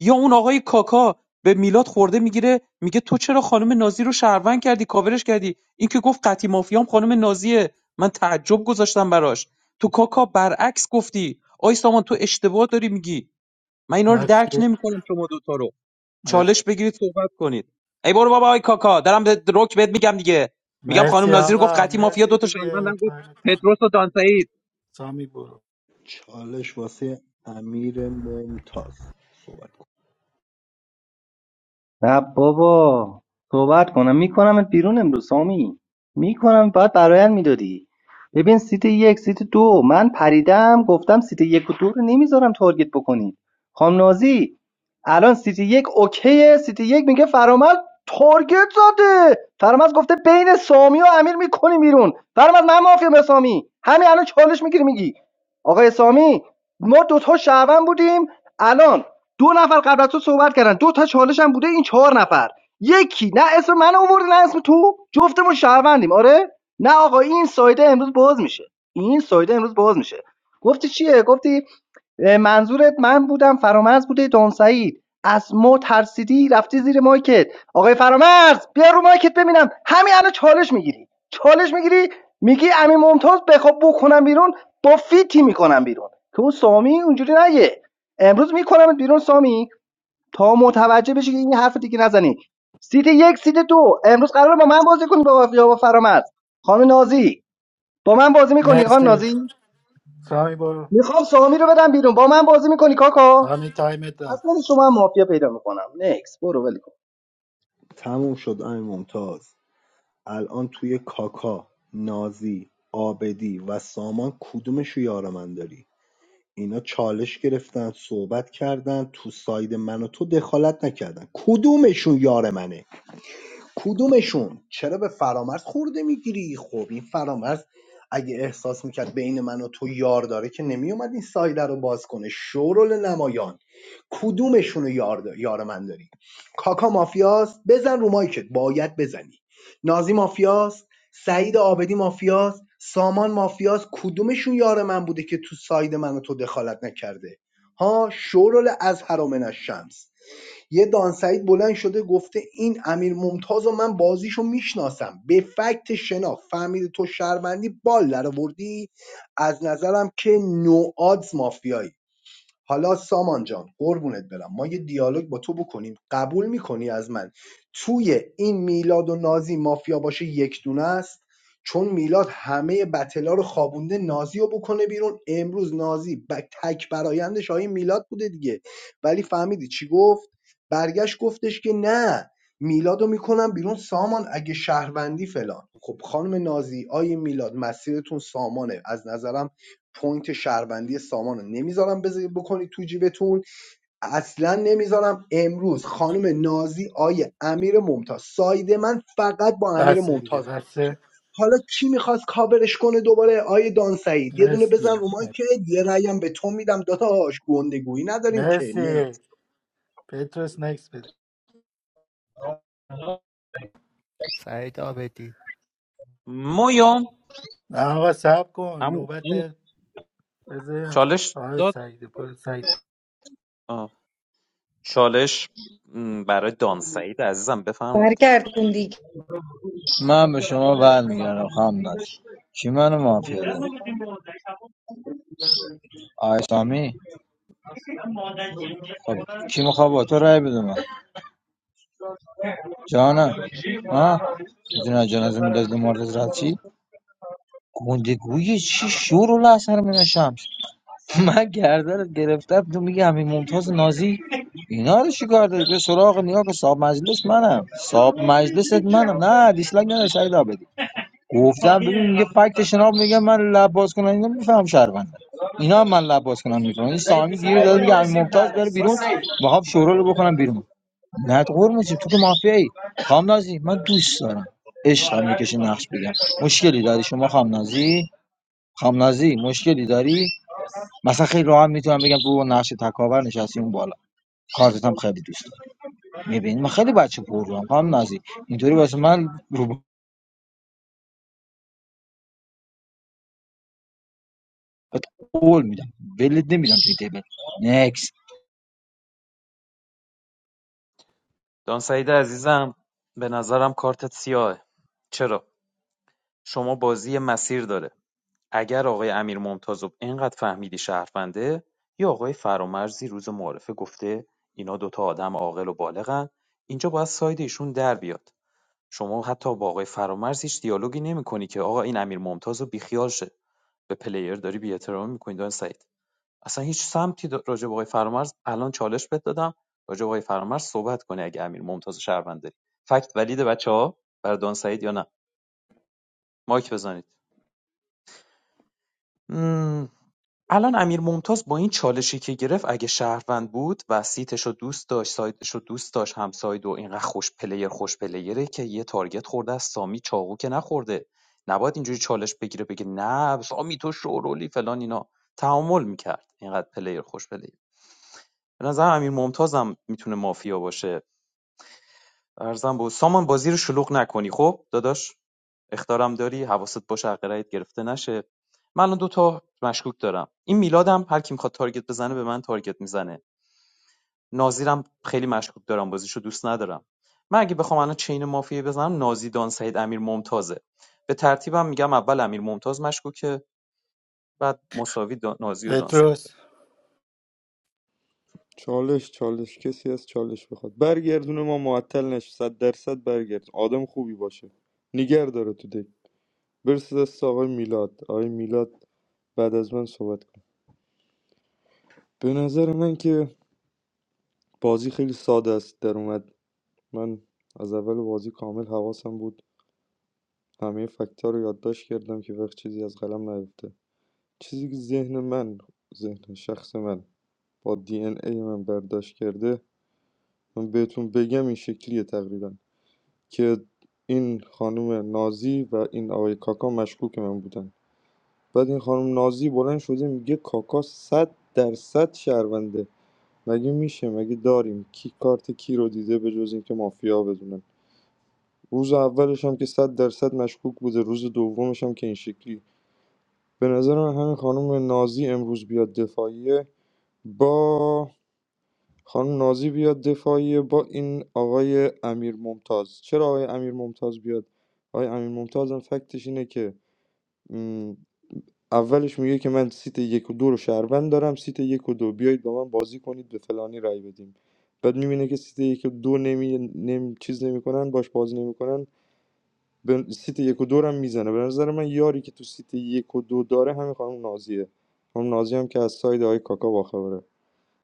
Speaker 12: یا اون آقای کاکا به میلاد خورده میگیره میگه تو چرا خانم نازی رو شهروند کردی کاورش کردی این که گفت قطی مافیام خانم نازیه من تعجب گذاشتم براش تو کاکا برعکس گفتی آی سامان تو اشتباه داری میگی من اینا رو درک
Speaker 21: مرسی
Speaker 12: نمیکنم شما دوتا رو
Speaker 21: مرسی
Speaker 12: چالش بگیرید صحبت کنید ای برو بابا آی کاکا دارم به رک بهت میگم دیگه میگم خانم
Speaker 21: مرسی
Speaker 12: نازی رو گفت
Speaker 21: آقا
Speaker 12: قطی مافیا
Speaker 21: مرسی
Speaker 12: دوتا
Speaker 21: دیگه
Speaker 12: شهروندم گفت
Speaker 21: تایم تموم.
Speaker 12: پتروس و دانسعید
Speaker 21: سامی برو
Speaker 10: چالش واسه امیر ممتاز صحبت کن
Speaker 18: نه بابا صحبت کنم میکنمت بیرون امروز سامی میکنم باید برایت میدادی ببین سیت یک سیت دو من پریدم گفتم سیت یک و دو رو نمیذارم تارگت بکنید خام نازی الان سیت یک اوکیه سیت یک میگه فرامرز تارگت زده فرامرز گفته بین سامی و امیر میکنی بیرون فرامرز من معافیم به سامی همین الان چالش میگیری میگی آقای سامی ما دوتا شعبن بودیم الان دو نفر قبل از تو صحبت کردن دو تا چالش هم بوده این چهار نفر یکی نه اسم من آوردی نه اسم تو جفتمون شهروندیم آره نه آقا این سایده امروز باز میشه این سایده امروز باز میشه گفتی چیه گفتی منظورت من بودم فرامرز بوده دون سعید از ما ترسیدی رفتی زیر مایکت آقای فرامرز بیا رو مایکت ببینم همین الان چالش میگیری چالش میگیری میگی امین ممتاز بخواب بکنم بیرون با فیتی میکنم بیرون که اون سامی اونجوری نگه امروز میکنم بیرون سامی تا متوجه بشی که این حرف دیگه نزنی سیت یک سیت دو امروز قرار با من بازی کنی با یا با فرامرز خانم نازی با من بازی میکنی خانم
Speaker 21: مرسی
Speaker 18: نازی
Speaker 21: سامی برو
Speaker 18: میخوام سامی رو بدم بیرون با من بازی میکنی کاکا
Speaker 21: همین تایم رفت
Speaker 18: اصلا من شما هم مافیا پیدا میکنم نکس برو ول کن
Speaker 10: تموم شد امیر ممتاز الان توی کاکا نازی آبدی و سامان کدومشو یار من داری اینا چالش گرفتن صحبت کردن تو ساید من و تو دخالت نکردن کدومشون یار منه کدومشون چرا به فرامرز خورده میگیری خب این فرامرز اگه احساس میکرد بین من و تو یار داره که نمیومد این سایده رو باز کنه شورل نمایان کدومشون رو یار, دا- یار من داری کاکا مافیاست بزن رو مایکت باید بزنی نازی مافیاست سعید آبدی مافیاست سامان مافیاست کدومشون یار من بوده که تو ساید من و تو دخالت نکرده ها شورل از حرامن از یه دان سعید بلند شده گفته این امیر ممتاز و من بازیشو میشناسم به فکت شنا فهمیده تو شهروندی بال در آوردی از نظرم که نو نوآدز مافیایی حالا سامان جان قربونت برم ما یه دیالوگ با تو بکنیم قبول میکنی از من توی این میلاد و نازی مافیا باشه یک دونه است چون میلاد همه بتلا رو خوابونده نازی رو بکنه بیرون امروز نازی ب... تک برایندش آقای میلاد بوده دیگه ولی فهمیدی چی گفت برگشت گفتش که نه میلاد رو میکنم بیرون سامان اگه شهروندی فلان خب خانم نازی آیه میلاد مسیرتون سامانه از نظرم پوینت شهروندی سامان نمیذارم بز- بکنی تو جیبتون اصلا نمیذارم امروز خانم نازی آیه امیر ممتاز ساید من فقط با امیر
Speaker 21: بسه دیگه
Speaker 10: ممتاز میشه
Speaker 21: بسه
Speaker 10: حالا کی میخواست کاورش کنه دوباره آیه دان سعید یه دونه بزن
Speaker 21: مرسی
Speaker 10: رو که یه رأیم به تو میدم داداش گندگویی نداریم که
Speaker 21: مرسی
Speaker 10: نکس
Speaker 21: پتروس نکس بده
Speaker 20: سعید آبدی
Speaker 12: مویوم
Speaker 21: نه آقا سب کن
Speaker 12: عمو
Speaker 21: نوبت
Speaker 12: عمو،
Speaker 21: بذار
Speaker 12: چالش
Speaker 21: آقا
Speaker 12: داد
Speaker 21: سعید برو سعید
Speaker 12: چالش م، برای دانسعید عزیزم بفرمایید
Speaker 5: برگردون دیگه
Speaker 14: من به شما برمیگردم خواهم نده کی منو مافیا داره آقای سامی خب کی میخواد با تو رای بده من جانم ها میدونی از جنازه میلاد مرتضی رفت چی گندگوی چی شور و اثر من شمس من گردنت گرفتم تو میگی همین ممتاز نازی اینا رو چیکار داری به سراغ نیا که صاحب مجلس منم صاحب مجلست منم نه دیسلک نه شهیدا بدی گفتم ببین میگه فکت شناب میگه من لب باز کنم اینا میفهم شهرونده اینا هم من لب باز کنم میفهم این سامی گیر داد میگه همین ممتاز بره بیرون میخوام شورا رو بکنم بیرون نه تو قرمون چی؟ تو که مافیایی خام نازی من دوست دارم عشقم میکشه نقش بگم مشکلی داری شما خام نازی خام نازی مشکلی داری مثلا خیلی راحت میتونم بگم تو نقش تکاور نشستی اون بالا کارتت هم خیلی دوست دارم میبینی من خیلی بچه پر رو هم نازی اینطوری واسه من رو بهت قول میدم ولید نمیدم توی تیبل نکس
Speaker 12: دانسعید عزیزم به نظرم کارتت سیاهه چرا شما بازی مسیر داره اگر آقای امیر ممتازو اینقدر فهمیدی شهرونده یا آقای فرامرزی روز معارفه گفته اینا دوتا آدم عاقل و بالغن اینجا باید ساید ایشون در بیاد شما حتی با آقای فرامرز هیچ دیالوگی نمیکنی که آقا این امیر ممتاز رو بیخیال شه به پلیر داری بی‌احترامی می‌کنی دان سعید اصلا هیچ سمتی دا- راجع به آقای فرامرز الان چالش بهت دادم راجع به آقای فرامرز صحبت کنه اگه امیر ممتاز شهروند داری فکت ولید بچه بر دان سعید یا نه مایک بزنید مم. الان امیر ممتاز با این چالشی که گرفت اگه شهروند بود و سیتش دوست داشت سایدش رو دوست داشت همساید و اینقدر خوش پلیر خوش پلیره که یه تارگت خورده از سامی چاقو که نخورده نباید اینجوری چالش بگیره بگه نه سامی تو شورولی فلان اینا تعامل میکرد اینقدر پلیر خوش پلیر به نظرم امیر ممتازم میتونه مافیا باشه ارزم بود سامان بازی رو شلوغ نکنی خب داداش اختارم داری حواست باشه حق رأیت گرفته نشه من الان دو تا مشکوک دارم این میلادم هر کی میخواد تارگت بزنه به من تارگت میزنه نازیرم خیلی مشکوک دارم بازیشو دوست ندارم من اگه بخوام الان چین مافیا بزنم نازی دان سعید امیر ممتازه به ترتیبم میگم اول امیر ممتاز مشکوکه بعد مساوی دان- نازی و دان سعید
Speaker 21: پتروس
Speaker 19: چالش چالش کسی از چالش بخواد برگردونه ما معطل نشه صد درصد برگرد آدم خوبی باشه نیگر داره تو دک برسه دست آقای میلاد آقای میلاد بعد از من صحبت کن به نظر من که بازی خیلی ساده است در اومد من از اول بازی کامل حواسم بود همه فکت‌ها رو یادداشت کردم که وقت چیزی از قلم نیفته چیزی که ذهن من ذهن شخص من با دی ان ای من برداشت کرده من بهتون بگم این شکلیه تقریبا که این خانم نازی و این آقای کاکا مشکوک من بودن بعد این خانم نازی بلند شده میگه کاکا صد درصد شهرونده مگه میشه مگه داریم کی کارت کی رو دیده به جز اینکه مافیا بدونن روز اولش هم که صد درصد مشکوک بوده روز دومش هم که این شکلی به نظرم همین خانم نازی امروز بیاد دفاعیه با خانم نازی بیاد دفاعیه با این آقای امیر ممتاز چرا آقای امیر ممتاز بیاد آقای امیر ممتاز هم فکتش اینه که م، اولش میگه که من سیت یک و دو رو شهروند دارم سیت یک و دو بیایید با من بازی کنید به فلانی رای بدیم بعد میبینه که سیت یک و دو نمی... نمی... چیز نمیکنن باش بازی نمیکنن به سیت یک و دو هم میزنه به نظر من یاری که تو سیت یک و دو داره همین خانم نازیه خانم نازیه هم که از ساید آقای کاکا باخبره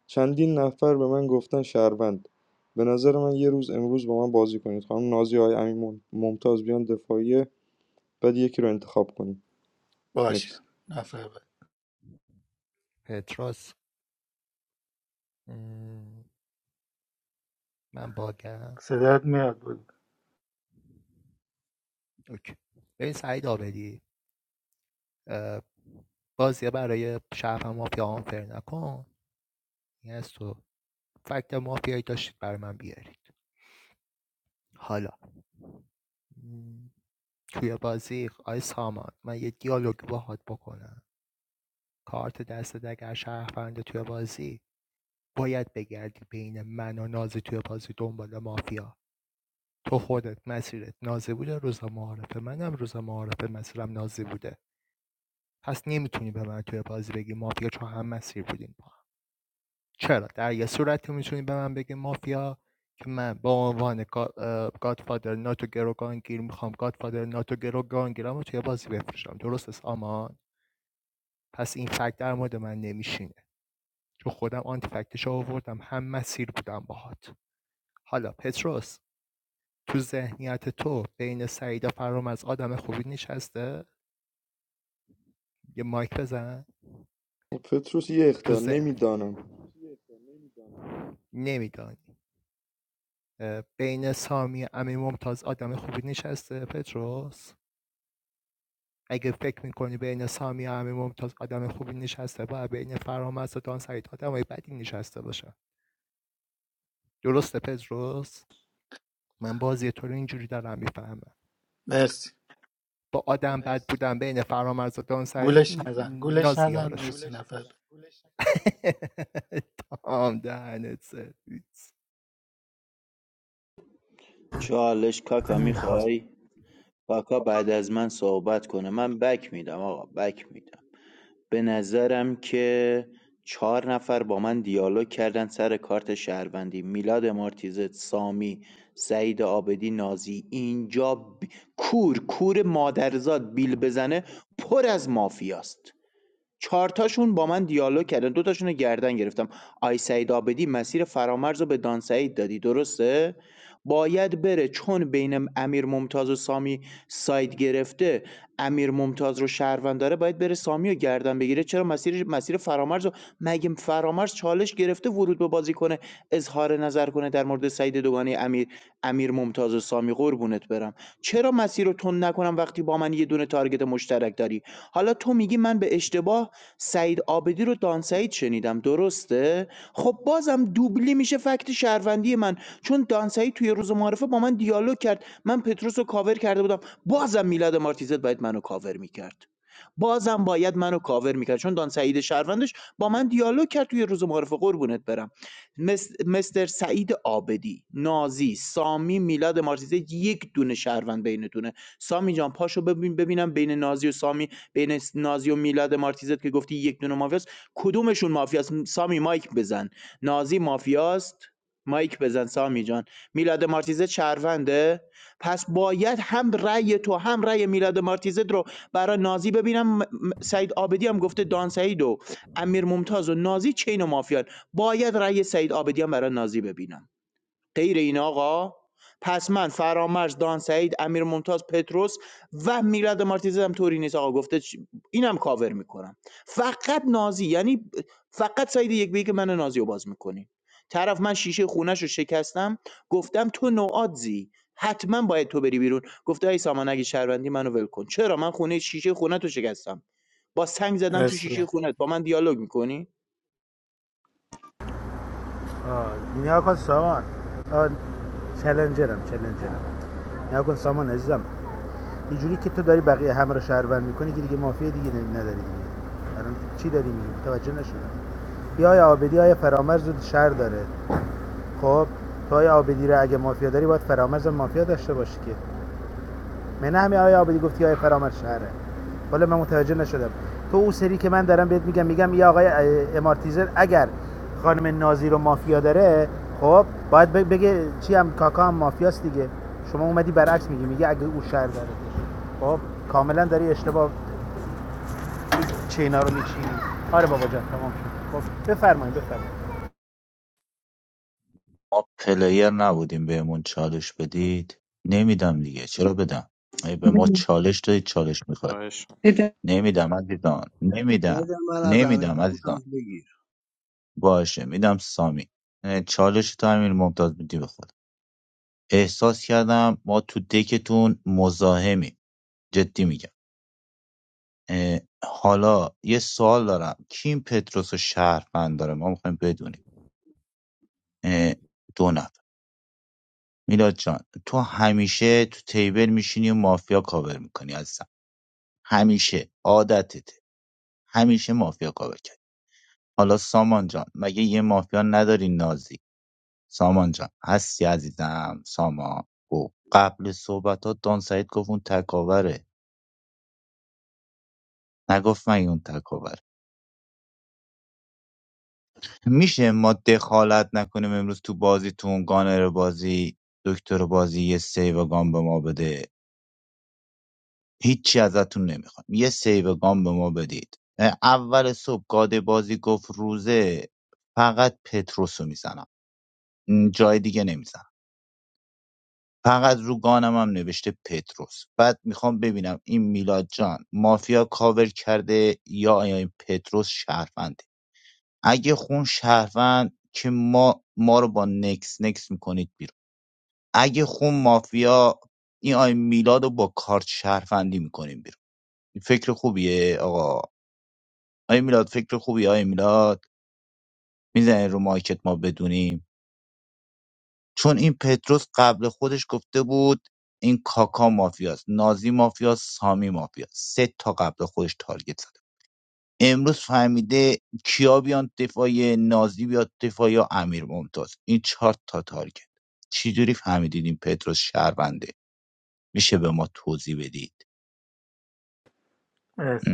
Speaker 19: چندین نفر به من گفتن شهروند به نظر من یه روز امروز با من بازی کنید خانم نازیه های امین مم- ممتاز بیان دفاعیه بعد یکی رو انتخاب کنیم
Speaker 21: باش
Speaker 19: نکست
Speaker 21: نفر بعد
Speaker 20: پتروس من باگم
Speaker 21: صدات میاد بود
Speaker 20: اوکی. ببین سعید آبدی بازی برای شهر و مافیا آنفر نکن این از تو فکت مافیایی داشتید برای من بیارید حالا توی بازی آی سامان من یه دیالوگ باهات بکنم کارت دستت اگر شهرونده توی بازی باید بگردی بین من و نازی توی بازی دنبال مافیا تو خودت مسیرت نازی بوده روز معارفه منم روز معارفه مسیرم نازی بوده پس نمیتونی به من توی بازی بگی مافیا چون هم مسیر بودیم با هم. چرا در یه صورت میتونی به من بگی مافیا که من به عنوان گا- اه، گادفادر ناتو گروگانگیر میخوام گادفادر ناتو گروگانگیرم رو توی بازی بفروشم درست است آمان پس این فکت در مورد من نمیشینه چون خودم آنتی فکتش آوردم هم مسیر بودم باهات حالا پتروس تو ذهنیت تو بین سعید و فرام از آدم خوبی نشسته یه مایک بزن
Speaker 19: پتروس یه
Speaker 20: تو
Speaker 19: اختار
Speaker 20: ذهن
Speaker 19: نمیدانم
Speaker 20: نمیدانی بین سامی و امیر ممتاز آدم خوبی نشسته پتروس اگه فکر میکنی بین سامی و امیر ممتاز آدم خوبی نشسته باید بین فرامرز و دان سعید آدم های بدی نشسته باشه درسته پتروس من بازی تو رو اینجوری دارم میفهمم
Speaker 21: مرسی
Speaker 20: با آدم بد بودم بودن بین فرامرز و دان سعید
Speaker 21: گولش
Speaker 20: نی-
Speaker 21: نزن گولش نزن
Speaker 20: نازیارشون
Speaker 21: مرسی
Speaker 20: گولش
Speaker 21: نفر
Speaker 20: تام دهنت سرویس
Speaker 13: چالش کاکا میخوای کاکا بعد از من صحبت کنه من بک میدم آقا بک میدم به نظرم که چهار نفر با من دیالوگ کردن سر کارت شهروندی میلاد امارتیزت سامی سعید آبدی نازی اینجا ب- کور کور مادرزاد بیل بزنه پر از مافیاست 4 تاشون با من دیالوگ کردن، 2 تاشون رو گردن گرفتم. آی سعید آبدی مسیر فرامرز رو به دان سعید دادی درسته؟ باید بره چون بین امیر ممتاز و سامی ساید گرفته امیر ممتاز رو شهروند داره باید بره سامی رو گردن بگیره چرا مسیر مسیر فرامرز رو مگه فرامرز چالش گرفته ورود به بازی کنه اظهار نظر کنه در مورد سعید دوگانه امیر امیر ممتاز و سامی قربونت برم چرا مسیر رو تند نکنم وقتی با من یه دونه تارگت مشترک داری حالا تو میگی من به اشتباه سعید عابدی رو دان سعید شنیدم درسته خب بازم دوبلی میشه فکت شهروندی من چون دان سعید توی روز معرفه با من دیالوگ کرد من پتروس رو کاور کرده بودم بازم میلاد مارتیزت باید منو کاور میکرد بازم باید منو کاور میکرد چون دان سعید شهروندش با من دیالوگ کرد توی روز معرفه قربونت برم مس- مستر سعید آبدی نازی سامی میلاد مارتیزه یک دونه شهروند بینتونه سامی جان پاشو ببین ببینم بین نازی و سامی بین نازی و میلاد مارتیزت که گفتی یک دونه مافیاست کدومشون مافیاست سامی مایک بزن نازی مافیاست مایک بزن سامی جان میلاد مارتیزت شهرونده پس باید هم رأی تو هم رأی میلاد مارتیزت رو برای نازی ببینم م- م- سعید آبدی هم گفته دان سعید و امیر ممتاز و نازی چین و مافیان باید رأی سعید آبدی هم برای نازی ببینم غیر این آقا پس من فرامرز دان سعید امیر ممتاز پتروس و میلاد مارتیز طوری نیست آقا گفته اینم کاور میکنم فقط نازی یعنی فقط سعید یک به یک من نازی رو باز میکنین طرف من شیشه خونش رو شکستم گفتم تو نوادزی حتما باید تو بری بیرون گفته ای سامان اگه شهروندی منو ول کن چرا من خونه شیشه خونه تو شکستم با سنگ
Speaker 21: بعد.
Speaker 13: زدم تو
Speaker 21: مرسی
Speaker 13: شیشه خونت با من دیالوگ میکنی
Speaker 8: آه، نیا کن سامان آه، چلنجرم چلنجرم نیا کن سامان عزیزم اینجوری که تو داری بقیه همه رو شهرور میکنی که دیگه مافیا دیگه نداری دیگه الان چی داری میگی متوجه نشدم یا آیا آبدی آیا فرامرز رو شهر داره خب تو آیا آبدی رو اگه مافیا داری باید فرامرز مافیا داشته باشی که من نه همین آیا آبدی گفتی آیا فرامرز شهره حالا من متوجه نشدم تو اون سری که من دارم بهت میگم میگم یا آقای امارتیزر اگر خانم نازی رو مافیا داره خب باید بگه چی هم کاکا هم مافیاست دیگه شما اومدی برعکس میگی میگه اگه او شهر داره خب کاملا داری اشتباه چینا رو میچینی آره بابا جان تمام شد خب بفرمایید بفرمایید
Speaker 3: ما پلیر نبودیم بهمون چالش بدید نمیدم دیگه چرا بدم مگه به ما چالش دادید چالش میخواد
Speaker 12: باشه می‌کنم.
Speaker 3: نمیدم عزیزان نمیدم
Speaker 10: بزن من از امیر
Speaker 3: نمیدم عزیزان
Speaker 10: ممتاز بگیر
Speaker 3: باشه میدم سامی اه، چالش تو همین ممتاز میدی بخواد احساس کردم ما تو دکتون مزاحمی جدی میگم اه، حالا یه سوال دارم کیم پتروس و شهروند داره ما میخوایم بدونیم اه، دو نفر میلاد جان تو همیشه تو تیبل میشینی و مافیا کاور میکنی عزیزم همیشه عادتته همیشه مافیا کاور کرد حالا سامان جان مگه یه مافیا نداری نازی سامان جان هستی عزیزم سامان او قبل صحبتات دان سعید گفت اون تکاوره نگفت من اون تکاوره میشه ما دخالت نکنیم امروز تو بازیتون گانر بازی دکتر بازی یه سیو گام به ما بده هیچی ازتون نمیخوام یه سیو گام به ما بدید اول صبح گاد بازی گفت روزه فقط پتروس رو میزنم م، جای دیگه نمیزنم فقط رو گانم هم نوشته پتروس بعد میخوام ببینم این میلاد جان مافیا کاور کرده یا آیا این پتروس شهرونده اگه خون شهروند که ما ما رو با نکس نکس میکنید بیرون. اگه خون مافیا این آی میلاد رو با کارت شهروندی میکنیم بیرون این فکر خوبیه آقا آی میلاد فکر خوبیه آی میلاد میزنه رو مایکت ما بدونیم چون این پتروس قبل خودش گفته بود این کاکا مافیاست نازی مافیاست سامی مافیاست سه تا قبل خودش تارگت زده امروز فهمیده کیا بیان دفاع نازی بیاد دفاع یا امیر ممتاز این چهار تا تارگت چجوری فهمیدید این پتروس شهرونده میشه به ما توضیح بدید
Speaker 21: مرسی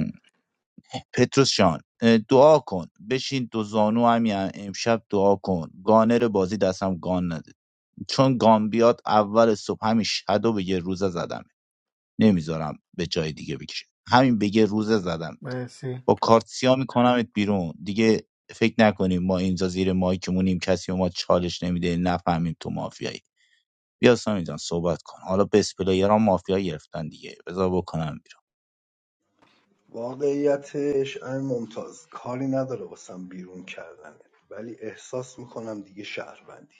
Speaker 3: پتروس جان دعا کن بشین دو زانو همین امشب دعا کن گانر بازی دستم گان نده چون گان بیاد اول صبح همین شدو به یه روزه زدم نمیذارم به جای دیگه بکشه همین به یه روزه زدم
Speaker 21: مرسی
Speaker 3: با کارت سیاه میکنمت بیرون دیگه فکر نکنیم ما اینجا زیر مایکمونیم کسی به ما چالش نمیده نفهمیم تو مافیایی بیا سامی جان صحبت کن حالا بس پلیران مافیا گرفتن دیگه بذار بکنم
Speaker 10: واقعیتش امیر ممتاز کاری نداره واسم بیرون کردنه ولی احساس میکنم دیگه شهروندی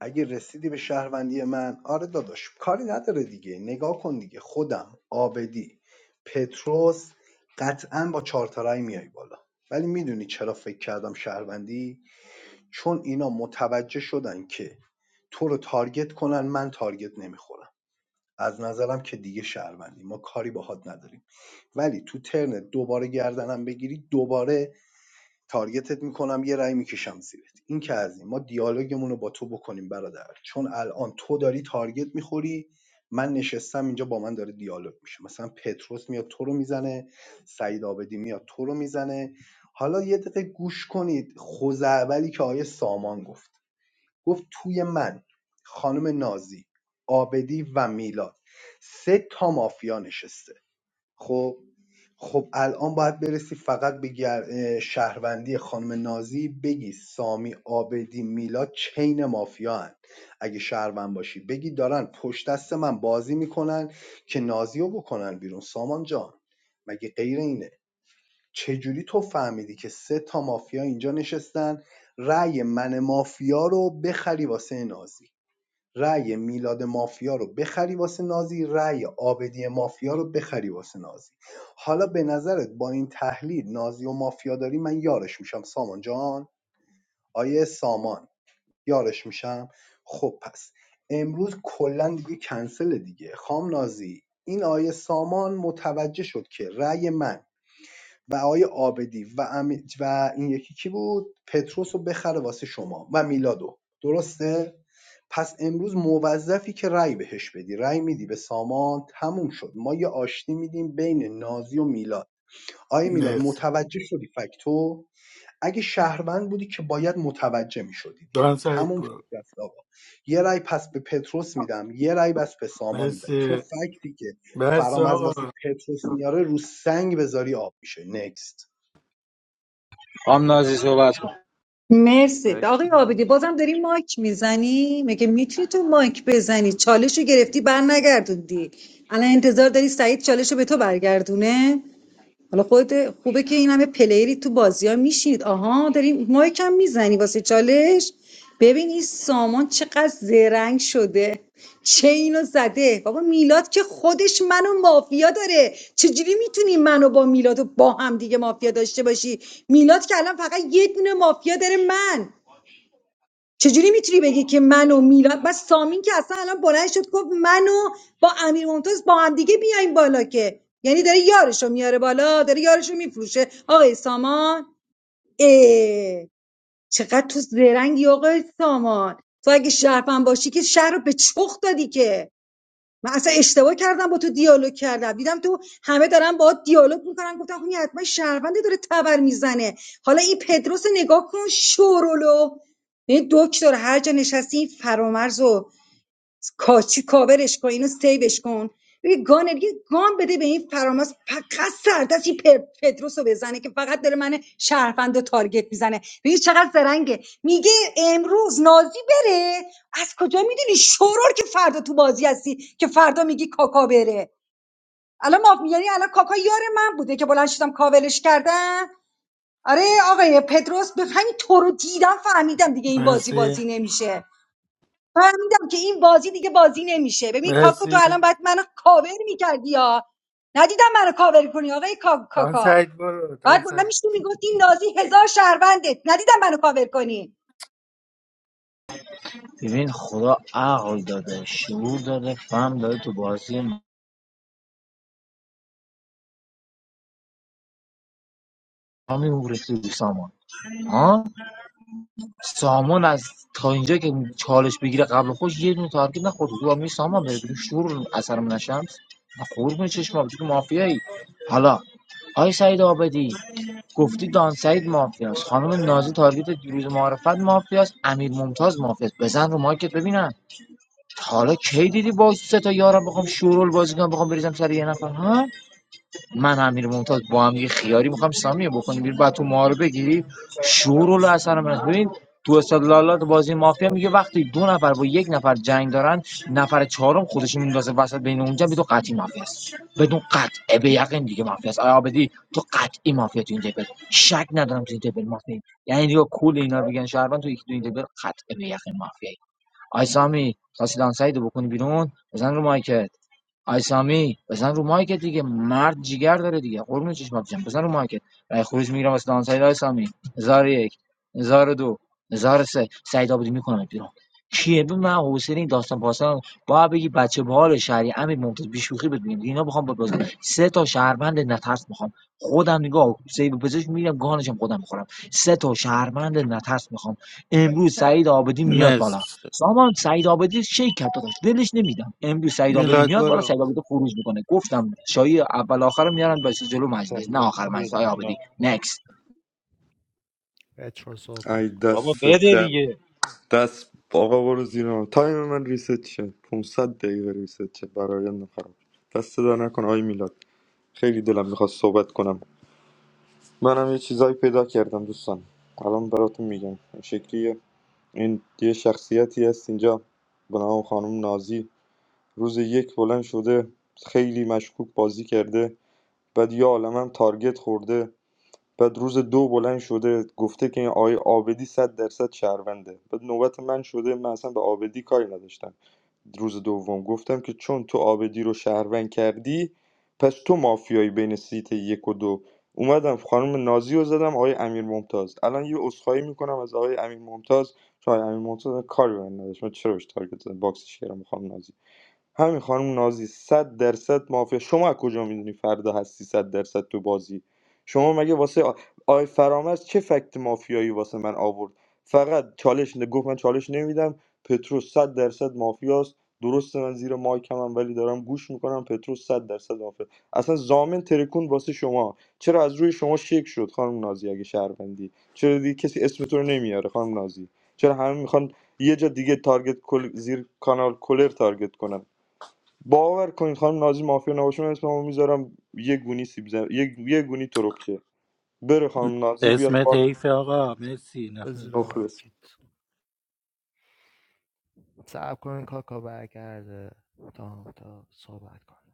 Speaker 10: اگه رسیدی به شهروندی من آره داداش کاری نداره دیگه نگاه کن دیگه خودم آبدی پتروس قطعا با چارتارای میای بالا ولی میدونی چرا فکر کردم شهروندی چون اینا متوجه شدن که تو رو تارگت کنن من تارگت نمیخورم از نظرم که دیگه شهروندی ما کاری باهات نداریم ولی تو ترن دوباره گردنم بگیری دوباره تارگتت میکنم یه رأی میکشم زیرت این که از این ما دیالوگمون رو با تو بکنیم برادر چون الان تو داری تارگت میخوری من نشستم اینجا با من داره دیالوگ میشه مثلا پتروس میاد تو رو میزنه سعید آبدی میاد تو رو میزنه حالا یه دقیقه گوش کنید خوزعبلی که آیه سامان گفت گفت توی من خانم نازی آبدی و میلاد سه تا مافیا نشسته خب خب الان باید برسی فقط به گر- شهروندی خانم نازی بگی سامی آبدی میلاد چین مافیا هن. اگه شهروند باشی بگی دارن پشت دست من بازی میکنن که نازی رو بکنن بیرون سامان جان مگه غیر اینه چجوری تو فهمیدی که سه تا مافیا اینجا نشستن رأی من مافیا رو بخری واسه نازی رای میلاد مافیا رو بخری واسه نازی رای آبدی مافیا رو بخری واسه نازی حالا به نظرت با این تحلیل نازی و مافیا داری من یارش میشم سامان جان آیه سامان یارش میشم خب پس امروز کلا دیگه کنسل دیگه خام نازی این آیه سامان متوجه شد که رأی من و آقای عابدی و, امی- و این یکی کی بود پتروس رو بخره واسه شما و میلادو درسته پس امروز موظفی که رأی بهش بدی رأی میدی به سامان تموم شد ما یه آشتی میدیم بین نازی و میلاد آیه میلاد
Speaker 21: مرسی
Speaker 10: متوجه شدی فکتو اگه شهروند بودی که باید متوجه میشدی
Speaker 21: دان
Speaker 10: دیگه
Speaker 21: سعید
Speaker 10: تموم شد
Speaker 21: برو
Speaker 10: دست آقا یه رأی پس به پتروس میدم یه رأی پس به سامان میدم چون
Speaker 21: مرسی
Speaker 10: فکتی که
Speaker 21: بس
Speaker 10: فرام از واسه
Speaker 21: آقا
Speaker 10: پتروس میاره رو سنگ بذاری آب میشه نکست
Speaker 14: هم نازی صحبت کن
Speaker 5: مرسی
Speaker 12: بک
Speaker 5: آقای آبدی بازم داری مایک میزنی مگه میتونی تو مایک بزنی چالش رو گرفتی بر نگردوندی الان انتظار داری سعید چالش رو به تو برگردونه حالا خودت خوبه که این همه پلیری تو بازی ها میشینید آها داریم مایکم میزنی واسه چالش ببین این سامان چقدر زرنگ شده چه اینو زده بابا میلاد که خودش منو مافیا داره چجوری میتونی منو با میلاد و با هم دیگه مافیا داشته باشی میلاد که الان فقط یه دونه مافیا داره من چجوری میتونی بگی که من و میلاد بس سامین که اصلا الان بلند شد گفت من و با امیر ممتاز با هم دیگه بیایم بالا که یعنی داره یارشو میاره بالا داره یارشو میفروشه آقای سامان اه چقدر تو زرنگی آقای سامان تو اگه شهرفن باشی که شهر رو به چخ دادی که من اصلا اشتباه کردم با تو دیالوگ کردم دیدم تو همه دارن باهات دیالوگ میکنن گفتم خب این حتما شهرونده داره تبر میزنه حالا این پدروس رو نگاه کن شورولو این دکتر هر جا نشستی این فرامرز رو کاچی کاورش کن اینو سیوش کن ببین گانر یه گان بده به این فراماس فقط سردست این پر- پدروس رو بزنه که فقط داره من شهروند رو تارگت میزنه ببین چقدر زرنگه میگه امروز نازی بره از کجا میدونی شورور که فردا تو بازی هستی که فردا میگی کاکا بره الان ما یعنی الان کاکا یار من بوده که بلند شدم کاورش کردم آره آقای پدروس به همین تو رو دیدم فهمیدم دیگه این بازی
Speaker 21: مرسی
Speaker 5: بازی نمیشه فهمیدم که این بازی دیگه بازی نمیشه ببین کاکو تو
Speaker 21: مرسی
Speaker 5: الان باید منو کاور میکردی یا ندیدم منو کاور کنی آقای کا-
Speaker 21: دان
Speaker 5: کاکا
Speaker 21: سعید برو
Speaker 5: باید
Speaker 21: دان
Speaker 5: بلند
Speaker 21: سعید
Speaker 5: میشی میگفتی این نازی هزار شهروندت ندیدم منو کاور کنی
Speaker 14: ببین خدا عقل داده شعور داده فهم داده تو بازی ما میمورسی رو سامان ها سامان از تا اینجا که چالش بگیره قبل خوش یه دونه تارگت نخورد گفتم می سامان بره بیرون شور اثر من شمس قرب چشمام تو مافیایی حالا آی سعید آبدی گفتی دان سعید مافیاست خانم نازی تارگت دیروز معرفت مافیاست امیر ممتاز مافیاست بزن رو مایکت ببینم تا حالا کی دیدی با سه تا یارم بخوام شورول بازی کنم بخوام بریزم سر یه نفر ها من امیر ممتاز با هم یه خیاری میخوام سامیه بکنیم بیرون بعد تو ما رو بگیری شور اصلا من ببین تو استدلالات بازی مافیا میگه وقتی دو نفر با یک نفر جنگ دارن نفر چهارم خودش میندازه وسط بین اونجا بدون قطعی مافیا است بدون قطع به یقین دیگه مافیا است آیا عابدی تو قطعی مافیا تو این تیبل شک ندارم تو این تیبل مافیا یعنی دیگه کل اینا رو بگن شهروند تو یک تو این تیبل قطع به یقین مافیا آی سامی تاسی سعیدو بکنی بیرون بزن رو مایکت آی سامی بزن رو مایکت دیگه مرد جیگر داره دیگه قربون چشم بچم بزن رو مایکت رای خروج میگیرم واسه دان سعید آی سامی هزار و یک هزار و دو هزار و سه سعید آبادی میکنم بیرون کیه به من حوصله این داستان پاسان با بگی بچه بال شهری امیر ممتاز بیشوخی بهت میگم اینا بخوام بهت بازم سه تا شهروند نترس میخوام خودم نگاه سیب پزشک میرم گانشم خودم میخورم سه تا شهروند نترس میخوام امروز سعید آبادی میاد بالا
Speaker 21: مرسی
Speaker 14: سامان سعید آبادی شیک کرد داداش دلش نمیدم امروز سعید آبادی
Speaker 21: میلاد
Speaker 14: میاد بالا
Speaker 21: برو
Speaker 14: سعید آبادی خروج میکنه گفتم شایی اول آخر میارن باشه جلو مجلس نه آخر مجلس
Speaker 12: بده
Speaker 14: آی آبادی
Speaker 12: میلاد.
Speaker 14: نکست
Speaker 19: ای
Speaker 12: بابا
Speaker 19: دست
Speaker 12: بده
Speaker 19: در-
Speaker 12: دیگه
Speaker 19: دست آقا برو زیرا تایم من ریست شد 500 دقیقه ریست شد برای من خراب دست صدا نکن آی میلاد خیلی دلم میخواست صحبت کنم منم یه چیزایی پیدا کردم دوستان الان براتون میگم این شکلی این یه شخصیتی هست اینجا به نام خانم نازی روز یک بلند شده خیلی مشکوک بازی کرده بعد یه عالمم تارگت خورده بعد روز دو بلند شده گفته که این آقای آبدی صد درصد شهرونده بعد نوبت من شده من اصلا به آبدی کاری نداشتم روز دوم گفتم که چون تو آبدی رو شهروند کردی پس تو مافیایی بین سیت یک و دو اومدم خانم نازی رو زدم آقای امیر ممتاز الان یه عذرخواهی میکنم از آقای امیر ممتاز چون آقای امیر ممتاز کاری به من نداشت من چرا بهش تارگت زدم باکسش کردم خانم نازی همین خانم نازی صد درصد مافیا شما از کجا میدونی فردا هستی صد درصد تو بازی شما مگه واسه آ- آی فرامرز چه فکت مافیایی واسه من آورد فقط چالش نه- گفت من چالش نمیدم پترو صد درصد مافیاست درسته من زیر مایکم هم ولی دارم گوش میکنم پترو صد درصد مافیا اصلا زامن ترکون واسه شما چرا از روی شما شک شد خانم نازی اگه شهروندی چرا دیگه کسی اسم تو رو نمیاره خانم نازی چرا همه میخوان یه جا دیگه تارگت کل... زیر کانال کلر تارگت کنن باور کنید خانم نازی مافیا نباشه من اسممو میذارم یه گونی سیب زم... یه... یه گونی تربچه بره خانم نازی بیاد
Speaker 21: اسمت
Speaker 19: بالا
Speaker 21: حیف آقا مرسی نفر بعد.
Speaker 19: مخلص
Speaker 20: بزرمک صبر کنین کاکا برگرده تا هم تا صحبت کنه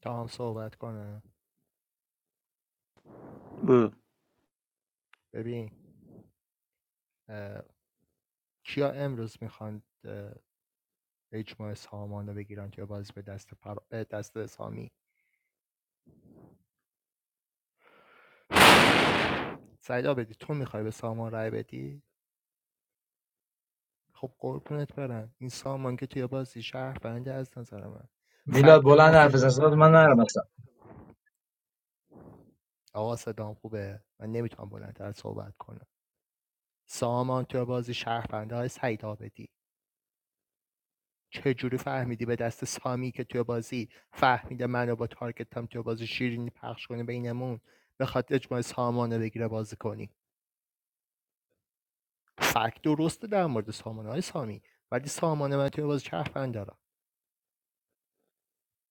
Speaker 20: تا هم صحبت کنه
Speaker 21: برو
Speaker 20: ببین کیا امروز میخوان اه، اجماع سامان رو بگیرن توی بازی به دست پر... به دست سامی سعیدا بدی تو میخوای به سامان رای بدی خب قربونت برم این سامان که توی بازی شهر بنده از نظر من
Speaker 14: میلاد
Speaker 20: فکت بذار
Speaker 14: بلند
Speaker 20: مافیا
Speaker 14: حرف بزن
Speaker 20: بلند
Speaker 14: صدات من نرم اصلا
Speaker 20: آقا صدام خوبه من نمیتونم بلندتر صحبت کنم سامان توی بازی شهر بنده های سعیدا چجوری فهمیدی به دست سامی که توی بازی فهمیده منو با تارگتم توی بازی شیرینی پخش کنه بینمون بخواد اجماع سامانه بگیره بازی کنی فکت درسته در مورد سامانه های سامی ولی سامانه من توی بازی چرفن دارم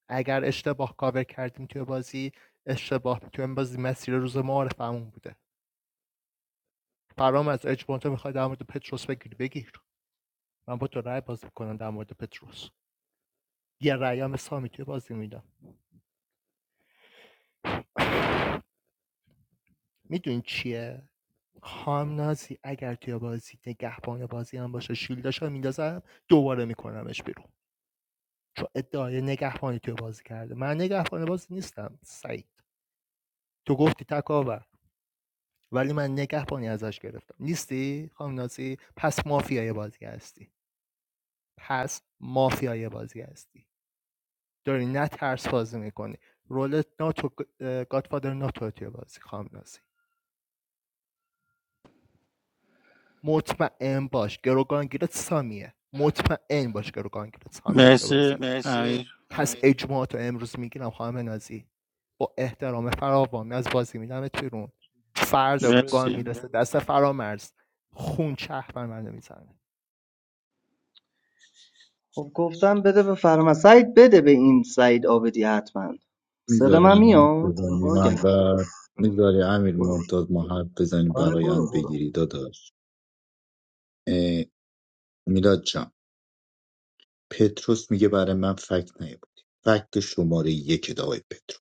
Speaker 20: اگر اشتباه کاور کردیم توی بازی اشتباه توی بازی مسیر روز معارفمون بوده فرام از اجماع تو میخوای در مورد پتروس بگیری بگیر من با تو رأی بازی میکنم در مورد پتروس یه رأی هم سامی توی بازی میدم میدونی چیه خامنازی اگر توی بازی نگهبان بازی هم باشه شیلداش رو میندازم دوباره میکنمش بیرون چون ادعای نگهبانی توی بازی کرده من نگهبان بازی نیستم سعید تو گفتی تکاور ولی من نگهبانی ازش گرفتم نیستی خامنازی پس مافیای بازی هستی پس مافیای بازی هستی داری نه ترس بازی میکنی رول ناتو گادفادر ناتو توی بازی خامنازی مطمئن باش گروگانگیرت سامیه مطمئن باش گروگانگیرت سامیه تو
Speaker 21: مرسی
Speaker 20: بازی مرسی
Speaker 21: امیر
Speaker 20: پس اجماع تو امروز میگیرم خانم نازی با احترام فراوان از بازی میدمت بیرون فردا گان
Speaker 21: مرسی
Speaker 20: میرسه دست فرامرز خون چه بر منو میزنه
Speaker 18: خب گفتم بده به فرما سعید بده به این سعید آبدی حتما صدا
Speaker 3: میذاریم
Speaker 18: من
Speaker 3: ما حرف
Speaker 18: میاد
Speaker 3: بزنیم
Speaker 18: باگم
Speaker 3: اول میذاری امیر
Speaker 18: برو
Speaker 3: ممتاز ما حرف بزنیم
Speaker 18: آره
Speaker 3: برایند
Speaker 18: برو برو
Speaker 3: بگیری داداش اه، میلاد جان پتروس میگه برای من فکت نیاوردی فکت شماره یک دعای پتروس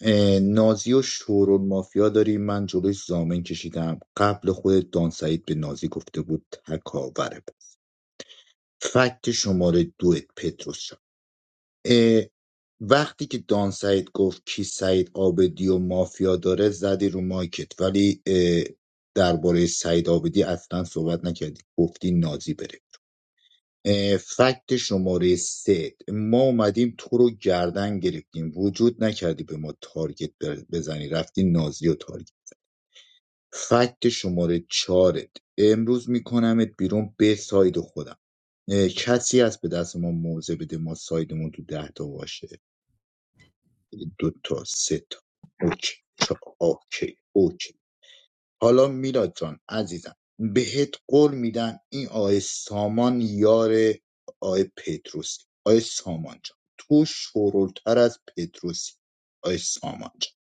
Speaker 3: اه، نازی و شورون مافیا داری من جلوی زامن کشیدم قبل خود دان سعید به نازی گفته بود تکاوره پس فکت شماره دو پتروس جان. اه، وقتی که دان سعید گفت کی سعید آبدی و مافیا داره زدی رو مایکت ولی اه، درباره سعید آبدی اصلا صحبت نکردی گفتی نازی بره اه، فکت شماره سه ما اومدیم تو رو گردن گرفتیم وجود نکردی به ما تارگت بر- بزنی رفتی نازی و تارگت فکت شماره چارت امروز میکنمت بیرون به ساید خودم اه، کسی هست به دست ما موزه بده ما سایدمون تو ده تا باشه دو تا سه تا اوکی چا اوکی اوکی حالا میلاد جان عزیزم بهت قول میدم این آقای سامان یار آقای پتروسی آقای سامان جان تو شورلتر از پتروسی آقای سامان جان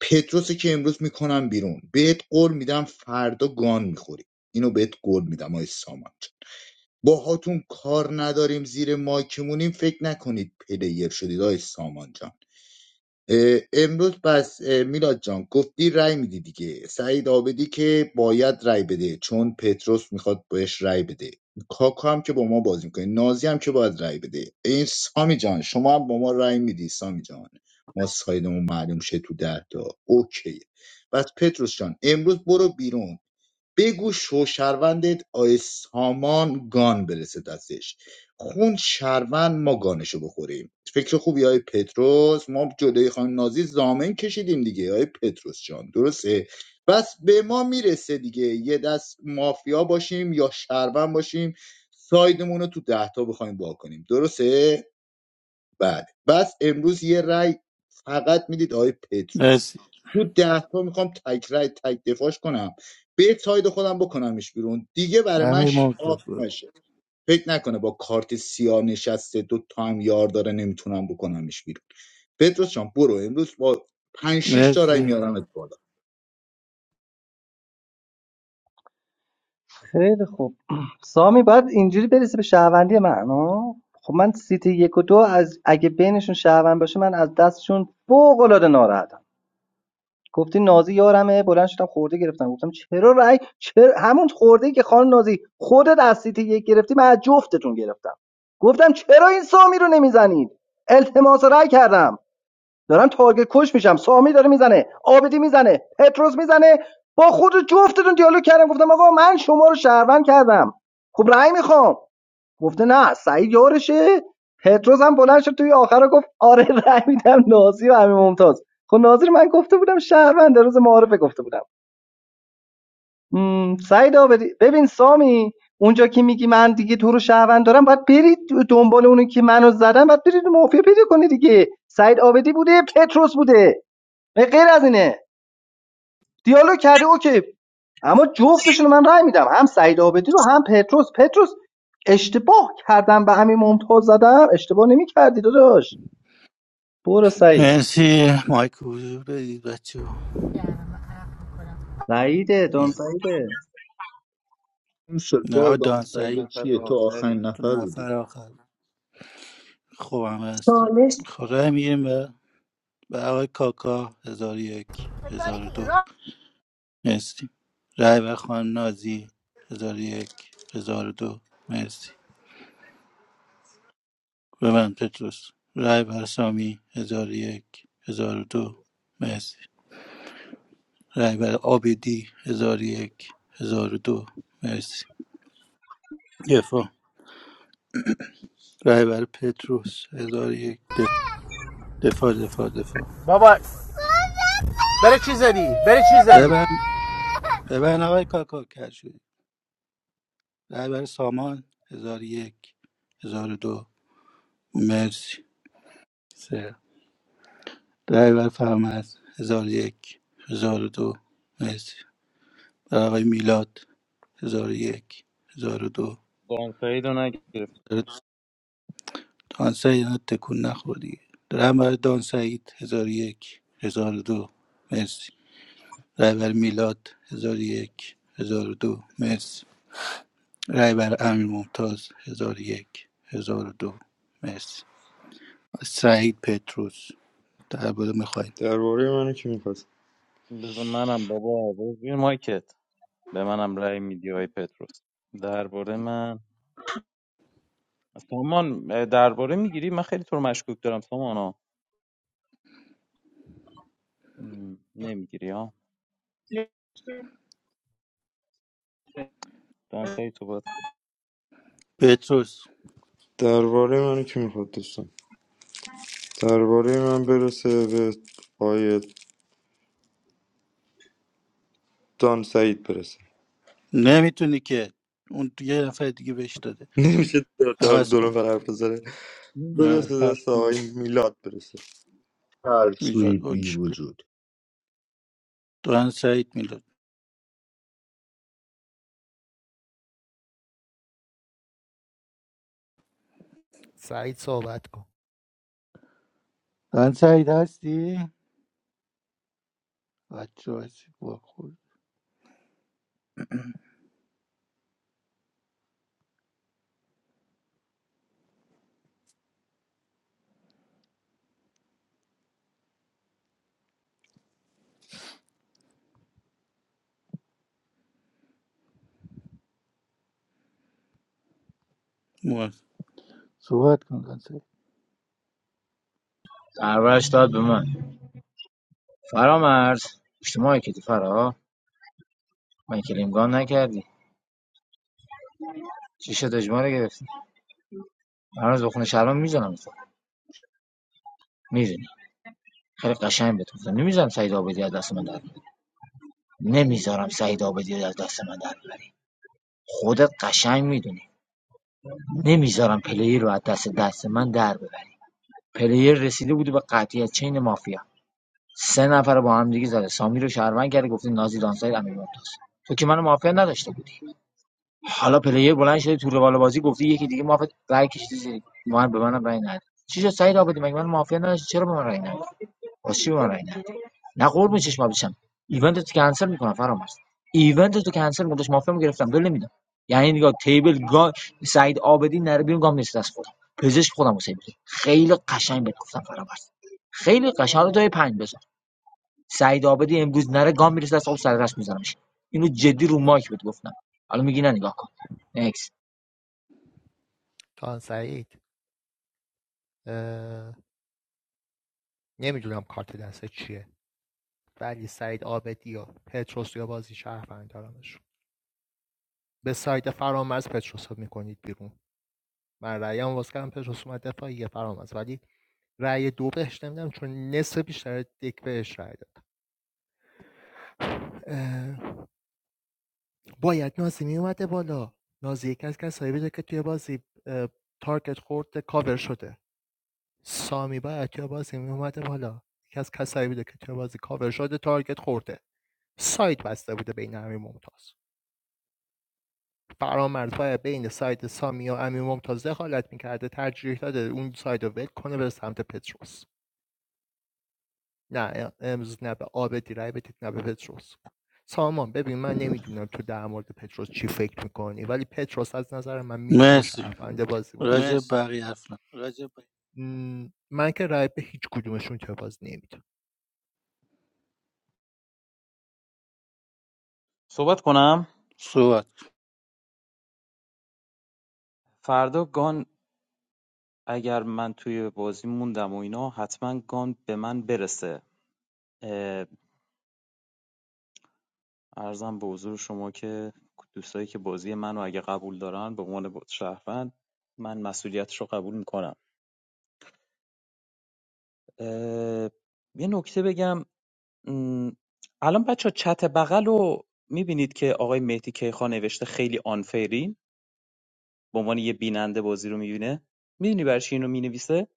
Speaker 3: پتروسی که امروز میکنم بیرون بهت قول میدم فردا گان میخوری اینو بهت قول میدم آقای سامان جان باهاتون کار نداریم زیر مایکمونیم فکر نکنید پلیر شدید آقای سامان جان اه، امروز پس اه، میلاد جان گفتی رأی میدی دیگه سعید آبدی که باید رأی بده چون پتروس میخواد بهش رأی بده کاکا هم که با ما بازی میکنه نازی هم که باید رأی بده این سامی جان شما هم با ما رأی میدی سامی جان ما سایدمون معلوم شه تو ده تا اوکی بس پتروس جان امروز برو بیرون بگو شوشهروندت آی سامان گان برسه دستش خون شهروند ما گانشو بخوریم فکر خوبی آی پتروس ما جلوی خانم نازی زامن کشیدیم دیگه آی پتروس جان درسته بس به ما میرسه دیگه یه دست مافیا باشیم یا شهروند باشیم سایدمون رو تو دهتا بخوایم وا کنیم درسته بله بس امروز یه رأی فقط میدید آقای پتروس
Speaker 21: مرسی
Speaker 3: تو ده تا میخوام تک رأی تک دفاعش کنم به ساید خودم بکنمش بیرون دیگه برای من
Speaker 21: امیر
Speaker 3: شاخ
Speaker 21: ممتاز برو
Speaker 3: نشه فکر نکنه با کارت سیاه نشسته دو تا هم یار داره نمیتونم بکنمش بیرون پتروس جان برو امروز با پنج شیش تا رأی
Speaker 21: مرسی
Speaker 3: میارمت بالا
Speaker 18: خیلی خوب سامی باید اینجوری برسه به شهروندی من ها خب من سیت یک و دو از اگه بینشون شهروند باشه من از دستشون فوق العاده ناراحتم گفتی نازی یارمه بلند شدم خورده گرفتم گفتم چرا رای چرا همون خورده ای که خان نازی خودت از سیتی یک گرفتی من از جفتتون گرفتم گفتم چرا این سامی رو نمیزنید التماس رأی کردم دارم تارگت کش میشم سامی داره میزنه آبدی میزنه پتروس میزنه با خود جفتتون دیالوگ کردم گفتم آقا من شما رو شهروند کردم خب رأی میخوام گفته نه سعید یارشه پتروس هم بلند شد توی آخر رو گفت آره رأی میدم نازی و امیر ممتاز خب نازی من گفته بودم شهروند روز معارفه گفته بودم مم، سعیدا ببین سامی اونجا که میگی من دیگه تو رو شهروند دارم باید برید دنبال اونی که منو زدن باید برید مافیا پیدا کنید دیگه سعید آبدی بوده پتروس بوده به غیر از اینه دیالوگ کرده اوکی اما جفتشون رو من رأی میدم هم سعید آبدی رو هم پتروس پتروس اشتباه کردم به همین ممتاز زدم اشتباه نمیکردی داداش برو سعید
Speaker 21: مرسی مایک حضور بدید بچه ها.
Speaker 18: سعیده دون سعیده
Speaker 3: اون سردار
Speaker 21: نه
Speaker 13: تو
Speaker 21: دانسایی
Speaker 3: دانسته
Speaker 13: نفر
Speaker 3: چیه تو آخرین
Speaker 13: آخری
Speaker 21: تو
Speaker 3: نفر بودی
Speaker 21: نفر آخر خوبم هست
Speaker 5: چالش
Speaker 21: خدا میگیم به به آقای کاکا هزار و یک هزار و دو مرسی رای به خانم نازی هزار و یک هزار و دو مرسی ببند پتروس رای بر سامی هزار و یک هزار و دو مرسی رای بر آبدی هزار و یک هزار و دو مرسی دفاع رای بر پتروس هزار و یک دف- دفاع دفاع دفاع
Speaker 8: بابا برای چی زدی برای چی زدی
Speaker 21: ببند ببند آقای کاکا کرد شد رای بر سامان هزار و یک هزار و دو مرسی سه رای بر فرمد هزار و یک هزار و دو مرسی بر آقای میلاد هزار و یک هزار و دو
Speaker 12: دانسایی رو نگرفت
Speaker 21: دان سعید اینقدر تکون نخور دیگه رای برای دان سعید هزار و یک هزار و دو مرسی رای برای میلاد هزار و یک هزار و دو مرسی رای برای امیر ممتاز هزار و یک هزار و دو مرسی سعید پتروس درباره میخواین
Speaker 19: درباره منو کی میخواد
Speaker 12: بذار منم بابا برو زیر مایکت به منم رأی میدی های پتروس درباره من سامان اه، درباره میگیری من خیلی تو رو مشکوک دارم سامانا نمیگیری ها دانسایی تو باید
Speaker 21: پتروس
Speaker 19: درباره منو کی میخواد دوستان درباره من برسه به آقای دان سعید برسه
Speaker 21: نمیتونی که اون یه نفر دیگه بهش داده
Speaker 19: نمیشه در در
Speaker 21: عوض
Speaker 19: دو
Speaker 21: کن
Speaker 19: نفر حرف بزنه
Speaker 12: این چه
Speaker 21: نه
Speaker 19: برسه دست
Speaker 12: پشمه
Speaker 19: آقای میلاد برسه
Speaker 3: ترسوی
Speaker 21: میلاد
Speaker 3: بی
Speaker 21: اوکی
Speaker 3: وجود
Speaker 21: دان سعید میلاد
Speaker 20: سعید صحبت کن
Speaker 21: دان سعید هستی؟ بچه هستی با خود صحبت کن کنسل
Speaker 14: دربارش داد به من فرامرز اجتماعی که فرا من کلیمگان نکردی چی شد اجماع گرفتی هر روز بخونه شرم میزنم میدونی خیلی قشنگ بهت گفتم نمیذارم سعید آبادی از دست من در بیاری. نمیذارم سعید آبادی از دست من در ببری خودت قشنگ میدونی نمیذارم پلیر رو از دست دست من در ببری پلیر رسیده بود به قطعیت چین مافیا سه نفر رو با هم دیگه زده سامی رو شهروند کرده گفته نازی دانسای امیر ممتاز تو که منو مافیا نداشته بودی حالا پلیر بلند شده تو روال بازی گفتی یکی دیگه مافیا رای کشیده زیر من به منم رای نداد چی شد سعید آبادی مگه من مافیا نداشتی چرا به من رای ندادی واسه چی به من رای ندادی نه قربون چشم آب بشم ایونت تو کنسل میکنم فرامرز ایونت تو کنسل مدش مافیا گرفتم دل نمیدم یعنی نگاه تیبل گا سعید آبدی نره بیرون گام نیست دست خودم پزشک خودم حسین بده خیلی قشنگ بهت گفتم فرامرز خیلی قشنگ رو دای پنج بذار سعید آبدی امروز نره گام میرسه دست آب سر دست میذارمش اینو جدی رو مایک بهت گفتم حالا میگی نه نگاه کن نکس
Speaker 20: تا سعید اه... نمیدونم کارت دسته چیه ولی سعید آبدی و پتروس یا بازی شهروند دارمشون به سایت فرامرز پتروس رو میکنید بیرون من رأیمو واسه کمپش اومد دفاعیه فرامرز ولی رأی دو بهش نمیدم چون نصف بیشتر دک بهش رأی داد اه، باید نازی میومده بالا نازی یکی از کسایی بوده که توی بازی اه، تارگت خورده کاور شده سامی باید توی بازی میومده بالا یکی از کسایی بوده که توی بازی کاور شده تارگت خورده سایت بسته بوده بین امی ممتاز فرامرز باید بین سایت سامی و امی ممتاز دخالت میکرده ترجیح داده اون سایت رو ول کنه به سمت پتروس نه امروز نه به آبدی رای بدید نه به پتروس سامان ببین من نمیدونم تو در مورد پتروس چی فکر میکنی ولی پتروس از نظر من میتونه
Speaker 21: مرسی
Speaker 20: شهرونده بازی باشه
Speaker 21: راجع به
Speaker 20: مرسی
Speaker 21: بقیه حرف نزن.
Speaker 20: رجب من که رای به هیچ کدومشون که باز نمیدم
Speaker 12: صحبت کنم
Speaker 21: صحبت
Speaker 12: فردا گان اگر من توی بازی موندم و اینا حتما گان به من برسه اه، ارزم به حضور شما که دوستایی که بازی منو اگه قبول دارن به عنوان شهروند من مسئولیتش رو قبول میکنم اه، یه نکته بگم م، الان بچه چت بغل رو میبینید که آقای مهدی کیخان نوشته خیلی آنفیرین به عنوان یه بیننده بازی رو میبینه میدونی برای چی اینو مینویسه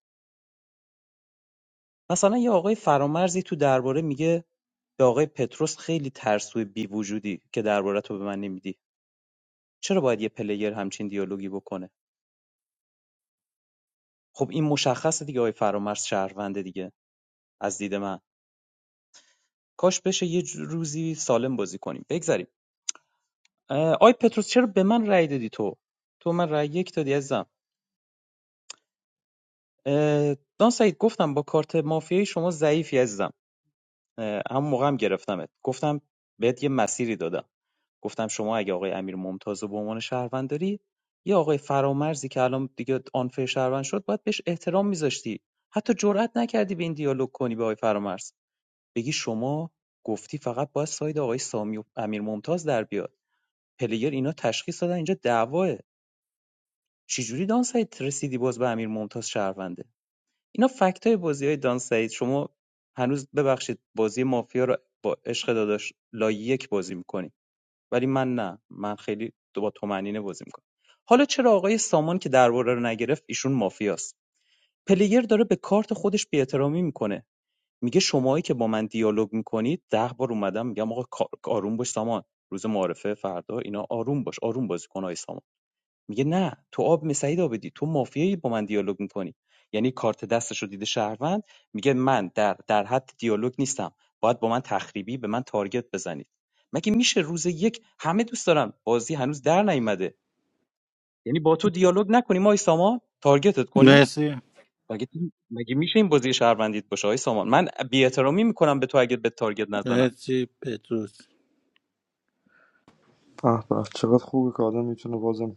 Speaker 12: مثلا یه آقای فرامرزی تو درباره میگه به آقای پتروس خیلی ترسوی بی وجودی که درباره تو به من نمیدی چرا باید یه پلیر همچین دیالوگی بکنه خب این مشخصه دیگه آقای فرامرز شهرونده دیگه از دید من کاش بشه یه ج- روزی سالم بازی کنیم بگذریم آی پتروس چرا به من رأی دادی تو تو من رأی یک دادی عزیزم دان سعید گفتم با کارت مافیایی شما ضعیفی عزیزم اه، همون موقع هم گرفتمت گفتم بهت یه مسیری دادم گفتم شما اگه آقای امیر ممتاز رو به عنوان شهروند داری یه آقای فرامرزی که الان دیگه آنفر شهروند شد باید بهش احترام میذاشتی حتی جرئت نکردی به این دیالوگ کنی به آقای فرامرز بگی شما گفتی فقط باید ساید آقای سامی و امیر ممتاز در بیاد پلیر اینا تشخیص دادن اینجا دعواه چجوری دان سعید رسیدی باز به امیر ممتاز شهرونده اینا فکت بازیای بازی دان سعید شما هنوز ببخشید بازی مافیا رو با عشق داداش لای بازی میکنی ولی من نه من خیلی دو با تومنینه بازی میکنم حالا چرا آقای سامان که درباره رو نگرفت ایشون مافیاست پلیر داره به کارت خودش بی‌احترامی میکنه میگه شماهایی که با من دیالوگ میکنید ده بار اومدم میگم آقا آروم باش سامان روز معارفه فردا اینا آروم باش آروم بازی کن آقای سامان. میگه نه تو آب می سعید آبدی تو مافیایی با من دیالوگ میکنی یعنی کارت دستش رو دیده شهروند میگه من در در حد دیالوگ نیستم باید با من تخریبی به من تارگت بزنید مگه میشه روز یک همه دوست دارن بازی هنوز در نیومده یعنی با تو دیالوگ نکنیم ما سامان تارگتت کنیم
Speaker 21: مرسی
Speaker 12: مگه مگه میشه این بازی شهروندیت باشه آی سامان من بی‌احترامی میکنم به تو اگه به تارگت نزنم
Speaker 21: مرسی پتروس
Speaker 19: به به چقدر خوبه که آدم میتونه بازم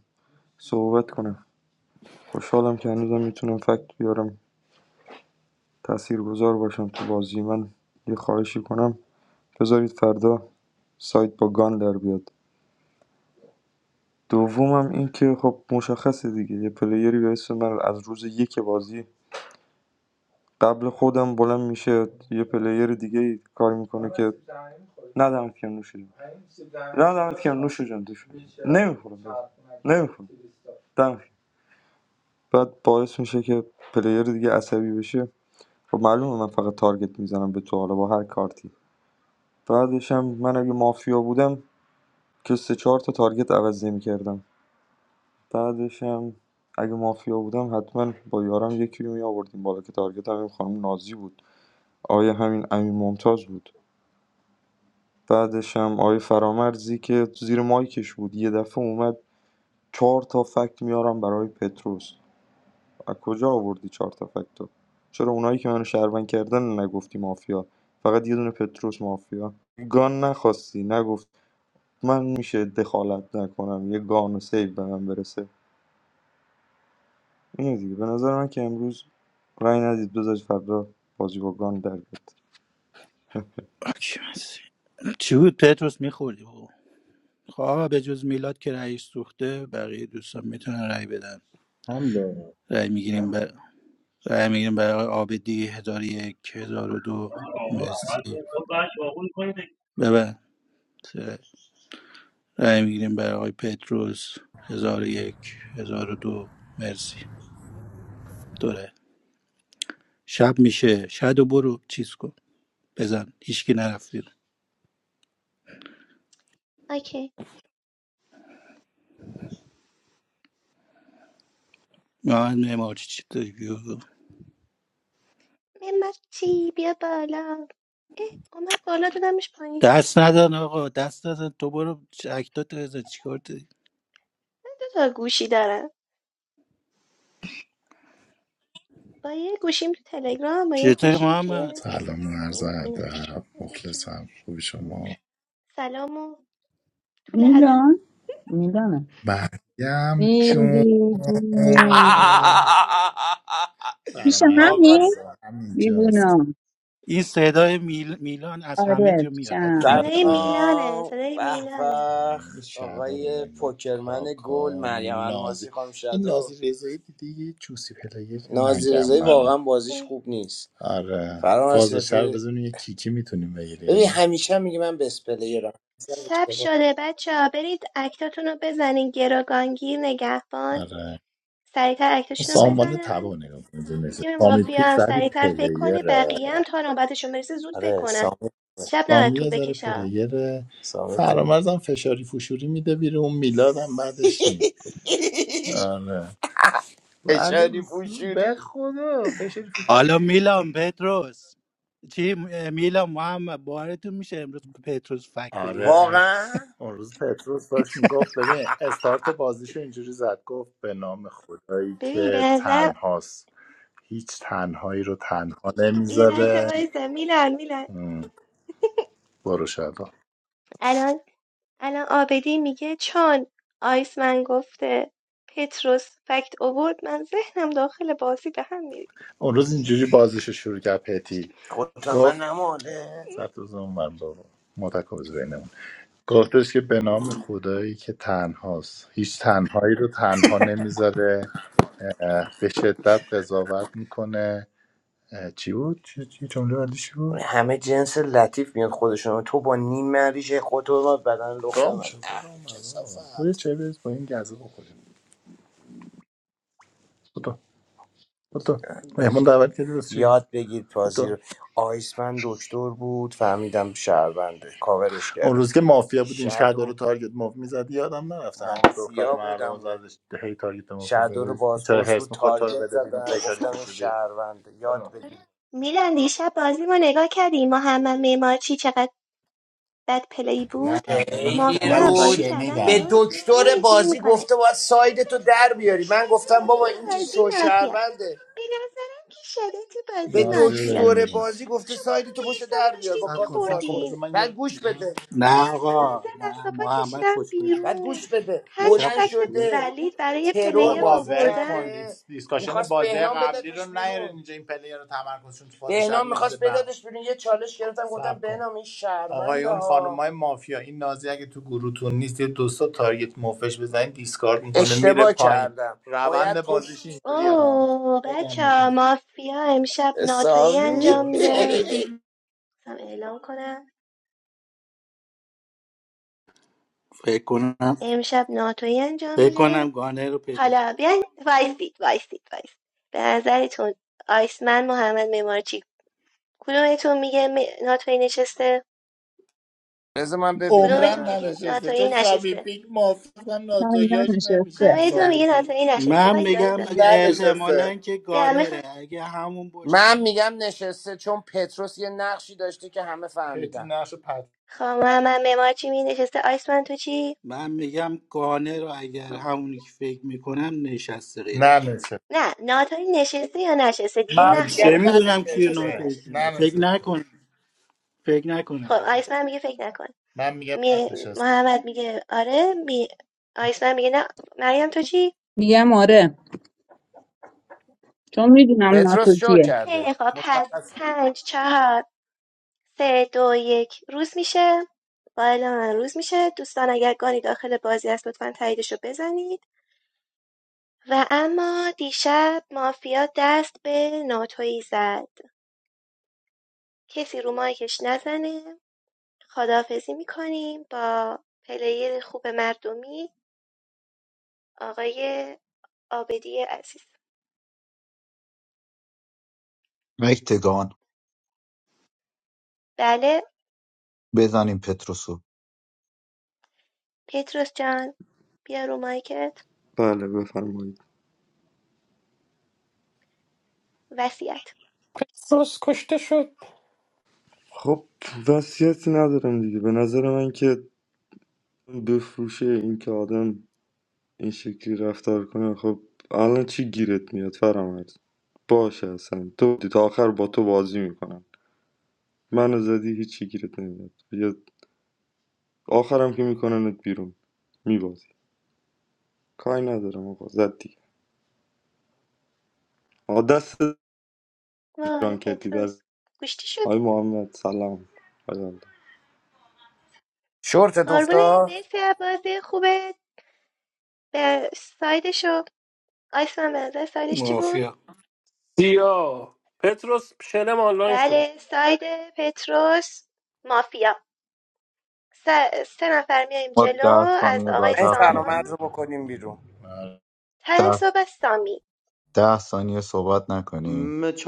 Speaker 19: صحبت کنه خوشحالم که هنوزم میتونم فکت بیارم تأثیر گذار باشم تو بازی من یه خواهشی کنم بذارید فردا سایت با گان در بیاد دومم این که خب مشخصه دیگه یه پلیری به اسم من از روز یک بازی قبل خودم بلند میشه یه پلیر دیگه کار میکنه که نه دمت کم نوش جون نه دمت کم نوش جون دوش نمیخورم نمیخورم دمت گرم. بعد باعث میشه که پلیر دیگه عصبی بشه خب معلومه من فقط تارگت میزنم به تو حالا با هر کارتی بعدش هم من اگه مافیا بودم که سه چهار تا تارگت عوض نمیکردم بعدشم اگه مافیا بودم حتما با یارم یکی رو میآوردیم بالا که تارگت همین خانم نازی بود آیه همین امین ممتاز بود بعدش هم آیه فرامرزی که زیر مایکش بود یه دفعه اومد چهار تا فکت میارم برای پتروس از کجا آوردی چهار تا فکتو چرا اونایی که منو شهروند کردن نگفتی مافیا فقط یه دونه پتروس مافیا گان نخواستی نگفت من میشه دخالت نکنم یه گان و سیو به من برسه اینه دیگه به نظر من که امروز رأی ندید بذارید فردا بازی با گان در بیاد
Speaker 21: آکی مرسی. چی بود پتروس میخوردی بابا خب آقا به جز میلاد که رئیس سوخته بقیه دوستان میتونن رأی بدن
Speaker 18: حمله
Speaker 21: رأی میگیریم بر... رأی میگیریم برای آبدی هزار و یک هزار و دو مرسی ببند رأی میگیریم برای آقای پتروس هزار و یک هزار و دو مرسی دوره شب میشه شد برو چیز کن بزن هیچکی نرفت بیرون
Speaker 9: اوکی
Speaker 21: من امارچی چی داری بیرون
Speaker 9: ممتی بیا بالا اه اومد بالا دادمش پایین
Speaker 21: دست ندن آقا دست ندن تو برو اکتات بزن چیکار داری
Speaker 9: من دو تا گوشی دارم با یه گوشیم تو تلگرام با یه
Speaker 21: چطوری
Speaker 9: گوشیم توی
Speaker 21: محمد
Speaker 22: سلام و عرض
Speaker 9: این اینه
Speaker 22: ادب
Speaker 9: اسمش چی بود؟
Speaker 22: مخلصم خوبی شما
Speaker 9: سلام و طول ادب
Speaker 17: میلان میلانه
Speaker 22: مریم جون
Speaker 17: میلی جون پیش
Speaker 22: فرامرز آقا س-
Speaker 17: همین
Speaker 22: تبا هم اینجاست
Speaker 17: دیوونم
Speaker 21: این صدای میل... میلان از همه
Speaker 17: آره
Speaker 21: جا میاد از تو
Speaker 17: پیشم
Speaker 22: آره
Speaker 9: صدای
Speaker 21: مایک هم.
Speaker 9: میلانه
Speaker 22: سلام
Speaker 9: صدای
Speaker 22: به
Speaker 9: میلانه
Speaker 22: به شب آقای پوکرمن گل کاکا مریم نازی الماسی خانم این شدا نازی رضایی دیدی یه جوسی پلیر نازی رضایی نگم واقعا بازیش
Speaker 9: اه.
Speaker 22: خوب نیست آره فرامرز فازشه رو سپهری بدون یه کیکی میتونیم ببین بگیریم ببین همیشه هم میگه من بست پلیرم اصلا
Speaker 9: شب
Speaker 22: اشتباه.
Speaker 9: شده بچه ها برید اکتاتون رو بزنین گروگانگیر نگهبان
Speaker 22: آره
Speaker 9: سریعتر اکتاشون رو
Speaker 22: سامان
Speaker 9: بزنن
Speaker 22: تبا نگاه کن. اینجا نشست.
Speaker 9: تیم
Speaker 22: سامی
Speaker 9: مافیا
Speaker 22: پیک
Speaker 9: هم
Speaker 22: ولی
Speaker 9: سریعتر فکر کنه
Speaker 22: پلیره
Speaker 9: بقیه هم تا نوبتشون برسه زود فکر
Speaker 22: آره
Speaker 9: کنن
Speaker 22: سامی
Speaker 9: شب نباید
Speaker 22: سامی
Speaker 9: طول
Speaker 22: یه ذره
Speaker 9: بکشه ها.
Speaker 22: پلیره سامی پلی فرامرزم فشاری فشوری میده بیرون میلادم بعدش میاد آره ولی فشاری معلوم به پوشوری خدا فشاری فشوری
Speaker 21: حالا میلان پتروس چی میلان محمد بارتون میشه امروز پتروس فکت
Speaker 22: آره
Speaker 21: آورد
Speaker 22: واقعا اون روز پتروس داشت میگفت ببین استارت بازیشو اینجوری زد گفت به نام خدایی
Speaker 9: ببین به
Speaker 22: که
Speaker 9: نظرم
Speaker 22: تنهاست هیچ تنهایی رو تنها
Speaker 9: یه لحظه
Speaker 22: نمیذاره
Speaker 9: وایسا میلان میلان
Speaker 22: ام، برو شاید
Speaker 9: الان الان آبدی میگه چون آیسمن گفته پتروس فکت اوورد من ذهنم داخل بازی به هم می‌ریخت.
Speaker 22: اون روز اینجوری بازش رو شروع کرد پتی خود من گفت نماله سبت روز اون من بابا متکاوز بینمون گفتش که به نام خدایی که تنهاست هیچ تنهایی رو تنها نمیذاره اه، به شدت قضاوت میکنه اه، چی بود؟ چی چی جمله بعدیش بود؟ همه جنس لطیف میاد خودشون تو با نیم مریشه خود رو بدن لخت گام نبر شد دادن. اه، گام کثافت بیا کثافت. چه برس با این گزه بخوریم تو مهمون دعوت کردی واسه چی؟ یاد بگیر بازی تو رو آیسمن دکتر بود فهمیدم شهرونده کاورش اون کردم روز که مافیا بود این شهدا رو شدو تارگت موف میزدی یادم نرفته همین دختر مافیا مردم بودم رو زدش هی تارگت موف شدو رو میزدی چرا بازپرس هرس بود میخورد تو رو تارگت بده بیرون زدم فشاری گفتم این پوش بدی شهرونده یاد بگیر
Speaker 9: میلان دیشب بازی ما نگاه کردی محمد معمارچی چقدر بد پلی
Speaker 22: نه
Speaker 9: بود
Speaker 22: من خیلی من
Speaker 9: مافیا
Speaker 22: رود
Speaker 9: بازی
Speaker 22: به شنیدم
Speaker 9: کردن بیرون هی
Speaker 22: دکتر
Speaker 9: اینجوری
Speaker 22: بازی
Speaker 9: میکنه
Speaker 22: گفته باید سایدتو در
Speaker 9: که
Speaker 22: بیاری من
Speaker 9: شده
Speaker 22: گفتم بابا
Speaker 9: توی
Speaker 22: این که
Speaker 9: بازی
Speaker 22: شو
Speaker 9: مافیاست
Speaker 22: شهرونده
Speaker 9: به نظرم که شده تو
Speaker 22: به
Speaker 9: بازی
Speaker 22: دکتر
Speaker 9: مافیاست
Speaker 22: نازنین بازی
Speaker 9: آخه
Speaker 22: گفته
Speaker 9: شما هم
Speaker 22: ساید تو پشت
Speaker 9: میسمو
Speaker 22: در بیار
Speaker 9: داشتین
Speaker 22: با سب کارت پاسپورت
Speaker 9: میخوردین
Speaker 22: بعد گوش بده
Speaker 21: نه
Speaker 9: میسم از
Speaker 21: آقا
Speaker 9: دست و
Speaker 21: نه
Speaker 9: پا
Speaker 21: محمد
Speaker 9: کشیدم
Speaker 21: خوشبله
Speaker 22: بعد
Speaker 9: بیرون
Speaker 22: گوش بده
Speaker 9: پنج
Speaker 21: دیشب
Speaker 22: بلند
Speaker 9: فکت
Speaker 21: خوشبله
Speaker 22: شده
Speaker 9: ولید برای
Speaker 22: ترور آقا
Speaker 9: پلیر
Speaker 22: بازی ول کن
Speaker 9: اووردم
Speaker 22: کرده دیس... دیسکاشن میخواست بازی بهنام قبلی رو بدتش نیارین بیرون اینجا این پلیر رو تمرکزشون تو فاز بهنام شب میریزه میخواست میفته به بدادش بیرون یه چالش گرفتم گفتم سب کن بهنام این آقای شهرونده آقایون ها خانومای مافیا این نازی اگه تو گروهتون نیست یه دوستا تارگت مفش بزنید دیسکارد میکنه میره اشتباه پایین کردم باید روند پشت بازیش اینجوری
Speaker 9: اوه
Speaker 22: بگم
Speaker 9: بچه ها،
Speaker 22: بهتون
Speaker 9: مافیا امشب ناتویی
Speaker 22: حسابی
Speaker 9: انجام میده
Speaker 22: شو
Speaker 9: میخوام اعلام کنم
Speaker 21: فکر کنم
Speaker 9: امشب ناتویی انجام
Speaker 21: فکر
Speaker 9: میده
Speaker 21: کنم گانه رو پیدا
Speaker 9: حالا بیاین وایسید وایسید وایسید به نظرتون آیسمن محمد معمارچی کدومتون میگه م- ناتویی نشسته
Speaker 22: بذار من عمرن
Speaker 9: کدومتون
Speaker 22: ببینم
Speaker 9: میگه
Speaker 22: ننشسته
Speaker 9: ناتوی
Speaker 22: چون سامی
Speaker 9: نشسته
Speaker 22: پیک موافقم
Speaker 17: من اینجا
Speaker 22: ناتویاش نمیشینه
Speaker 17: نشسته
Speaker 22: نه
Speaker 9: کدومتون
Speaker 22: سامی
Speaker 9: میگه
Speaker 22: پیک
Speaker 9: ناتوی نشسته
Speaker 21: من
Speaker 9: وایسا
Speaker 21: میگم
Speaker 9: وایسا
Speaker 21: اگه احتمالا
Speaker 22: ننشسته
Speaker 21: که
Speaker 9: بیا
Speaker 21: گانره
Speaker 9: میخوام
Speaker 21: اگه همون باشه
Speaker 22: من میگم نشسته چون پتروس یه نقشی داشته که همه پتی فهمیدن نقش پت
Speaker 9: خب محمد معمارچی می نشسته آیسمن تو چی
Speaker 21: من میگم گانه رو اگر همونی که فکر میکنم نشسته غیر از اون
Speaker 22: ننشسته
Speaker 9: نه ناتوی نشسته یا نشسته دیگه
Speaker 22: من
Speaker 21: من
Speaker 9: نقش
Speaker 21: چه
Speaker 22: میگم
Speaker 9: نمیخواد
Speaker 21: میدونم
Speaker 9: بگی
Speaker 21: کیه
Speaker 9: نشسته یا
Speaker 22: ننشسته
Speaker 21: ناتوی
Speaker 9: نشسته
Speaker 21: کنه فکر
Speaker 22: ننشسته
Speaker 21: نکنم فکر
Speaker 9: خب
Speaker 21: نکنم نشسته
Speaker 9: آیسمن میگه فکر نکن
Speaker 22: من میگم
Speaker 9: می...
Speaker 22: ننشسته
Speaker 9: محمد میگه آره می... آیسمن میگه نه مریم تو چی
Speaker 17: میگم آره چون میدونم
Speaker 22: پتروس
Speaker 17: ناتو
Speaker 22: شو
Speaker 17: کیه
Speaker 22: کرده
Speaker 9: خیلی خب
Speaker 22: مت-
Speaker 9: پس پنج چهار سه دو یک روز میشه با اعلام من روز میشه دوستان اگر گانی داخل بازی است لطفا تاییدش رو بزنید و اما دیشب مافیا دست به ناتویی زد کسی رو مایکش نزنه خداحافظی میکنیم با پلیر خوب مردمی آقای آبدی عزیز
Speaker 3: رکتگان
Speaker 9: بله
Speaker 3: بزنیم پتروسو
Speaker 9: پتروس جان بیا رو مایکت
Speaker 19: بله بفرمایید
Speaker 9: وسیعت
Speaker 23: Petros couldn't shoot.
Speaker 19: خب وصیتی ندارم دیگه به نظر من که بفروشه این که آدم این شکلی رفتار کنه خب الان چی گیرت میاد فرامرز باشه اصلا تو تا آخر با تو بازی میکنن منو زدی هیچی گیرت نمیاد یا آخرم که میکننت بیرون میبازی کاری ندارم آقا زد دیگه آقا دست
Speaker 9: وای
Speaker 19: جان کردی در
Speaker 9: پتروس گوشتی شد
Speaker 19: آقای محمد سلام آقا
Speaker 22: شورتت
Speaker 9: قربونت
Speaker 22: افتاد
Speaker 9: مرسی از بازی خوبه به سایدشو آیسمان به نظر سایدش چی بود
Speaker 21: مافیا
Speaker 23: Yeah, Petros, show them all that shot.
Speaker 9: بله ساید پتروس مافیا سه, سه نفر میایم
Speaker 3: ما
Speaker 9: جلو
Speaker 3: ده
Speaker 9: از
Speaker 3: ثانیه
Speaker 9: آقای
Speaker 3: بعد
Speaker 22: این
Speaker 3: هفت
Speaker 22: فرامرز
Speaker 9: سامان
Speaker 3: مدیم
Speaker 22: رو بکنیم بیرون آره.
Speaker 9: ته صحبت سامی
Speaker 3: ده ثانیه صحبت نکنیم
Speaker 13: مچ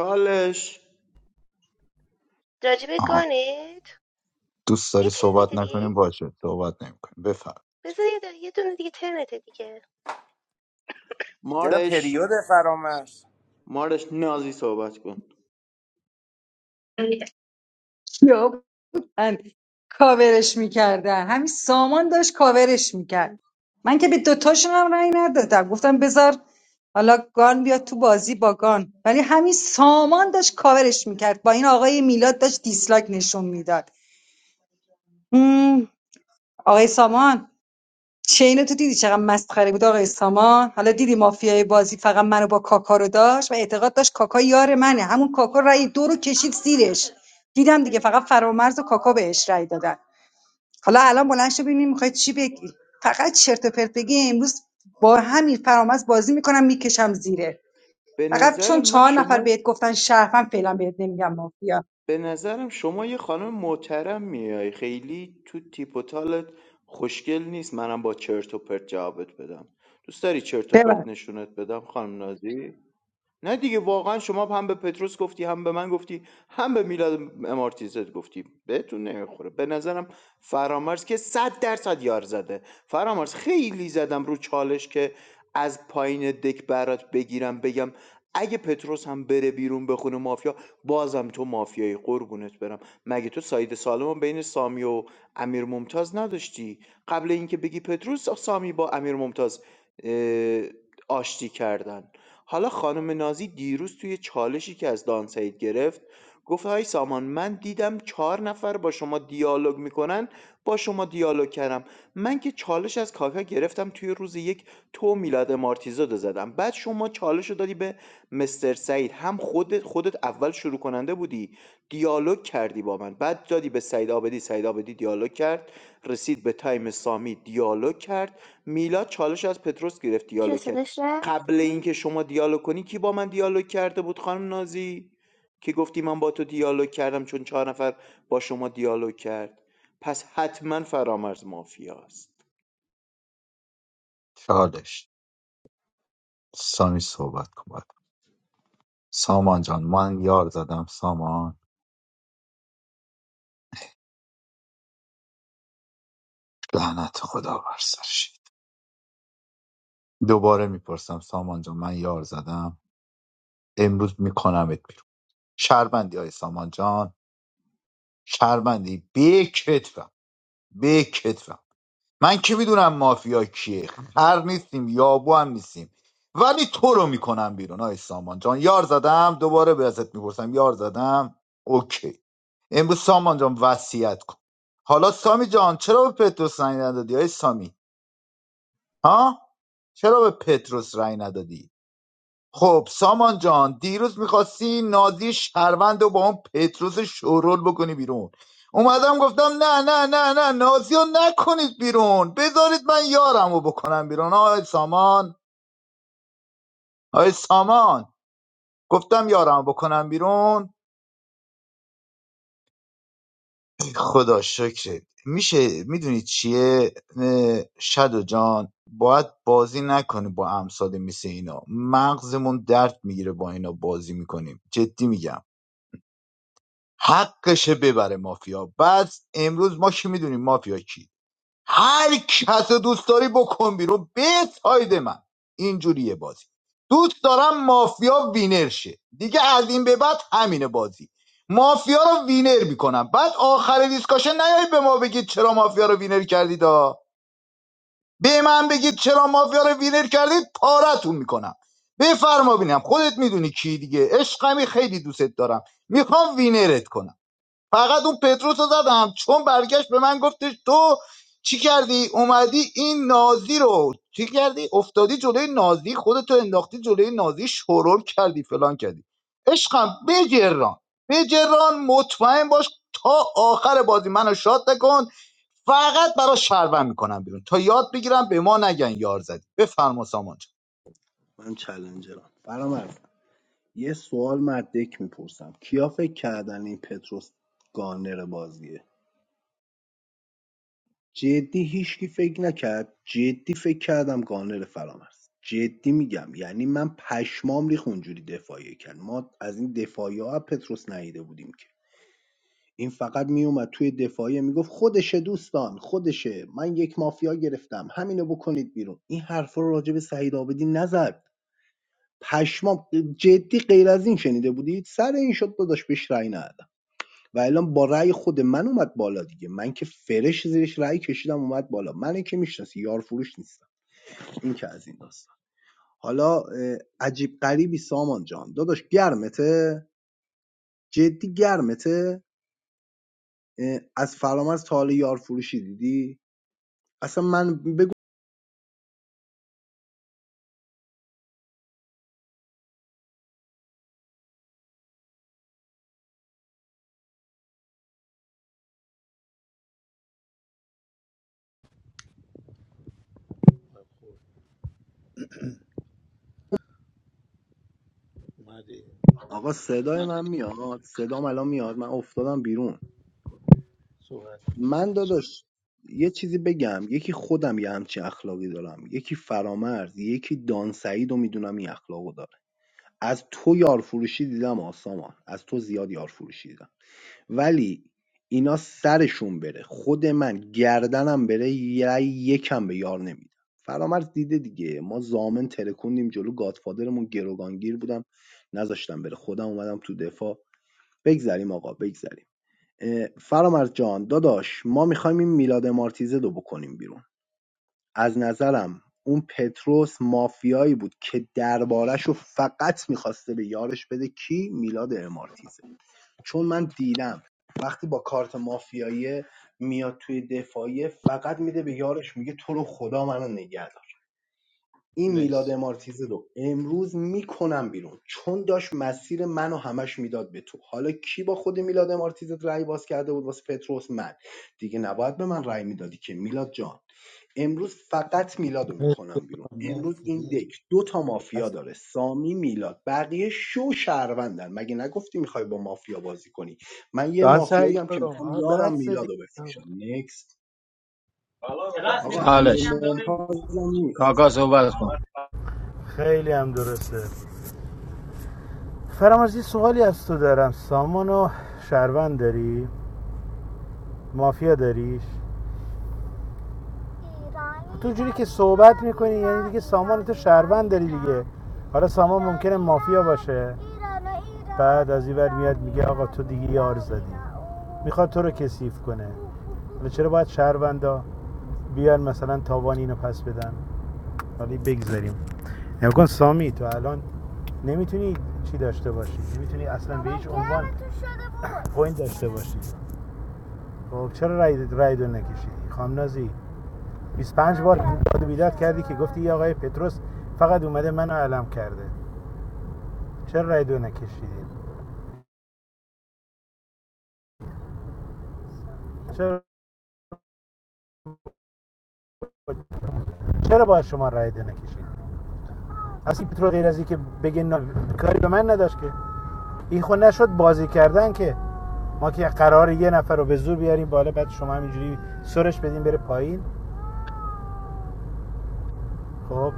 Speaker 9: راجب
Speaker 3: آها
Speaker 9: گانت
Speaker 3: دوست داری
Speaker 9: یه
Speaker 3: صحبت
Speaker 9: ترنت
Speaker 3: نکنیم
Speaker 9: دیگه
Speaker 3: باشه صحبت نمیکنیم بفرم
Speaker 9: بذار یه, دونه- یه دونه دیگه ترنت دیگه
Speaker 22: چرا
Speaker 13: مارش
Speaker 22: پریود فرامرز
Speaker 13: مارش نازی صحبت کن
Speaker 5: یا من کاورش میکردن همین سامان داشت کاورش میکرد من که به دوتاشون هم رأی ندادم گفتم بذار حالا گان بیاد تو بازی با گان ولی همین سامان داشت کاورش میکرد با این آقای میلاد داشت دیسلاک نشون میداد آقای سامان چین تو دیدی چقدر مسخره بود آقای سامان حالا دیدی مافیای بازی فقط منو با کاکا رو داشت و اعتقاد داشت کاکا یار منه همون کاکا رأی دو رو کشید زیرش دیدم دیگه فقط فرامرز و کاکا بهش رأی دادن حالا الان بلند شو ببینیم میخوای چی بگی فقط چرت و پرت بگی امروز با همین فرامرز بازی میکنم میکشم زیره
Speaker 13: به
Speaker 5: فقط
Speaker 13: نظر
Speaker 5: چون
Speaker 13: من
Speaker 5: چهار نفر
Speaker 13: شما
Speaker 5: بهت گفتن شرفم فعلا بهت نمیگم مافیا
Speaker 13: به نظرم شما یه خانم محترم میای خیلی تو تیپ و تالت خوشگل نیست منم با چرت و پرت جوابت بدم دوست داری چرت و
Speaker 5: ببر
Speaker 13: پرت نشونت بدم خانم نازی نه دیگه واقعا شما هم به پتروس گفتی هم به من گفتی هم به میلاد امارتیزت گفتی بهتون نمیخوره به نظرم فرامرز که صد درصد یار زده فرامرز خیلی زدم رو چالش که از پایین دک برات بگیرم بگم اگه پتروس هم بره بیرون بخونه مافیا بازم تو مافیایی قربونت برم مگه تو ساید سالم بین سامی و امیر ممتاز نداشتی قبل اینکه بگی پتروس سامی با امیر ممتاز اه، آشتی کردن حالا خانم نازی دیروز توی چالشی که از دانسعید گرفت گفت های سامان من دیدم چهار نفر با شما دیالوگ میکنن با شما دیالوگ کردم من که چالش از کاکا گرفتم توی روز یک تو میلاد مارتیزاد رو زدم بعد شما چالش رو دادی به مستر سعید هم خودت خودت اول شروع کننده بودی دیالوگ کردی با من بعد دادی به سعید آبدی سعید آبدی دیالوگ کرد رسید به تایم سامی دیالوگ کرد میلاد چالش از پتروس گرفت
Speaker 9: جون
Speaker 13: دیالوگ کرد
Speaker 9: صداش رفت
Speaker 13: قبل اینکه شما دیالوگ کنی کی با من دیالوگ کرده بود خانم نازی که گفتی من با تو دیالوگ کردم چون چهار نفر با شما دیالوگ کرد پس حتما فرامرز مافیاست
Speaker 3: چالش سامی صحبت کن باید. سامان جان من یار زدم سامان لعنت خدا بر سرش دوباره میپرسم سامان جان من یار زدم امروز میکنمت بیرون شربندی های سامان جان شربندی به کتفم به کتفم. من که میدونم مافیا کیه خر نیستیم یابو هم نیستیم ولی تو رو میکنم بیرون آی سامان جان یار زدم دوباره به ازت میپرسم یار زدم اوکی امروز سامان جان وصیت کن حالا سامی جان چرا به پتروس رأی ندادی آی سامی ها چرا به پتروس رأی ندادی خب سامان جان دیروز میخواستی نازی شهروند رو با اون پتروس شورول بکنی بیرون اومدم گفتم نه نه نه نه نازی رو نکنید بیرون بذارید من یارم رو بکنم بیرون آی سامان آی سامان گفتم یارم رو بکنم بیرون خدا شکرت میشه میدونی چیه اه، شدو جان باید بازی نکنی با امثال مثل اینا مغزمون درد میگیره با اینا بازی میکنیم جدی میگم حقشه ببره مافیا بعد امروز ما کی میدونیم مافیا کی هر کس رو دوست داری بکن بیرون به ساید من اینجوریه بازی دوست دارم مافیا وینر شه دیگه از این به بعد همینه بازی مافیا رو وینر میکنم بعد آخر دیسکاشن نیایید به ما بگید چرا مافیا رو وینر کردید ها به من بگید چرا مافیا رو وینر کردید پارتون میکنم بفرما بینم خودت میدونی کی دیگه عشقمی خیلی دوستت دارم میخوام وینرت کنم فقط اون پتروس رو زدم چون برگشت به من گفتش تو چی کردی اومدی این نازی رو چی کردی افتادی جلوی نازی خودتو انداختی جلوی نازی شرور کردی فلان کردی عشقم بجران بجران مطمئن باش تا آخر بازی منو شاد نکن فقط برای شربن میکنم بیرون تا یاد بگیرم به ما نگن یار زدی بفرما سامان جان.
Speaker 10: من چلنجرم فرام یه سوال مدک میپرسم کیا فکر کردن این پتروس گانر بازیه جدی هیچکی فکر نکرد جدی فکر کردم گانر فرام جدی میگم یعنی من پشمام ریخ اونجوری دفاعی کرد ما از این دفاعی ها پتروس نیده بودیم که این فقط میومد توی دفاعی میگفت خودشه دوستان خودشه من یک مافیا گرفتم همینو بکنید بیرون این حرفا رو راجع به سعید آبدی نزد پشمام جدی غیر از این شنیده بودید سر این شد داداش بهش رأی ندادم و الان با رأی خود من اومد بالا دیگه من که فرش زیرش رأی کشیدم اومد بالا من که میشناسی یار فروش نیستم این که از این داستان حالا عجیب غریبی سامان جان داداش گرمته جدی گرمته از فرامرز تا حالا یار فروشی دیدی اصلا من بگو
Speaker 21: اومده
Speaker 10: آقا صدای من میاد صدام الان میاد من افتادم بیرون
Speaker 21: صحبت کن.
Speaker 10: من داداش یه چیزی بگم یکی خودم یه همچین اخلاقی دارم یکی فرامرز یکی دانسعید و میدونم این اخلاقو داره از تو یارفروشی دیدم آسامان از تو زیاد یارفروشی فروشی دیدم ولی اینا سرشون بره خود من گردنم بره یه یکم به یار نمیدم فرامرز دیده دیگه ما زامن ترکوندیم جلو گادفادرمون گروگانگیر بودم نذاشتم بره خودم اومدم تو دفاع بگذریم آقا بگذریم فرامرز جان داداش ما میخوایم این میلاد مارتیزه رو بکنیم بیرون از نظرم اون پتروس مافیایی بود که دربارش رو فقط میخواسته به یارش بده کی میلاد امارتیزه چون من دیدم وقتی با کارت مافیایی میاد توی دفاعیه فقط میده به یارش میگه تو رو خدا منو نگه دار این میلاد
Speaker 21: مرسی
Speaker 10: امارتیزی رو امروز میکنم بیرون چون داشت مسیر منو همش میداد به تو حالا کی با خود میلاد امارتیزی رای باز کرده بود واسه پتروس من دیگه نباید به من رای میدادی که میلاد جان امروز فقط میلادو
Speaker 21: مرسی
Speaker 10: میکنم بیرون امروز
Speaker 21: مرسی
Speaker 10: این
Speaker 21: مرسی.
Speaker 10: دک دو تا مافیا
Speaker 21: از
Speaker 10: داره سامی میلاد بقیه شو شهروندن مگه نگفتی میخوای با مافیا بازی کنی من یه
Speaker 21: دان سعید
Speaker 10: مافیایی هم که
Speaker 21: برو
Speaker 10: میخوام
Speaker 21: آه
Speaker 10: یارم
Speaker 21: بس دیگه
Speaker 10: میلادو بفروشم نکست آقا امیر
Speaker 14: چالش
Speaker 10: ممتازم نیست
Speaker 14: کاکا صحبت کن
Speaker 8: خیلی هم درسته فرامرز سوالی از تو دارم سامان شهروند داری مافیا داریش تو جوری که صحبت میکنی یعنی دیگه سامان تو شهروند داری دیگه حالا سامان ممکنه مافیا باشه بعد از این ور میاد میگه آقا تو دیگه یار زدی میخواد تو رو کثیف کنه حالا چرا باید شهروندا بیان مثلا تاوان اینو پس بدن حالا بگذاریم نگاه کن سامی تو الان نمیتونی چی داشته باشی نمیتونی اصلا به هیچ عنوان پوینت داشته باشی خب چرا رای رای دو نکشیدی خام نازی 25 بار داد و بیداد کردی که گفتی یه آقای پتروس فقط اومده منو علم کرده چرا رای دو نکشیدید چرا چرا باید شما رای دو نکشید اصلا پترو غیر از اینکه بگه نه، کاری به من نداشت که این خود نشد بازی کردن که ما که قرار یه نفر رو به زور بیاریم بالا بعد شما همینجوری سرش بدین بره پایین خب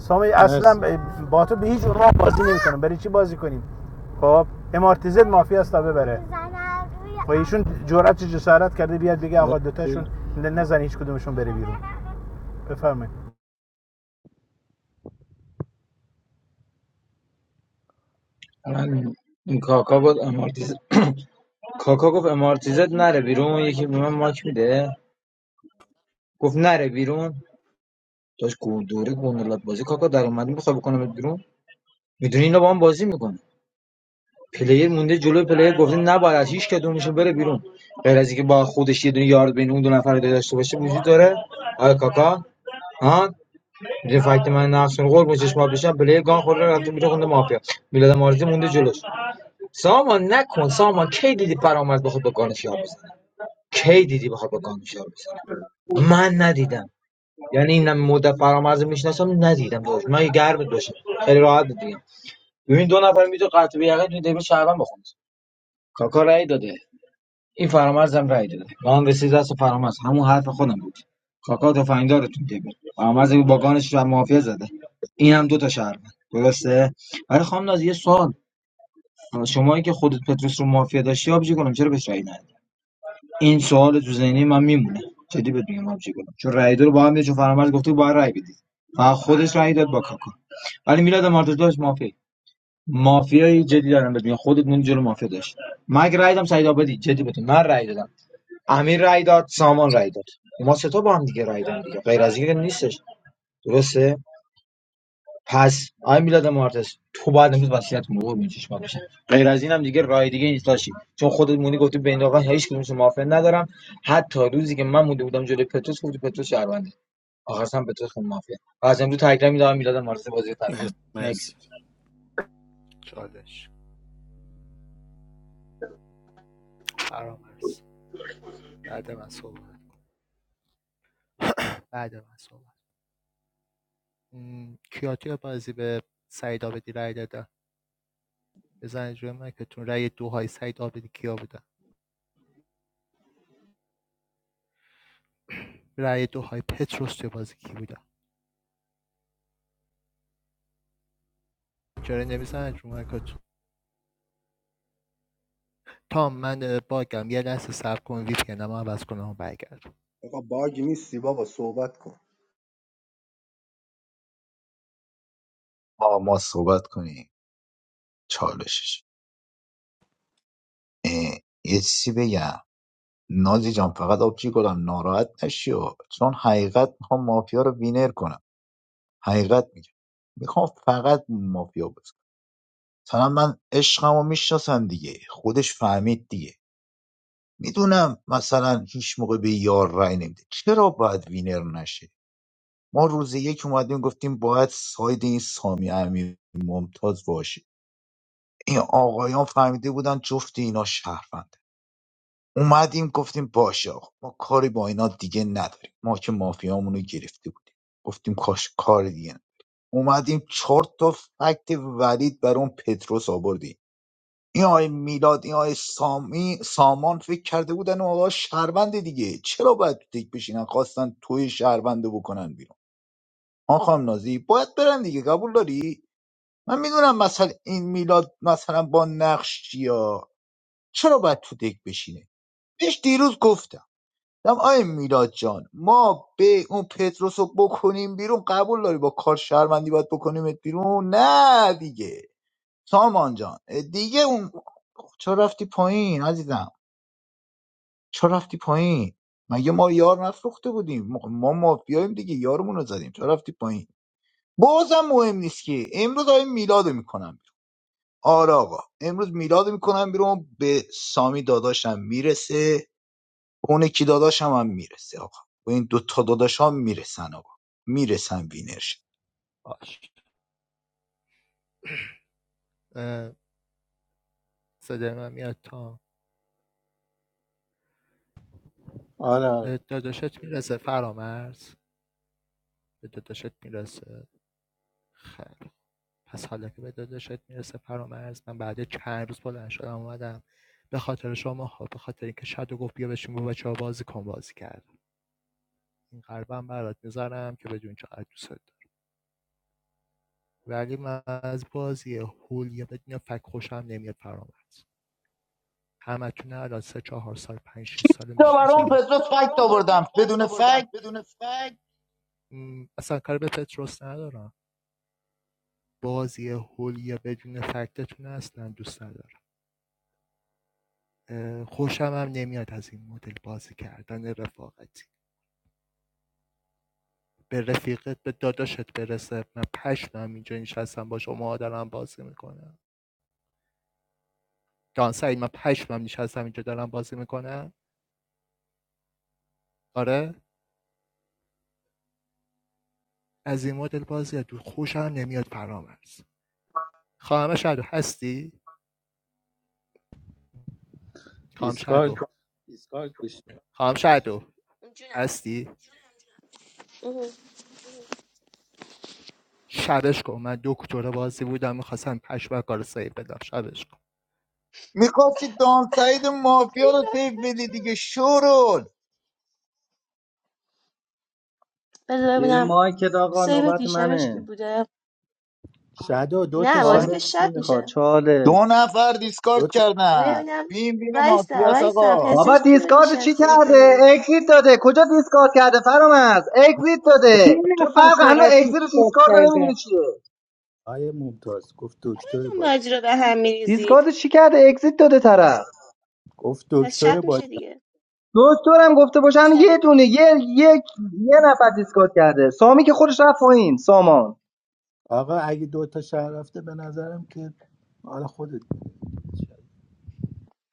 Speaker 8: سامی
Speaker 21: مرسی
Speaker 8: اصلا با تو به هیچ عنوان بازی نمیکنه برای چی بازی کنیم خب امارتیزت مافی است تا ببره خب ایشون جرأت جسارت کرده بیاد بگه آقا
Speaker 21: مرسی
Speaker 8: دوتاشون نزن هیچ کدومشون بره بیرون بفرمایید
Speaker 14: من این کاکا بود امارتیز کاکا گفت امارتیزت نره بیرون یکی به من ماک میده گفت نره بیرون داشت گلدوری گندلات بازی کاکا در اومدی میخوای بکنم بیرون میدونی اینا با هم بازی میکنه پلیر مونده جلو پلیر گفته نباید از هیچ کدومشون بره بیرون غیر از اینکه با خودش یه دونه یارد بین اون دو نفر داشته باشه وجود داره آیا کاکا ها میدونی فکت من نقش رو قرب چشم آب بشم پلیر گان خورده رفته بیرون خونده مافیا میلاد مارزی مونده جلوش سامان نکن سامان کی دیدی فرامرز بخواد با گانش یار بزنه کی دیدی بخواد با گانش یار بزنه من ندیدم یعنی این مدت فرامرز میشناسم ندیدم داشت من یه گرم باشم خیلی راحت دیگه ببین دو نفر میتونه قطع به یقین توی دبیر شعبان بخونه کاکا رأی داده این فرامرز هم رأی داده ما هم رسید دست فرامرز همون حرف خودم بود کاکا تفنگدار تو دبیر فرامرز با گانش و مافیا زده این هم دو تا شهر درسته برای خانم ناز یه سوال شمایی که خودت پتروس رو مافیا داشتی آبجی کنم چرا بهش رأی ندی این سوال تو ذهنی من میمونه جدی بهت میگم همچی کنم چون رای دو رو با هم دیدی، چون فرامرز گفته بود باید رای بدید فقط خودش رای داد با کاکا ولی میلاد مارتوش داشت مافیا مافیای جدی دارم بهت میگم خودت من جلو مافیا داشت من اگه رای دادم سعید آبادی جدی بهت میگم. من رای دادم امیر رای داد سامان رای داد ما سه تا با هم دیگه رای دادیم دیگه غیر از این نیستش درسته پس آی میلاد مارتز تو باید امروز وصیت کنی قربون چشمات بشه غیر از اینم دیگه راه دیگه نیست داشتی چون خودت مونی گفتی بین آقا هیچ کدومشون موافقت ندارم حتی روزی که من مونده بودم جلوی پتروس گفتی پتروس شهرونده آخرش پتروس خون مافیا و از امروز تکرار میدم میلاد مارتز بازی رو ترک
Speaker 21: مرسی
Speaker 14: کنه
Speaker 21: مرسی
Speaker 14: نکست
Speaker 20: چالش فرامرز بعد من صحبت بعد من صحبت م، کیاتو بازی به سعید آبدی رأی دادن بزنید روی مایکتون رأی دوهای سعید آبدی کیا بودن رای دوهای پتروس توی بازی کی بودن چرا نمیزنید روی مایکتون تام من باگم یه لحظه صبر کن وی پی انم عوض کنم و برگرد
Speaker 10: آقا باگ نیستی بابا صحبت کن
Speaker 3: با ما صحبت کنی چالشش اه، یه چیزی بگم نازی جان فقط آبجی گلم ناراحت نشی و چون حقیقت میخوام مافیا رو وینر کنم حقیقت میگم میخوام فقط مافیا بازی کنم. مثلا من عشقمو میشناسم دیگه خودش فهمید دیگه میدونم مثلا هیچ موقع به یار رای نمیده چرا باید وینر نشه ما روز یک اومدیم گفتیم باید ساید این سامی امیر ممتاز باشه این آقایان فهمیده بودن جفت اینا شهروند اومدیم گفتیم باشه آقا ما کاری با اینا دیگه نداریم ما که مافیامونو گرفته بودیم گفتیم کاش کار دیگه نداریم. اومدیم چهار تا فکت ولید بر اون پتروس آوردیم این آقای میلاد این آقای سامی سامان فکر کرده بودن اون آقا شهروند دیگه چرا باید تو تک بشینن خواستن توی شهرونده بکنن بیرون آن خانم نازی باید برن دیگه قبول داری من میدونم مثلا این میلاد مثلا با نقش یا چرا باید تو دک بشینه بهش دیروز گفتم دم آی میلاد جان ما به اون پتروس رو بکنیم بیرون قبول داری با کار شهروندی باید بکنیمت بیرون نه دیگه سامان جان دیگه اون چرا رفتی پایین عزیزم چرا رفتی پایین مگه ما یار نفروخته بودیم ما ما مافیاییم دیگه یارمون رو زدیم چرا رفتی پایین بازم مهم نیست که امروز آی میلاد رو میکنم بیرون آره آقا امروز میلاد رو میکنم بیرون به سامی داداشم میرسه به اون یکی داداشم هم هم میرسه آقا به این دوتا داداشام میرسن آقا میرسن وینرش
Speaker 20: باش صدای من میاد تام
Speaker 21: آره آره
Speaker 20: به داداشت میرسه فرامرز به داداشت میرسه خیر پس حالا که به داداشت میرسه فرامرز من بعد چند روز بلند شدم اومدم به خاطر شما ها به خاطر اینکه شادو گفت بیا بشین با بچه‌ها بازی کن بازی کرد این قلبم برات میذارم که بدون چقدر دوست دارم ولی من از بازی هول بدون فک خوشم نمیاد فرامرز همتون الان سه چهار سال پنج شش سال
Speaker 3: تا
Speaker 20: میشناسم
Speaker 3: برام پتروس
Speaker 20: تا
Speaker 3: فکت
Speaker 20: برام پتروس
Speaker 3: آوردم
Speaker 20: فکت
Speaker 3: بدون
Speaker 20: آوردم
Speaker 3: فکت
Speaker 20: بدون فک؟ اصلا کار به پتروس ندارم بازی هول بدون فکتتون اصلا دوست ندارم اه، خوشم هم نمیاد از این مدل بازی کردن رفاقتی به رفیقت به داداشت برسه من پشمم اینجا نشستم با شما دارم بازی میکنم سعید من پشمم نشستم میکنن آره از این مدل بازی تو خوشم نمیاد فرامرز خواهم شدو هستی خواهم
Speaker 21: دیسکارد
Speaker 20: شدو
Speaker 21: کن.
Speaker 20: خواهم شدو
Speaker 9: جونم
Speaker 20: هستی
Speaker 9: جونم اوه.
Speaker 20: شبش کن من دکتر بازی بودم میخواستم پشمک رو سیف بدم شبش کن
Speaker 3: میخواستی دانسعید مافیا رو
Speaker 9: اینا رو
Speaker 3: تیف
Speaker 9: هیچ
Speaker 3: بدی
Speaker 9: وقت-
Speaker 3: دیگه شورول
Speaker 9: بذار
Speaker 18: زیر
Speaker 9: ببینم
Speaker 18: مایکت آقا
Speaker 9: سیو
Speaker 18: نوبت
Speaker 9: دیشبش که
Speaker 18: منه
Speaker 9: بوده
Speaker 21: شادو دو تا
Speaker 9: نه بازی
Speaker 21: شد
Speaker 9: که
Speaker 18: چالش کی
Speaker 9: شب
Speaker 18: میخواد
Speaker 9: میشه
Speaker 3: دو
Speaker 18: چالش
Speaker 3: نفر
Speaker 21: دو
Speaker 3: دیسکارد
Speaker 21: تا
Speaker 3: کردن
Speaker 9: ببینم
Speaker 3: وین وین
Speaker 9: وایسا
Speaker 3: مافیاس
Speaker 9: وایسا
Speaker 3: آقا
Speaker 18: بابا
Speaker 9: پزشک کیو
Speaker 18: دیسکارد
Speaker 9: دیشب
Speaker 18: چی
Speaker 9: سیف داده
Speaker 18: کرده
Speaker 9: بودم
Speaker 18: اگزیت داده کجا دیسکارد کرده فرامرز اگزیت
Speaker 5: یه
Speaker 18: داده تو
Speaker 5: نفر
Speaker 18: فرق هنوز
Speaker 5: فقط دوست
Speaker 18: اگزیت و دیسکارد رو نمیدونی چیه
Speaker 21: آیه ممتاز گفت دکتر
Speaker 9: بدون
Speaker 21: بازی
Speaker 9: بازی رو به هم میریزید
Speaker 18: دیسکارد چی کرده اگزیت داده طرف
Speaker 21: گفت
Speaker 9: پس شب
Speaker 21: دکتر بازی
Speaker 9: میشه دیگه
Speaker 18: دکترم گفته باشن یه
Speaker 9: شبه
Speaker 18: دونه یه یک یه نفر دیسکارد کرده سامی که خودش رفت پایین سامان
Speaker 21: آقا اگه دوتا شهر رفته به نظرم که حالا خودت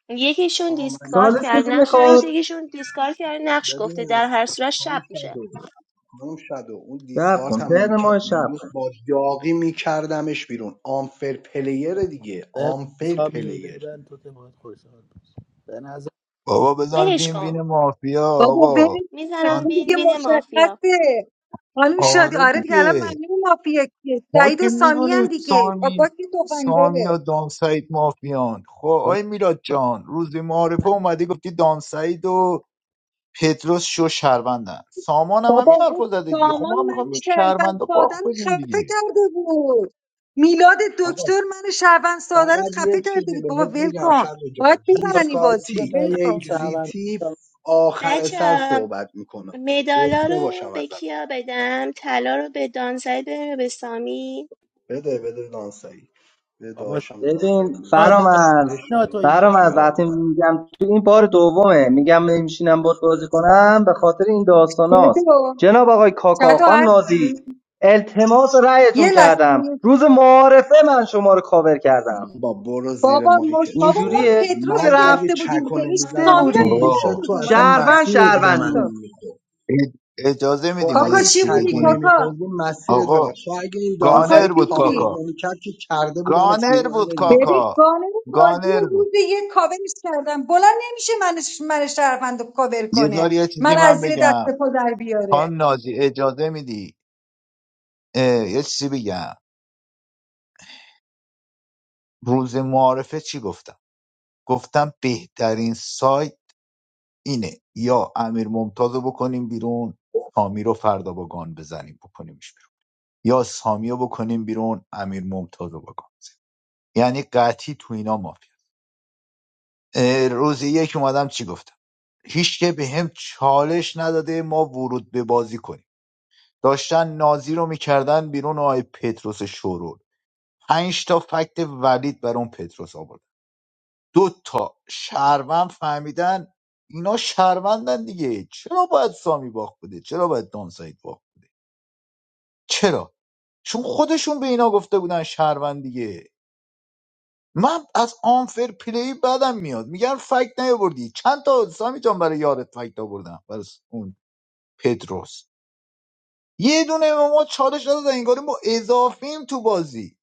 Speaker 9: یکیشون
Speaker 10: آقا من
Speaker 9: دیسکارد
Speaker 18: چالش
Speaker 9: کرد
Speaker 18: کسی
Speaker 9: نقش
Speaker 18: میخواد
Speaker 9: نگفته یکیشون دیسکارد کرد نقش گفته
Speaker 10: ببین
Speaker 9: در هر صورت
Speaker 10: خانم
Speaker 9: شب میشه
Speaker 10: شادو خانم شادو اون
Speaker 18: شب کن
Speaker 10: دیسکارت هم
Speaker 18: تر
Speaker 10: نمیکرد
Speaker 18: ما شب
Speaker 10: امروز
Speaker 18: کن
Speaker 10: با داغی میکردمش بیرون آنفر پلیر دیگه
Speaker 21: ببن
Speaker 10: آنفر
Speaker 21: سامی
Speaker 10: پلیر
Speaker 21: ببن تو که باید خوشحال باش به نظر
Speaker 3: بابا بزن
Speaker 9: ولش
Speaker 3: وین
Speaker 9: کن
Speaker 3: وین مافیا
Speaker 5: بابا
Speaker 3: آقا
Speaker 5: بریم
Speaker 9: میزنم
Speaker 3: من
Speaker 9: وین
Speaker 5: دیگه
Speaker 9: وین مافیا
Speaker 5: مشخصه خانم شادی
Speaker 3: آره
Speaker 5: آره دیگه الان
Speaker 3: دیگه
Speaker 5: معلومه مافیا کیه
Speaker 3: ما
Speaker 5: سعید و
Speaker 3: که
Speaker 5: سامی
Speaker 3: میدونیم
Speaker 5: هم دیگه بابا
Speaker 3: سامی
Speaker 5: که تفنگ
Speaker 3: سامی
Speaker 5: داره
Speaker 3: و دانسعید مافیان خب
Speaker 21: شما
Speaker 3: آی میلاد جان روز معارفه اومدی گفتی دانسعید و پتروس شو شهروندن سامان هم
Speaker 5: بابا
Speaker 3: همین حرف
Speaker 5: اون
Speaker 3: رو زده دیگه خب
Speaker 5: سامان
Speaker 3: ما هم
Speaker 5: من
Speaker 3: میخوایم یک
Speaker 5: شهروند
Speaker 3: شهروند رو
Speaker 5: سادن
Speaker 3: بدیم
Speaker 5: خفه
Speaker 3: دیگه
Speaker 5: کرده بود میلاد
Speaker 10: آقا
Speaker 5: دکتر من شهروند سادرت
Speaker 10: فقط
Speaker 5: خفه
Speaker 10: یه
Speaker 5: کرده
Speaker 10: چیزی
Speaker 5: بود بابا
Speaker 10: بهت
Speaker 5: ول
Speaker 10: بگم
Speaker 5: کن
Speaker 10: شادو
Speaker 5: باید
Speaker 10: جان
Speaker 21: آقا،
Speaker 5: ببرن این بازی رو
Speaker 10: دیسکارتی
Speaker 21: تا
Speaker 5: ول
Speaker 21: یه
Speaker 5: کن
Speaker 21: هم شهروند
Speaker 10: اگزیتی آخر
Speaker 9: بچه
Speaker 10: سر صحبت میکنه
Speaker 9: مدالا
Speaker 10: گفته باشم
Speaker 9: رو به
Speaker 10: از الان
Speaker 9: کیا بدم طلا رو به دانزای بدم یا به سامی
Speaker 10: بده بده دانسایی به
Speaker 21: بابا
Speaker 10: داشم
Speaker 18: ببین
Speaker 10: دانسایی میرسی بهش
Speaker 18: فرامرز
Speaker 10: عشق
Speaker 21: تا
Speaker 10: ندارم
Speaker 18: فرامرز
Speaker 10: باشی
Speaker 18: وقتی میگم تو این بار دومه میگم نمیشینم باز بازی کنم به خاطر این داستاناست
Speaker 5: بابا
Speaker 18: جناب آقای
Speaker 5: چطور
Speaker 18: کاکاخان نازی
Speaker 5: هستی
Speaker 18: التماس رأیتون
Speaker 5: یه
Speaker 18: کردم
Speaker 5: لحظه
Speaker 18: روز معارفه من شما رو کاور کردم
Speaker 10: با برو زیر
Speaker 5: بابا مش
Speaker 10: مایکت
Speaker 5: بابا ما
Speaker 10: شورو
Speaker 18: اینجوریه
Speaker 5: پتروس رو
Speaker 10: من اگه
Speaker 5: گرفته
Speaker 18: رفته
Speaker 5: بودیم
Speaker 10: چکو
Speaker 5: دیگه این
Speaker 10: نمیزدم
Speaker 5: سامی رو
Speaker 10: تو
Speaker 5: هم
Speaker 18: بودی
Speaker 10: گوشت
Speaker 5: گرفته
Speaker 3: آقا
Speaker 10: تو
Speaker 5: بودیم
Speaker 10: اصلا
Speaker 5: حالا فعلا
Speaker 18: شهروند
Speaker 10: مسیرت به
Speaker 18: شهروندی
Speaker 10: من
Speaker 18: بود.
Speaker 5: پتروس
Speaker 10: نمیخورد
Speaker 3: ای- اجازه
Speaker 10: تو
Speaker 3: میدیم ما
Speaker 5: کاکا
Speaker 3: یه
Speaker 10: اگه
Speaker 5: چی
Speaker 3: چیزی
Speaker 5: بودی
Speaker 10: چکو
Speaker 3: بگیم
Speaker 5: کاکا
Speaker 10: نمیخوردی مسیرت به من
Speaker 3: آقا
Speaker 10: تو اگه این
Speaker 5: کاکا
Speaker 3: گانر
Speaker 10: دانسعید
Speaker 5: چی
Speaker 3: بود
Speaker 10: کابرت
Speaker 5: بودی
Speaker 3: کاکا
Speaker 10: نمیکرد که کرده بودمت
Speaker 3: گانر
Speaker 10: بیرون
Speaker 3: بود
Speaker 10: امیر
Speaker 5: ببین
Speaker 10: ممتاز
Speaker 3: کاکا
Speaker 5: قانون بازی رو
Speaker 3: گانر بود
Speaker 5: روز یک کاورش کردم بلند نمیشه من من شهروند رو کاور
Speaker 3: یه
Speaker 5: کنه
Speaker 3: داری یه چیزی
Speaker 5: من از
Speaker 3: من
Speaker 5: زیر
Speaker 3: بگم
Speaker 5: دست پا در بیاره
Speaker 3: خانم نازی اجازه میدی اه، یه چیزی بگم روز معارفه چی گفتم گفتم بهترین سایت اینه یا امیر ممتاز رو بکنیم بیرون سامی رو فردا با گان بزنیم بکنیمش بیرون یا سامی رو بکنیم بیرون امیر ممتاز رو با گان بزنیم یعنی قطعی تو اینا مافیا اه، روز یک اومدم چی گفتم هیچ که به هم چالش نداده ما ورود به بازی کنیم داشتن نازی رو میکردن بیرون آقای پتروس شورول پنج تا فکت ولید بر اون پتروس آورد دو تا شهروند فهمیدن اینا شهروندن دیگه چرا باید سامی باخت بده چرا باید دانسایید باخت چرا چون خودشون به اینا گفته بودن شهروند دیگه من از آنفر پلی بدم میاد میگن فکت نیاوردی چند تا سامی جان برای یارت فکت آوردم برای اون پدروس یه دونه به ما چالش دادن انگاری ما اضافیم تو بازی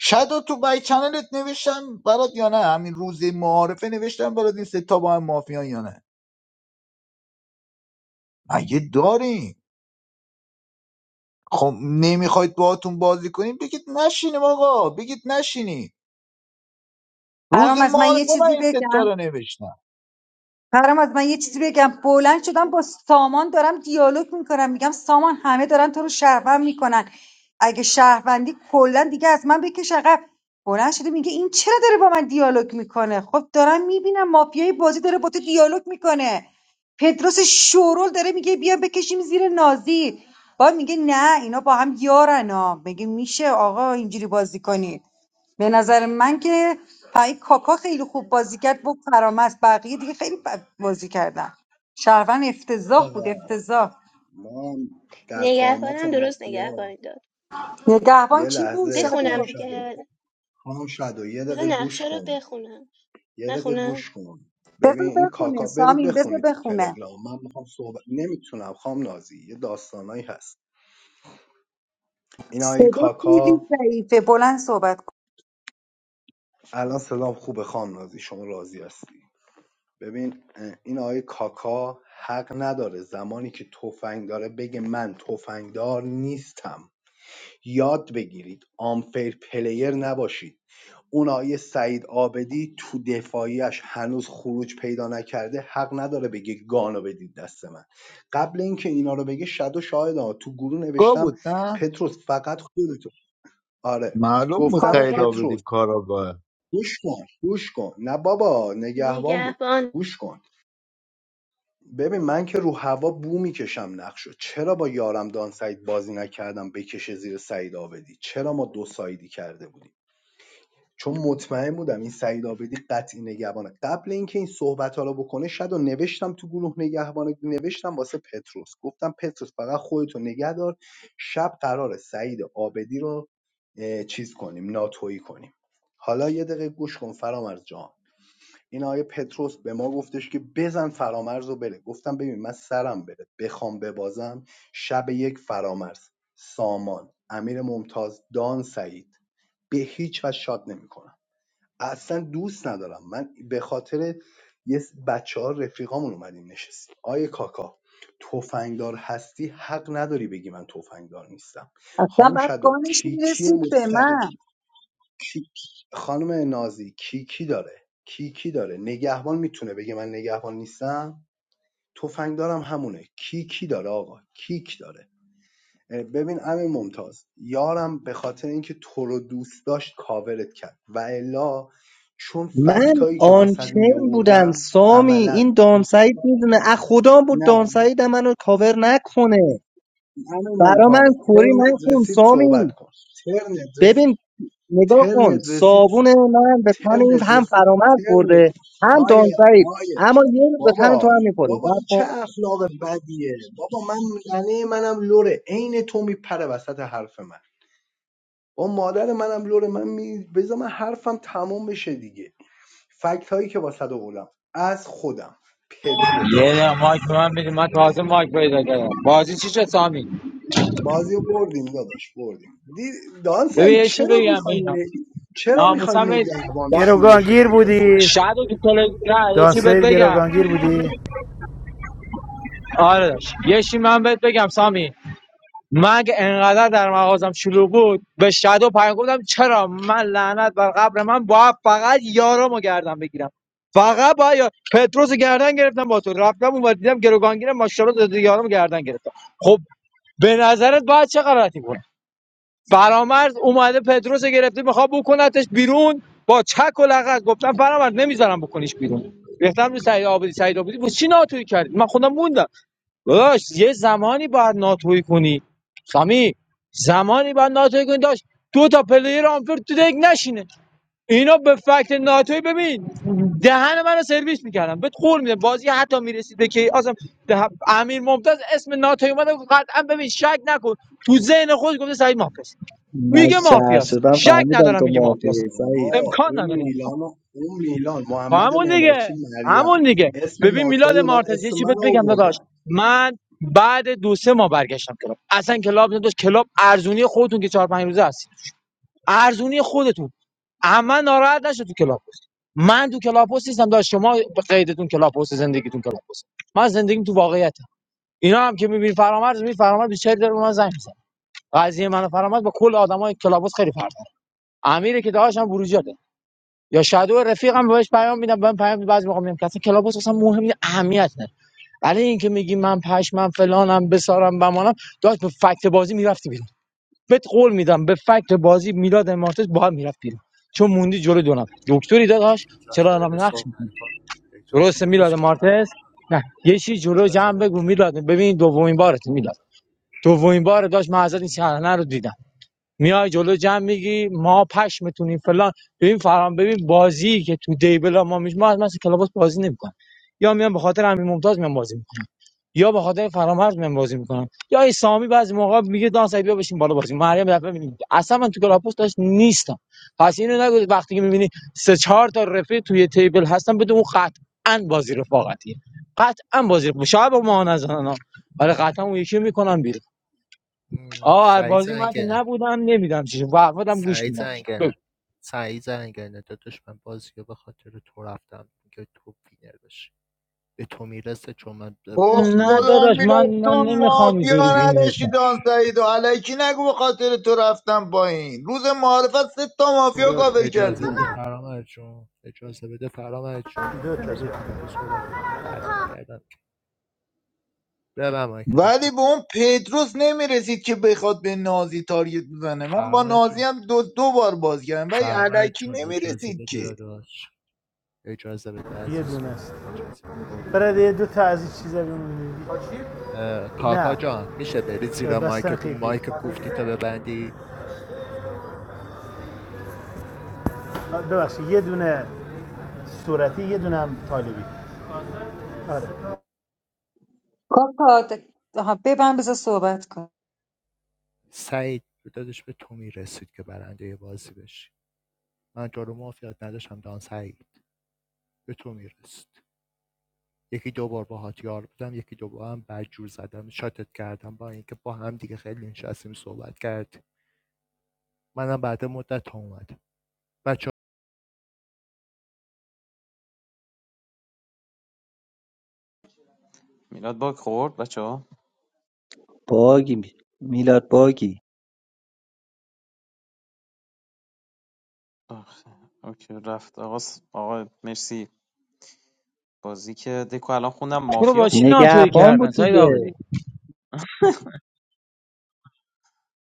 Speaker 3: شاید تو بای چنلت نوشتم برات یا نه همین روز معارفه نوشتم برات این سه تا با هم مافیان یا نه مگه داریم خب نمیخواید باهاتون بازی کنیم بگید نشینیم آقا بگید نشینیم روز
Speaker 5: برام از من یه
Speaker 3: معارفه من
Speaker 5: چیزی
Speaker 3: این ستا
Speaker 5: بگم
Speaker 3: رو نوشتم
Speaker 5: فرامرز من یه چیزی بگم بلند شدم با سامان دارم دیالوگ میکنم میگم سامان همه دارن تو رو شهروند میکنن اگه شهروندی کلا دیگه از من بکش عقب بلند شده میگه این چرا داره با من دیالوگ میکنه خب دارم میبینم مافیای بازی داره با تو دیالوگ میکنه پدروس شورول داره میگه بیا بکشیم زیر نازی با میگه نه اینا با هم یارن ها میگه میشه آقا اینجوری بازی کنید به نظر من که پای کاکا خیلی خوب بازی کرد با فرامرز بقیه دیگه خیلی بد بازی کردن شهروند افتضاح بود افتضاح
Speaker 10: ما هم در قامت
Speaker 9: نگهبانم درست
Speaker 10: مافیا
Speaker 9: نگهبانی داد
Speaker 5: نگهبان
Speaker 10: یه
Speaker 5: کی بود
Speaker 10: لحظه خام
Speaker 9: بخونم
Speaker 5: شادو
Speaker 10: شده
Speaker 9: دیگه
Speaker 10: خام شده یه
Speaker 9: بذار
Speaker 10: دقیقه گوش
Speaker 9: نقشه رو
Speaker 10: کن
Speaker 9: بخونم
Speaker 10: یه دقیقه
Speaker 9: نخونم
Speaker 10: گوش کن
Speaker 5: بذار
Speaker 10: ببین این
Speaker 5: بخونه
Speaker 10: کاکا برید
Speaker 5: سامین بذار
Speaker 10: بخونید تو
Speaker 5: بخونه
Speaker 10: تلگرام من میخوام صحبت نمیتونم خام نازی یه داستانایی هست این آقای
Speaker 5: صدا خیلی
Speaker 10: کاکا
Speaker 5: ضعیفه بلند صحبت کن
Speaker 10: الان سلام خوبه خانم نازی شما راضی هستی ببین این آقای کاکا حق نداره زمانی که تفنگ داره بگه من تفنگدار نیستم یاد بگیرید آنفیر پلیر نباشید اون آقای سعید آبدی تو دفاعیش هنوز خروج پیدا نکرده حق نداره بگه گانو بدید دست من قبل اینکه اینا رو بگه شد و شاهد ها. تو گروه
Speaker 3: گاه
Speaker 10: نوشتم
Speaker 3: بود نه
Speaker 10: پتروس فقط خودتو آره
Speaker 3: معلوم
Speaker 10: گفتم
Speaker 3: مستعد
Speaker 5: کارگاه
Speaker 10: پتروس
Speaker 3: آبدی کاراگاه
Speaker 10: گوش کن گوش کن نه بابا نگهبان بود
Speaker 9: نگهبان
Speaker 10: گوش کن ببین من که رو هوا بو میکشم نقشو چرا با یارم دان سعید بازی نکردم بکشه زیر سعید آبدی چرا ما دو سایدی کرده بودیم چون مطمئن بودم این سعید آبدی قطعی نگهبانه قبل اینکه این صحبت ها رو بکنه شد و نوشتم تو گروه نگهبان نوشتم واسه پتروس گفتم پتروس فقط خودتو نگه دار شب قرار سعید آبدی رو اه، چیز کنیم ناتویی کنیم حالا یه دقیقه گوش کن فرامرز جان این آقای پتروس به ما گفتش که بزن فرامرز رو بره گفتم ببین من سرم بره بخوام ببازم شب یک فرامرز سامان امیر ممتاز دان سعید به هیچ وجه شاد نمیکنم اصلا دوست ندارم من به خاطر یه بچه ها رفیقامون اومدیم نشستیم آیه کاکا تفنگدار هستی حق نداری بگی من تفنگدار نیستم
Speaker 5: اصلا
Speaker 10: خام
Speaker 5: بعد
Speaker 10: شدو
Speaker 5: گانش
Speaker 10: کیکی
Speaker 5: میرسید به
Speaker 10: مستقیم
Speaker 5: من
Speaker 10: کی خانم نازی کیکی داره کیکی داره نگهبان میتونه بگه من نگهبان نیستم تفنگ دارم همونه کیکی داره آقا کیک داره اه، ببین امیر ممتاز یارم به خاطر اینکه تو رو دوست داشت کاورت کرد و الا چون
Speaker 11: من
Speaker 10: فکتایی که واسط
Speaker 11: آنچن
Speaker 10: می
Speaker 11: بودم
Speaker 10: آوردم
Speaker 11: سامی
Speaker 10: عملا
Speaker 11: این دانسعید میدونه از خدا بود
Speaker 10: نه
Speaker 11: دانسعید هم منو کاور نکنه
Speaker 10: نه امیر
Speaker 11: برا من
Speaker 10: ممتاز
Speaker 11: کوری
Speaker 10: ترنت
Speaker 11: نکن
Speaker 10: رسید صحبت
Speaker 11: سامی
Speaker 10: کن ترنت
Speaker 11: ببین نگاه کن
Speaker 10: ترنت رسید
Speaker 11: صابون
Speaker 10: سوپر کن
Speaker 11: من به تن این
Speaker 10: ترنت
Speaker 11: هم
Speaker 10: رسید
Speaker 11: فرامرز
Speaker 10: ترنت
Speaker 11: خورده هم
Speaker 10: آیه
Speaker 11: دانسعید
Speaker 10: آیه
Speaker 11: اما یه روز به تن تو
Speaker 10: بابا
Speaker 11: هم میخوره
Speaker 10: بابا این چه اخلاق بدیه بابا من ننه منم لوره عین تو میپره وسط حرف من با مادر منم لوره من می... بذار من حرفم تمام بشه دیگه فکت هایی که واسه اولم از خودم
Speaker 14: یه
Speaker 10: پتروس
Speaker 14: دقیقه مایک به من بدیم من تازه مایک پیدا کردم بازی چی شد سامی
Speaker 10: بازی رو بردیم داداش بردیم دی... دان
Speaker 14: ببین
Speaker 10: سعید
Speaker 14: یه چی
Speaker 10: چرا
Speaker 14: بگم به
Speaker 10: میخوای
Speaker 14: اینا
Speaker 10: ن... چرا میخوای
Speaker 14: ناموسم
Speaker 10: نگهبان
Speaker 14: با-
Speaker 10: شیلش رو
Speaker 8: گروگانگیر
Speaker 10: بندازی
Speaker 8: بودی
Speaker 14: شاید تو تلگرام نه یه
Speaker 8: دان
Speaker 14: چی بهت بگم
Speaker 8: گروگانگیر بودی
Speaker 14: آره داشت یه چی من بهت بگم سامی من اگه انقدر در مغازم شلوغ بود به شادو پیام گفتم چرا من لعنت بر قبر من باید فقط یارامو گردن بگیرم فقط با یا پتروس رو گردن گرفتم با تو رفتم اون ور دیدم گروگانگیر ماشاءالله زده یارم گردن گرفتم خب به نظرت باید چه غلطی کنه فرامرز اومده پتروس رو گرفته میخواد بکنتش بیرون با چک و لغت گفتم فرامرز نمیذارم بکنیش بیرون ریختم رو سعید آبادی سعید آبادی بود چی ناتوی کردی من خودم موندم داداش یه زمانی باید ناتوی کنی سامی زمانی باید ناتوی کنی داشت دو تا پلیر آنفر تو دک نشینه اینا به فکت ناتوی ببین دهن منو سرویس میکردم بهت قول میده بازی حتی میرسید به که اصلا ده- امیر ممتاز اسم ناتوی اومده قطعا ببین شک نکن تو ذهن خود گفته سعید مافیاست
Speaker 11: من
Speaker 14: میگه
Speaker 11: شهر
Speaker 14: مافیاست
Speaker 11: شدم
Speaker 14: شک
Speaker 11: فهمیدم
Speaker 14: ندارم
Speaker 11: تو
Speaker 14: میگه مافیاست
Speaker 11: مافیایی سعید
Speaker 10: بابا
Speaker 14: امکان
Speaker 10: اون
Speaker 14: نداره
Speaker 10: میلان و- اون میلان محمد
Speaker 14: همون دیگه
Speaker 10: معمارچی
Speaker 14: همون
Speaker 10: مریم
Speaker 14: دیگه
Speaker 10: اسم
Speaker 14: ببین میلاد
Speaker 10: ناتوی اومد
Speaker 14: مارتز یه
Speaker 10: اسم
Speaker 14: چی بهت
Speaker 10: من
Speaker 14: بگم داداش
Speaker 10: آوردم
Speaker 14: من بعد دو سه ماه برگشتم کلاب اصلا کلاب نداشت کلاب ارزونی خودتون که چهار پنج روزه هستید ارزونی خودتون اما ناراحت نشد تو کلاب پست من تو کلاب پست نیستم داشت شما به قیدتون کلاب پست زندگیتون کلاب پست من زندگیم تو واقعیتم اینا هم که میبینی فرامرز می فرامرز بیچاره داره به من زنگ میزنه قضیه من و فرامرز با کل آدمای کلاب پست خیلی فرق داره امیر که داشتم بروجا یا شادو رفیقم بهش پیام میدم من پیام بعضی موقع میگم که اصلا کلاباس اصلا مهم نیست اهمیت نداره برای اینکه میگی من پشمم فلانم بسارم بمانم داشت به فکت بازی میرفتی بیرون بهت قول میدم به فکت بازی میلاد امارتس با هم میرفت بیرون چون موندی جلو دو نفر دکتری داداش
Speaker 20: اجازه
Speaker 14: چرا
Speaker 20: بده
Speaker 14: رام نقش میکنی
Speaker 20: صحبت کن اجازه
Speaker 14: درسته
Speaker 20: بده
Speaker 14: میلاد
Speaker 20: صحبت
Speaker 14: مارتز
Speaker 20: کن
Speaker 14: نه یه چیز جلو
Speaker 20: اجازه
Speaker 14: جمع بگو
Speaker 20: بده
Speaker 14: میلاد ببین دومین بارت میلاد دومین بار داشت من ازت این صحنه رو دیدم میای جلو جمع میگی ما پش میتونیم فلان ببین فرام ببین بازی که تو دیبل ما میش ما از مثل کلاباس بازی نمیکنم یا میام به خاطر امیر ممتاز میام بازی میکنم یا به خاطر فرامرز میام بازی میکنم یا این سامی بعضی موقع میگه دان سعید بیا بشین بالا بازی مریم دفعه میبینی اصلا من تو کلاباس داش نیستم پس اینو نگو وقتی که میبینی سه چهار تا رفیق توی تیبل هستن بدون اون قطعا بازی رفاقتیه قطعا بازی رفاقتیه. شاید با ما نزنن ها. ولی قطعا اون یکی میکنن بیرون.
Speaker 20: م،
Speaker 14: آه
Speaker 20: سعید
Speaker 14: بازی من که
Speaker 20: زنگنه
Speaker 14: نبودم نمیدم چیزی وعدم گوش
Speaker 20: سعید
Speaker 14: میدم بگو.
Speaker 20: زنگنه سعید زنگنه داداش من بازی رو به خاطر تو رفتم که تو وینر بشی به تو میرسه چون من
Speaker 3: اوه
Speaker 20: با تو
Speaker 14: نه
Speaker 20: یار
Speaker 3: خدا
Speaker 14: داداش
Speaker 20: بودم
Speaker 14: من
Speaker 3: میلاد
Speaker 14: من
Speaker 3: تو
Speaker 14: نمیخوام اینطوری
Speaker 3: مافیا
Speaker 14: وینر
Speaker 3: نداشتی
Speaker 14: شم
Speaker 3: دان سعید و علکی نگو به خاطر تو رفتم با این روز معارفت سه تا مافیا
Speaker 8: دو تا
Speaker 3: کاور
Speaker 20: اجازه
Speaker 8: دو
Speaker 20: بده
Speaker 8: تا
Speaker 3: کردی
Speaker 20: فرامرز جون اجازه بده فرامرز جون اجازه بده من که صحبتتون رو قطع نکردم ببر مایک تو
Speaker 3: ولی به
Speaker 20: کاکا
Speaker 3: اون پتروس نمیرسید که بخواد به نازی تارگت بزنه من با
Speaker 20: فرامرز
Speaker 3: نازی
Speaker 20: جون
Speaker 3: هم دو, دو بار باز کردم ولی
Speaker 20: فرامرز
Speaker 3: علکی
Speaker 20: جون اجازه
Speaker 3: نمیرسید
Speaker 20: بده
Speaker 3: که
Speaker 20: داداش اجازه بده
Speaker 8: یه دونه
Speaker 20: عزیزم
Speaker 8: است
Speaker 20: اجازه بده قربونت
Speaker 8: برای یه
Speaker 20: برم
Speaker 8: دو تا از این چیزا بیمونی. نه
Speaker 20: کاکا جان میشه بری زیرا
Speaker 8: بستن
Speaker 20: مایکتون
Speaker 8: قیفی
Speaker 20: مایک کوفتی تا ببندی
Speaker 8: ببخشید یه دونه صورتی یه دونه هم طالبی آره
Speaker 5: کاکا آها، ببند بذار صحبت کن
Speaker 20: سعید به به تو میرسید که برنده بازی بشی من تو رو مافیات نداشتم دان سعید به تو میرسید یکی دو بار باهات یار بودم یکی دو بار هم بدجور زدم شاتت کردم با اینکه با هم دیگه خیلی نشستیم صحبت کردیم منم بعد مدت ها اومدم بچه
Speaker 12: میلاد باگ خورد
Speaker 11: باگی میلاد باگی
Speaker 12: آخ، اوکی رفت آقا س- آقا مرسی بازی که دکو الان خوندم
Speaker 14: تو رو
Speaker 12: مافیا
Speaker 14: با چی
Speaker 12: بود.
Speaker 14: ناتوی
Speaker 11: نگهبان
Speaker 14: کردن
Speaker 11: بود
Speaker 14: سعید آبادی
Speaker 11: دیگه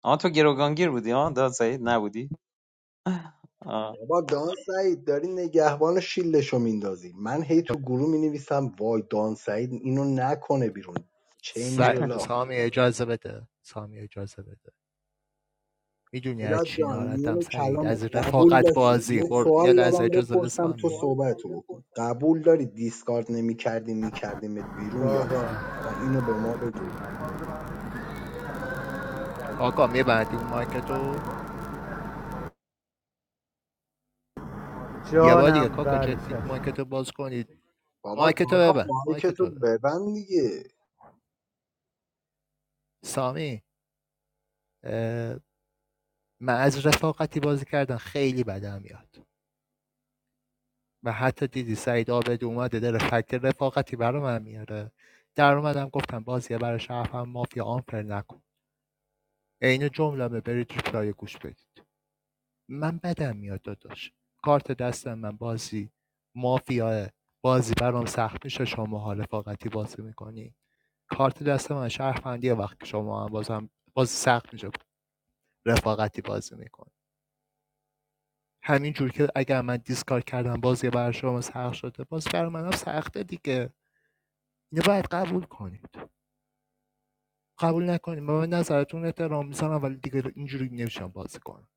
Speaker 12: آها تو گروگانگیر بودی ها داد سعید نبودی آه.
Speaker 10: بابا دان سعید داری نگهبان شیلشو میندازی من هی تو گروه می نویسم وای دان سعید اینو نکنه بیرون چین میره لاخت
Speaker 20: سامی اجازه بده سامی اجازه بده میدونی
Speaker 10: میلاد جان میون کلامت
Speaker 20: از
Speaker 10: قبول
Speaker 20: رفاقت
Speaker 10: داشتی
Speaker 20: بازی
Speaker 10: یه
Speaker 20: بر... یه
Speaker 10: سوال
Speaker 20: لحظه
Speaker 10: دارم
Speaker 20: اجازه بده
Speaker 10: بپرسم
Speaker 20: سامی
Speaker 10: تو صحبتو بکن قبول داری دیسکارد نمیکردی میکردیمت بیرون یا
Speaker 8: بابا
Speaker 10: نه فقط اینو به ما بگو
Speaker 20: کاکا میبندی اون مایکتو یه بار دیگه
Speaker 8: جانم
Speaker 20: کاکا
Speaker 8: بله
Speaker 20: جدی
Speaker 8: چشم
Speaker 20: مایکتو باز کنید
Speaker 10: بابا
Speaker 20: مایکتو
Speaker 10: کاکا
Speaker 20: ببن
Speaker 10: مایک تو
Speaker 20: مایکتو ببن
Speaker 10: ببند دیگه
Speaker 20: سامی اه، من از رفاقتی بازی کردن خیلی بدم میاد و حتی دیدی سعید آبد اومده داره فکر رفاقتی برا من میاره در اومدم گفتم بازی برای شرف هم مافیا آنفر نکن عین جمله برید تو پلای گوش بدید من بدم میاد داداش کارت دستم من بازی مافیاه بازی برام سخت میشه شما حال رفاقتی بازی میکنی کارت دست من شهروندیه وقتی شما هم بازم باز سخت میشه رفاقتی بازی میکنی همین جور که اگر من دیسکار کردم بازی برای شما سخت شده باز برای منم سخته دیگه اینو باید قبول کنید قبول نکنید من به نظرتون احترام میذارم ولی دیگه اینجوری نمیشم بازی کنم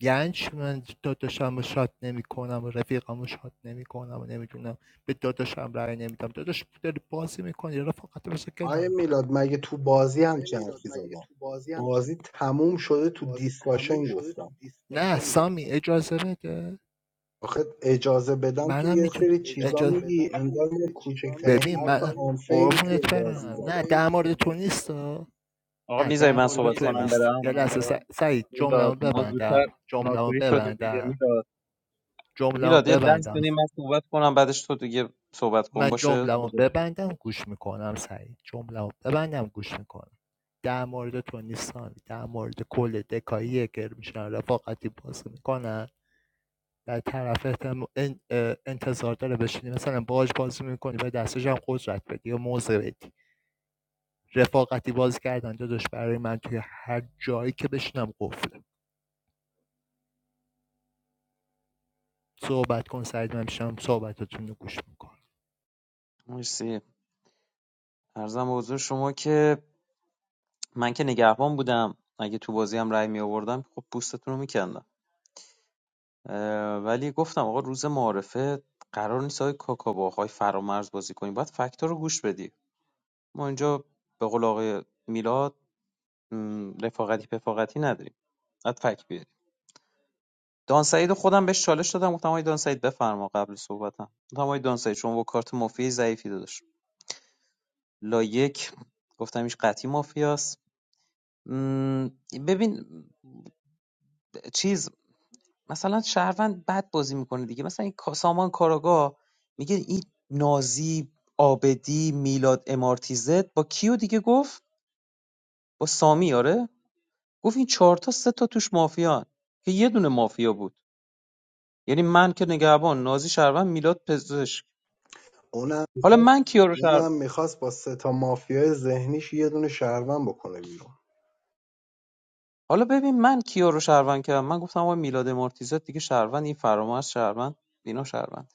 Speaker 20: یعنی چی من داداشم رو شاد نمی کنم و رفیقم رو شاد نمی کنم و نمیدونم به داداشم رأی نمیدم داداش داری بازی میکنی رفاقت بسه
Speaker 10: آیه
Speaker 20: کنار
Speaker 10: میلاد مگه تو بازی همچین حرفی زدم بازی تموم شده تو دیسکاشن گفتم
Speaker 20: دیسکورد. نه سامی اجازه بده
Speaker 10: آخه اجازه بدم که
Speaker 20: منم
Speaker 10: یه
Speaker 20: میتونم
Speaker 10: سری
Speaker 20: اجازه
Speaker 10: چیزا میگی انگار من
Speaker 20: ببین
Speaker 10: کوچکترین
Speaker 20: من
Speaker 10: حرف آنفیری
Speaker 20: قربونت
Speaker 10: توی
Speaker 20: برم
Speaker 10: بازی
Speaker 20: نه
Speaker 10: زدم
Speaker 20: در مورد تو ایده نیست
Speaker 12: آقا
Speaker 20: نه
Speaker 12: میذاری
Speaker 20: در
Speaker 12: من
Speaker 20: مورد تو
Speaker 12: صحبت
Speaker 20: میذاری من
Speaker 12: کنم
Speaker 20: نیست صحبت
Speaker 12: برم
Speaker 20: یه کنم
Speaker 12: بچه
Speaker 20: لحظه ببندم س- سعید
Speaker 12: میلاد
Speaker 20: جمله‌مو
Speaker 12: ما زودتر
Speaker 20: ببندم جمله‌مو
Speaker 12: ناتوری شدیم دیگه
Speaker 20: ببندم
Speaker 12: میلاد
Speaker 20: جمله‌مو
Speaker 12: میلاد یه دست
Speaker 20: ببندم
Speaker 12: بدیم من صحبت کنم بعدش تو دیگه صحبت کن
Speaker 20: من
Speaker 12: باشه تو
Speaker 20: جمله‌مو
Speaker 12: ب...
Speaker 20: ببندم گوش میکنم سعید جمله‌مو ببندم گوش میکنم در مورد تو نیستان در مورد کل دکاییه که میشن رفاقتی بازی میکنن در طرفت هم انتظار داره بشینی مثلا باج بازی میکنی و دستش هم قدرت بدی و موضع بدی رفاقتی بازی کردن داداش برای من توی هر جایی که بشینم قفله صحبت کن سعید من میشم صحبتتون رو گوش میکنم
Speaker 12: مرسی عرضم به حضور شما که من که نگهبان بودم اگه تو بازی هم رأی می آوردم خب پوستتون رو میکندم ولی گفتم آقا روز معارفه قرار نیست های کاکا با آقای فرامرز بازی کنیم باید فکت‌ها رو گوش بدی ما اینجا به قول آقای میلاد م، رفاقتی پفاقتی نداریم بعد فک بیاریم دان سعید رو خودم بهش چالش دادم گفتم آقای دان سعید بفرما قبل صحبتم گفتم آقای دان سعید شما با کارت مافیای ضعیفی داداش لا یک گفتم ایش قطعی مافیاست م، ببین چیز مثلا شهروند بد بازی میکنه دیگه مثلا این کا- سامان کاراگاه میگه این نازی آبدی میلاد امارتیزت با کیو دیگه گفت با سامی آره گفت این چهار تا سه تا توش مافیان که یه دونه مافیا بود یعنی من که نگهبان نازی شهروند میلاد پزشک
Speaker 10: اونم
Speaker 12: حالا
Speaker 10: میخواست
Speaker 12: من کیا رو شهر
Speaker 10: اونم میخواست با سه تا مافیای ذهنیش یه دونه شهروند بکنه بیرون
Speaker 12: حالا ببین من کیا رو شهروند کردم من گفتم آقا میلاد مارتیزت دیگه شهروند این فرامرز شهروند اینا شهروند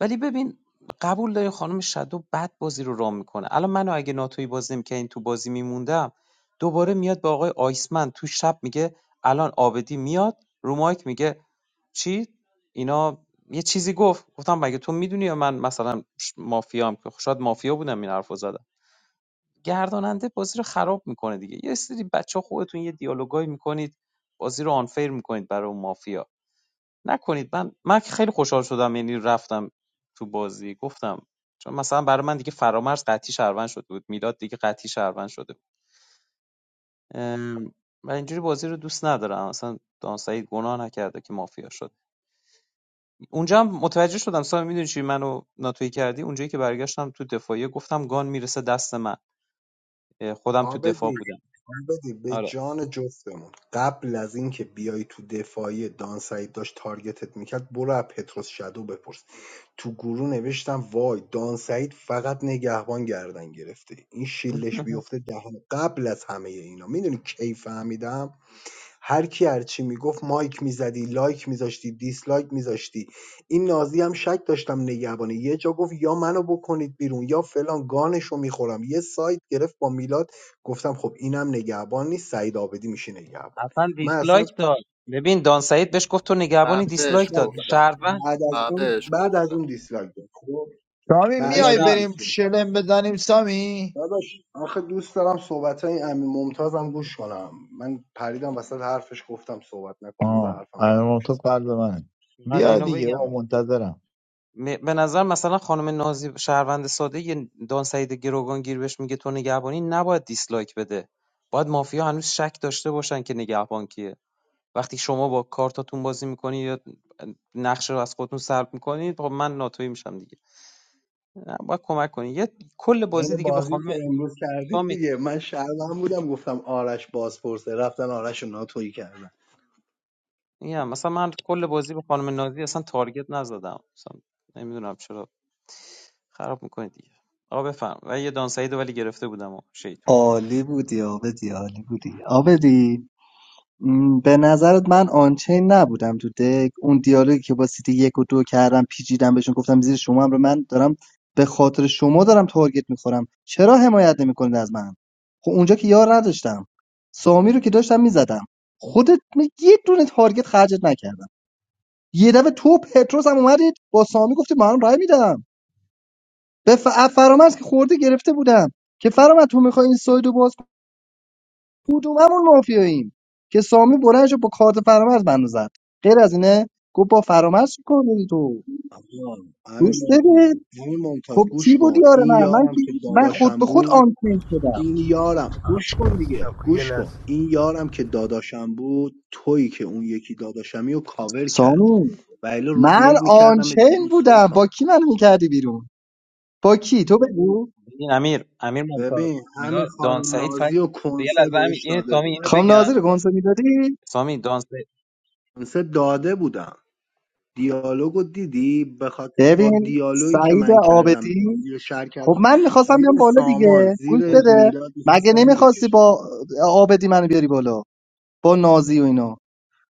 Speaker 12: ولی ببین قبول داری خانم شدو بد بازی رو رام میکنه الان منو اگه ناتوی بازی این تو بازی میموندم دوباره میاد با آقای آیسمن تو شب میگه الان آبدی میاد رو مایک میگه چی اینا یه چیزی گفت گفتم مگه تو میدونی یا من مثلا ش- مافیام که خب شاید مافیا بودم این حرفو زدم گرداننده بازی رو خراب میکنه دیگه یه سری بچه خودتون یه دیالوگایی میکنید بازی رو آنفیر میکنید برای اون مافیا نکنید من من خیلی خوشحال شدم یعنی رفتم تو بازی گفتم چون مثلا برای من دیگه فرامرز قطعی شهروند شده بود میلاد دیگه قطعی شهروند شده بود ام، و اینجوری بازی رو دوست ندارم اصلا سعید گناه نکرده که مافیا شد اونجا هم متوجه شدم سامی میدونی چی منو ناتوی کردی اونجایی که برگشتم تو دفاعیه گفتم گان میرسه دست من خودم تو دفاع
Speaker 10: آبدی
Speaker 12: بودم
Speaker 10: بدید به
Speaker 12: آره
Speaker 10: جان جفتمون قبل از اینکه بیای تو دفاعی دان سعید داشت تارگتت میکرد برو از پتروس شادو بپرس تو گروه نوشتم وای دان سعید فقط نگهبان گردن گرفته این شیلش بیفته دهن قبل از همه اینا میدونی کی فهمیدم هر کی هر چی میگفت مایک میزدی لایک میذاشتی دیسلایک میذاشتی این نازی هم شک داشتم نگهبانه یه جا گفت یا منو بکنید بیرون یا فلان گانشو میخورم یه سایت گرفت با میلاد گفتم خب اینم نگهبان نیست سعید آبدی میشه نگهبان
Speaker 12: اصلا
Speaker 10: من اصلا
Speaker 12: دیسلایک داد ببین دان سعید بهش گفت تو نگهبانی
Speaker 20: من بهش
Speaker 12: دیسلایک داد
Speaker 20: گفتم
Speaker 12: شهروند
Speaker 10: بعد از
Speaker 20: من
Speaker 10: اون
Speaker 20: بهش
Speaker 10: بعد
Speaker 20: گفتم
Speaker 10: از اون دیسلایک داد خب
Speaker 12: ببین
Speaker 10: بعد از اون
Speaker 12: شهر...
Speaker 10: دیسلایک
Speaker 3: شاهین
Speaker 10: داداش آخه دوست دارم صحبت های امین ممتازم گوش کنم من پریدم وسط حرفش گفتم صحبت نکن
Speaker 3: آه
Speaker 10: بذار حرفم
Speaker 3: امیر
Speaker 10: تموم
Speaker 3: ممتاز قلب منه
Speaker 12: قد
Speaker 3: بیا
Speaker 12: اینو
Speaker 3: دیگه
Speaker 12: بگم
Speaker 3: او
Speaker 10: شه
Speaker 3: منتظرم
Speaker 12: م- به نظر مثلا خانم نازی شهروند ساده یه دان سعید گروگان گیر بهش میگه تو نگهبانی نباید دیسلایک بده باید مافیا هنوز شک داشته باشن که نگهبان کیه وقتی شما با کارتاتون بازی میکنی یا نقشه رو از خودتون سلب میکنید خب من ناتوی میشم دیگه نه، باید کمک کنید یه کل بازی
Speaker 10: این
Speaker 12: دیگه به
Speaker 10: بازی که
Speaker 12: خانم
Speaker 10: امروز کردیم
Speaker 12: سامی
Speaker 10: دیگه من شرمم بودم گفتم آرش بازپرسه رفتن آرش رو ناتویی کردن
Speaker 12: میگم مثلا من کل بازی به خانم نازی اصلا تارگت نزدم مثلا نمیدونم چرا خراب میکنی دیگه آقا بفهم و یه دان سعیدو ولی گرفته بودم و شیطون
Speaker 11: عالی بودی آبدی عالی بودی آبدی م، به نظرت من آنچین نبودم تو دک اون دیالوگی که با سیتی یک و دو کردم پیچیدم بهشون گفتم زیر شما هم رو من دارم به خاطر شما دارم تارگت میخورم چرا حمایت نمیکنید از من خب اونجا که یار نداشتم سامی رو که داشتم میزدم خودت می- یه دونه تارگت خرجت نکردم یه دفعه تو و پتروس هم اومدید با سامی گفتی من رای میدم به ف... از فرامرز که خورده گرفته بودم که فرامرز تو میخوای این سایدو باز کنی کدوممون مافیاییم که سامی بلند شد با کارت فرامرز منو زد غیر از اینه گفت با فرامرز چی کار داری تو
Speaker 10: آقا، همین
Speaker 11: گوش بده
Speaker 10: ممتاز همین ممتاز
Speaker 11: خب
Speaker 10: گوش
Speaker 11: چی بود
Speaker 10: کن
Speaker 11: یار
Speaker 10: این
Speaker 11: من من
Speaker 10: یارم
Speaker 11: که
Speaker 10: که
Speaker 11: من خود
Speaker 10: داداشم
Speaker 11: به خود
Speaker 10: بود
Speaker 11: آنچین شدم
Speaker 10: این یارم گوش کن دیگه
Speaker 8: خب، یه
Speaker 10: گوش کن
Speaker 8: لحظه
Speaker 10: این یارم که داداشم بود تویی که اون یکی داداشمی رو کاور کرد
Speaker 11: سامی
Speaker 10: و الا روز
Speaker 11: من
Speaker 10: یک میکردم
Speaker 11: آنچین
Speaker 10: بیرون
Speaker 11: بودم با
Speaker 10: سلطان
Speaker 11: کی من میکردی بیرون با کی تو بگو
Speaker 12: این امیر امیر ممتاز
Speaker 10: ببین همین
Speaker 12: نگاه دان
Speaker 10: خانم
Speaker 12: سعید فکر
Speaker 10: نازی و
Speaker 12: به یه
Speaker 10: کنسه
Speaker 12: لحظه امیر
Speaker 10: بهش
Speaker 12: این
Speaker 10: داده
Speaker 12: سامی اینو
Speaker 10: بودم
Speaker 11: خام
Speaker 12: بگم
Speaker 11: ناظر گنسو میدادی
Speaker 12: سامی دان سعید
Speaker 10: کنسه داده بودم دیالوگو دیدی بخاط... با
Speaker 11: ببین
Speaker 10: دیالوگی که
Speaker 11: سعید
Speaker 10: من کردم
Speaker 11: آبدی
Speaker 10: بازی رو شر
Speaker 11: خب
Speaker 10: کردم
Speaker 11: من میخواستم بیام
Speaker 10: زیر
Speaker 11: بالا
Speaker 10: سامان
Speaker 11: دیگه گوش
Speaker 10: زیر
Speaker 12: بابا،
Speaker 11: بده
Speaker 10: میلاد میخواست
Speaker 11: مگه
Speaker 10: سعی
Speaker 11: نمیخواستی
Speaker 10: بکشه
Speaker 11: با آبدی منو بیاری بالا با نازی و اینا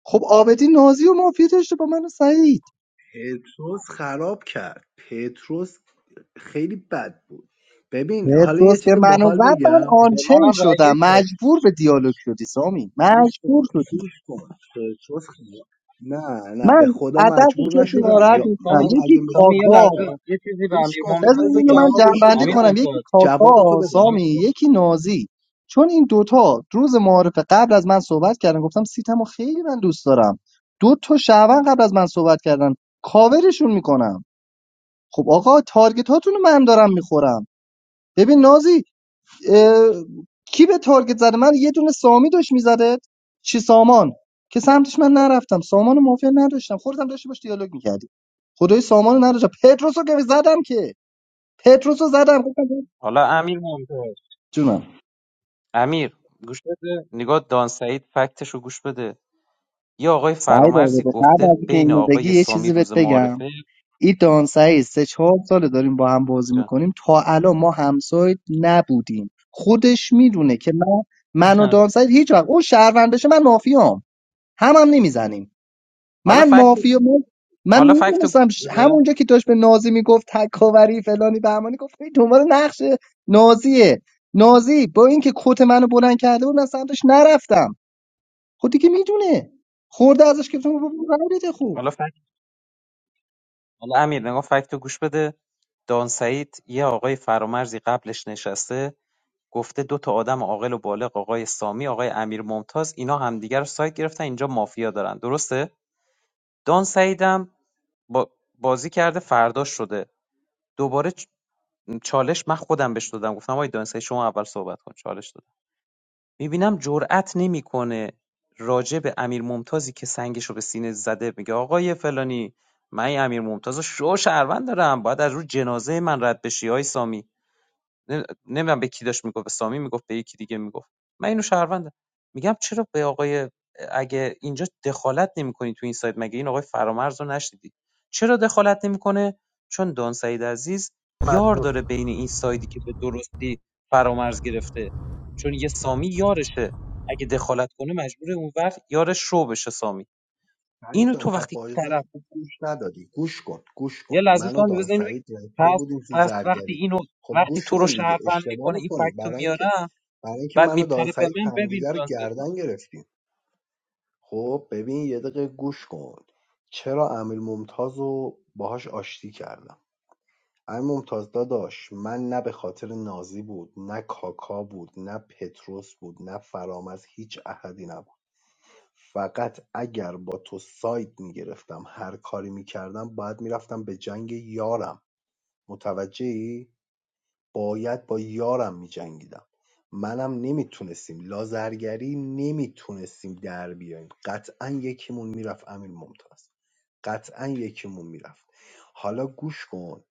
Speaker 11: خب آبدی نازی و مافیا داشته با من و سعید
Speaker 10: پتروس خراب کرد پتروس خیلی بد بود ببین حالا یه
Speaker 11: پتروس که
Speaker 10: چیز
Speaker 11: منو
Speaker 10: باحال
Speaker 11: زد من
Speaker 10: بگم
Speaker 12: به من
Speaker 11: آنچن
Speaker 12: هم رأی
Speaker 11: شدم
Speaker 12: یک داد
Speaker 11: مجبور به دیالوگ شدی سامی
Speaker 10: گوش
Speaker 11: مجبور
Speaker 10: کن
Speaker 11: شدی
Speaker 10: گوش کن پتروس خراب نه نه
Speaker 11: من
Speaker 10: به خدا
Speaker 11: از دست
Speaker 12: یه
Speaker 10: مجبور
Speaker 11: کسی
Speaker 12: چیزی به
Speaker 10: نشدم
Speaker 11: ناراحت
Speaker 10: یا
Speaker 11: نیستم
Speaker 10: من
Speaker 12: سامی
Speaker 11: یکی
Speaker 10: اگه میخ...
Speaker 12: سامی یه
Speaker 10: گوش
Speaker 11: کاکا
Speaker 10: کن
Speaker 12: لحظه یه چیزی به
Speaker 10: گوش
Speaker 12: امیر
Speaker 10: کن خب
Speaker 11: بذار
Speaker 12: ممتاز
Speaker 10: بذار
Speaker 11: اینو
Speaker 12: بگم
Speaker 11: من
Speaker 10: جوابشو
Speaker 11: جنبنده
Speaker 12: امیر
Speaker 10: بدم
Speaker 11: کنم یکی
Speaker 12: ممتاز
Speaker 10: جوابتو
Speaker 11: کاکا
Speaker 12: امیر-
Speaker 11: سامی
Speaker 10: بدم
Speaker 11: یکی نازی چون این دوتا روز معارف قبل از من صحبت کردن گفتم سیتمو خیلی من دوست دارم دو تا شعبان قبل از من صحبت کردن کاورشون میکنم خب آقا تارگت هاتونو من دارم میخورم ببین نازی اه، کی به تارگت زده من یه دونه سامی داشت میزده چی سامان که سمتش من نرفتم سامانو و موافق نداشتم خودت هم داشتی باش دیالوگ میکردی خدای سامانو رو نداشتم پتروسو که زدم که پتروسو زدم
Speaker 12: حالا امیر ممتاز
Speaker 11: جونم
Speaker 12: امیر گوش بده نگاه دان سعید فکتش رو گوش بده یه آقای
Speaker 11: سعید
Speaker 12: فرامرزی
Speaker 11: آزاده قبل
Speaker 12: گفته
Speaker 11: از اینکه
Speaker 12: بین
Speaker 11: اینو بگی
Speaker 12: آقای
Speaker 11: یه
Speaker 12: سامی
Speaker 11: چیزی بهت
Speaker 12: روز
Speaker 11: بگم
Speaker 12: معارفه
Speaker 11: این دان سعید سه چهار ساله داریم با هم بازی
Speaker 12: جا.
Speaker 11: میکنیم تا الان ما همسایت نبودیم خودش میدونه که من من و دان سعید هیچ وقت اون شهروند بشه من مافیام هم هم نمیزنیم
Speaker 12: حالا
Speaker 11: من
Speaker 12: فکت
Speaker 11: مافیا من, من
Speaker 12: حالا فکت رو-
Speaker 11: میدونستم ش- همونجا که داشت به نازی میگفت تکاوری فلانی بهمانی گفت این دنبال نقش نازیه نازی با اینکه کت منو بلند کرده بود من سمتش نرفتم خب دیگه میدونه خورده ازش که تو رای بده خوب
Speaker 12: حالا فکت حالا امیر نگاه فکت رو گوش بده دان سعید یه آقای فرامرزی قبلش نشسته گفته دو تا آدم عاقل و بالغ آقای سامی آقای امیر ممتاز اینا همدیگه رو سایت گرفتن اینجا مافیا دارن درسته دان سعیدم با بازی کرده فرداش شده دوباره چ- چالش من خودم بهش دادم گفتم آقای دان سعید شما اول صحبت کن چالش دادم میبینم جرئت نمیکنه راجع به امیر ممتازی که سنگشو به سینه زده میگه آقای فلانی من این امیر ممتاز رو شو شهروند دارم باید از رو جنازه من رد بشی های سامی نمی نمیدونم به کی داشت میگفت به سامی میگفت به یکی دیگه میگفت من اینو شهروندم میگم چرا به آقای اگه اینجا دخالت نمیکنی تو این سایت مگه این آقای فرامرز رو نشدیدی چرا دخالت نمیکنه چون دان سعید عزیز
Speaker 8: اومد
Speaker 12: یار
Speaker 8: گفت
Speaker 12: داره بین این سایدی که به درستی فرامرز گرفته چون یه سامی یارشه اگه دخالت کنه مجبور اون وقت یارش رو بشه سامی
Speaker 10: سعید
Speaker 12: اینو
Speaker 10: جان
Speaker 12: تو
Speaker 10: پس
Speaker 12: وقتی
Speaker 10: بازی رو
Speaker 12: طرف
Speaker 10: خوب گوش ندادی گوش کن گوش
Speaker 12: یه
Speaker 10: کن
Speaker 12: لحظه
Speaker 10: من و
Speaker 12: سامی
Speaker 10: دان
Speaker 12: بزن اینو بگی
Speaker 10: سعید رفته
Speaker 12: پس
Speaker 10: بودیم تو
Speaker 12: پس وقتی
Speaker 10: زرگری
Speaker 12: اینو
Speaker 10: خب
Speaker 12: وقتی
Speaker 10: گوش
Speaker 12: تو رو
Speaker 10: کن دیگه
Speaker 12: شهروند
Speaker 10: اشتباه
Speaker 12: میکنه این
Speaker 10: میکنی
Speaker 12: فکتو
Speaker 10: برای اینکه
Speaker 12: میارن
Speaker 10: برای اینکه
Speaker 12: بعد
Speaker 10: من و دان
Speaker 12: میپره به
Speaker 10: سعید
Speaker 12: من ببین
Speaker 10: همدیگه رو
Speaker 12: ترانسلیت
Speaker 10: گردن گرفتیم خب ببین یه دقیقه گوش کن چرا امیر ممتاز رو باهاش آشتی کردم امیر ممتاز داداش من نه به خاطر نازی بود نه کاکا بود نه پتروس بود نه فرامز هیچ احدی نبود فقط اگر با تو ساید میگرفتم هر کاری میکردم باید میرفتم به جنگ یارم متوجهی؟ باید با یارم میجنگیدم منم نمیتونستیم لازرگری نمیتونستیم در بیایم قطعا یکیمون میرفت امیر ممتاز قطعا یکیمون میرفت حالا گوش کن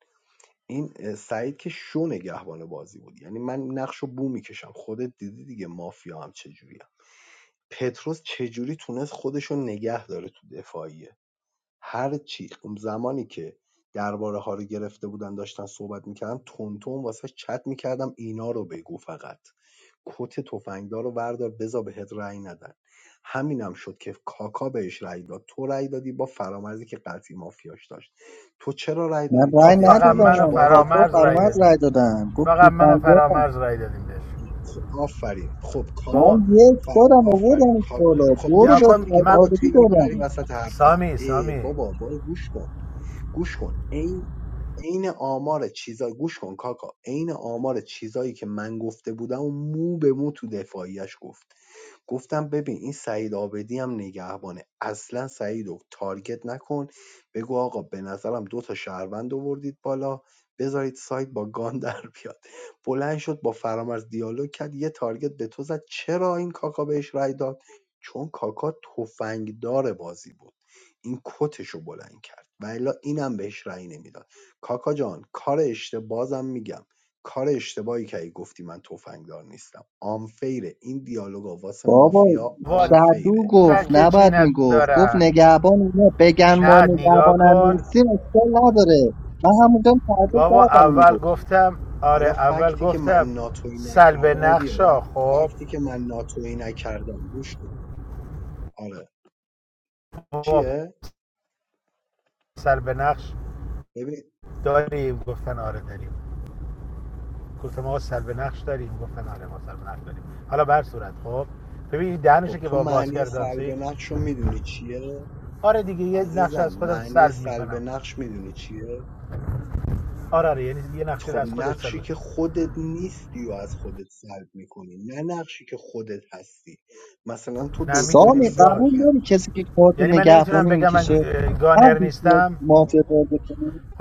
Speaker 10: این اه، سعید که شو نگهبان بازی بود یعنی من نقش رو بو میکشم خودت دیدی دیگه مافیا هم چجوریه پتروس چجوری تونست خودشو نگه داره تو دفاعیه هرچی اون زمانی که درباره‌ها رو گرفته بودن داشتن صحبت میکردن تون واسه چت میکردم اینا رو بگو فقط کت تفنگدار رو بردار بذار بهت رأی ندن همینم شد که کاکا بهش رأی داد تو رأی دادی با فرامرزی که قطعی مافیاش داشت تو چرا رأی
Speaker 11: من
Speaker 10: دادی تو
Speaker 8: آه،
Speaker 11: رای
Speaker 8: فقط
Speaker 10: دفاعیش
Speaker 8: منو
Speaker 11: ندادم
Speaker 10: باز به تو
Speaker 11: کاکا
Speaker 8: فرامرز رای
Speaker 10: تارگت
Speaker 11: فرامرز
Speaker 10: زد
Speaker 11: رای
Speaker 8: دادیم
Speaker 11: دادن گفت تو
Speaker 8: فقط منو
Speaker 11: دادم
Speaker 8: فرامرز رای دادیم بهش
Speaker 10: آفرین خب
Speaker 11: من
Speaker 10: کاکا
Speaker 8: بابا
Speaker 11: یک
Speaker 10: ف...
Speaker 11: دادم
Speaker 10: آفرین
Speaker 11: آوردم
Speaker 10: کا-
Speaker 11: بالا
Speaker 10: خب
Speaker 11: برو
Speaker 8: نیا
Speaker 10: گوش
Speaker 11: به
Speaker 10: کن
Speaker 8: کن
Speaker 10: دیگه
Speaker 11: سعید
Speaker 8: من
Speaker 10: بابا تو
Speaker 11: آبادی
Speaker 10: میپری
Speaker 11: دادم
Speaker 10: وسط حرفم
Speaker 8: سامی
Speaker 10: ای
Speaker 8: سامی
Speaker 10: بابا وای گوش کن گوش کن عین آمار چیزا گوش کن کاکا عین آمار چیزایی که من گفته بودم و مو به مو تو دفاعیش گفت گفتم ببین این سعید آبدی هم نگهبانه اصلا سعید رو تارگت نکن بگو آقا به نظرم دو تا شهروند آوردید بالا بذارید سایت با گان در بیاد بلند شد با فرامرز دیالوگ کرد یه تارگت به تو زد چرا این کاکا بهش رای داد چون کاکا تفنگدار بازی بود این کتش رو بلند کرد و الا اینم بهش رأی نمیداد کاکا جان کار اشتباه بازم میگم کار اشتباهی کردی گفتی من تفنگدار نیستم آنفیره این دیالوگا واسه
Speaker 11: بابا
Speaker 10: مافیا
Speaker 8: بابا
Speaker 11: شدو
Speaker 10: آنفیره
Speaker 8: گفتن
Speaker 11: گفت
Speaker 8: که چی
Speaker 11: نباید میگفت گفت
Speaker 8: ندارن
Speaker 11: نگهبان اینا بگن
Speaker 10: شب.
Speaker 11: ما
Speaker 8: نه نگاه
Speaker 11: نگهبانم نیستیم
Speaker 8: کن
Speaker 11: اشکال نداره من همونجا تعجب
Speaker 8: بابا
Speaker 11: کردم اینو
Speaker 8: اول
Speaker 11: گفت
Speaker 8: گفتم آره
Speaker 10: حالا
Speaker 8: اول
Speaker 10: فکتی که
Speaker 8: گفتم
Speaker 10: من ناتوی
Speaker 8: سلب
Speaker 10: نکردم و
Speaker 8: نقشا
Speaker 10: بیارم
Speaker 8: خب
Speaker 10: فکتی که من ناتوی نکردم گوش کن آره
Speaker 8: بابا
Speaker 10: چیه
Speaker 8: سلب نقش
Speaker 10: ببین
Speaker 8: داریم گفتن آره داریم گفتم ما سلب نقش داریم گفتن آره ما سلب نقش داریم حالا به هر صورت خب ببین این دهنشو
Speaker 10: خب
Speaker 8: که
Speaker 10: تو
Speaker 8: با باز
Speaker 10: معنی
Speaker 8: کردم
Speaker 10: سلب
Speaker 8: سید
Speaker 10: نقش رو میدونی چیه
Speaker 8: آره دیگه یه نقش
Speaker 10: عزیزم
Speaker 8: از خودم
Speaker 10: معنی
Speaker 8: سلب
Speaker 10: سلب
Speaker 8: میکنم
Speaker 10: نقش میدونی چیه
Speaker 8: آره آره یعنی یه نقشه رو
Speaker 10: خب
Speaker 8: از خودت
Speaker 10: نقشی
Speaker 8: سلب
Speaker 10: که خودت نیستی و از خودت سلب میکنی نه نقشی که خودت هستی مثلا تو
Speaker 8: نه
Speaker 10: دکتر
Speaker 8: میتونی
Speaker 11: سامی
Speaker 10: نیستی
Speaker 8: بگی آقا
Speaker 10: تو
Speaker 11: قبول
Speaker 10: فن
Speaker 11: داری کسی که کارت
Speaker 8: یعنی من نمیتونم
Speaker 11: نگهبانی
Speaker 8: بگم من
Speaker 11: میکشه هم
Speaker 8: گانر
Speaker 11: هیچ
Speaker 8: نیستم
Speaker 11: مافیا بازی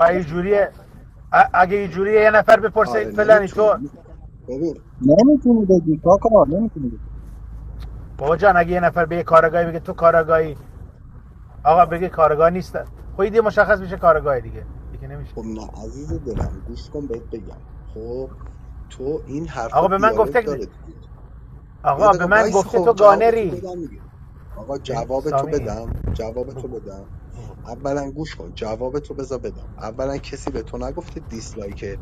Speaker 8: آ اینجوریه ا- اگه اینجوریه یه نفر بپرسه
Speaker 10: آره
Speaker 8: فلانی تو
Speaker 10: نمیتونی ببین
Speaker 11: نمیتونی بگی کاکا نمیتونی بگی.
Speaker 8: بابا جان اگه یه نفر به یه کارگاهی بگه تو کارگاهی آقا بگه کارگاه نیست خب دیگه مشخص میشه کارگاه دیگه دیگه نمیشه
Speaker 10: خب نه عزیز دلم گوش کن بهت بگم خب تو این حرفا
Speaker 8: آقا به من
Speaker 10: دیالوگ
Speaker 8: گفته
Speaker 10: داره دیگه یه
Speaker 8: آقا به
Speaker 10: دقیقه
Speaker 8: من
Speaker 10: وایس
Speaker 8: گفته
Speaker 10: خب
Speaker 8: تو
Speaker 10: جواب تو
Speaker 8: گانری
Speaker 10: بدم دیگه آقا
Speaker 8: این
Speaker 10: جواب تو
Speaker 8: سامی
Speaker 10: بدم جواب تو
Speaker 8: بگو
Speaker 10: بدم
Speaker 8: بگو.
Speaker 10: اولا گوش کن جواب تو بذار بدم اولا کسی به تو نگفته دیسلایک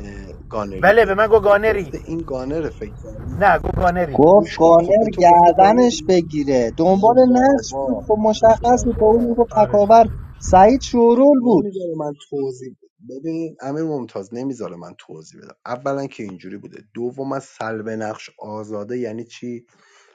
Speaker 10: اه، گانری
Speaker 8: بله به من
Speaker 10: بده
Speaker 8: گو گانری
Speaker 10: گفته این گانر فکر کردی
Speaker 8: نه
Speaker 10: فلان
Speaker 8: گو گانری
Speaker 10: خب
Speaker 11: گفت
Speaker 10: گوش کن خب
Speaker 11: گانر
Speaker 10: به تو گفته
Speaker 11: گردنش
Speaker 10: گانری
Speaker 11: بگیره
Speaker 10: آی
Speaker 11: دنبال نقش بود
Speaker 10: بابا
Speaker 11: خب
Speaker 10: آی
Speaker 11: مشخص بود با اون
Speaker 10: بابا
Speaker 11: میگفت
Speaker 8: آره
Speaker 11: تکاور سعید شورول بود
Speaker 10: نمیذاره من توضیح ب- ببین امیر ممتاز نمیذاره من توضیح بدم اولا که اینجوری بوده دوم از سلب نقش آزاده یعنی چی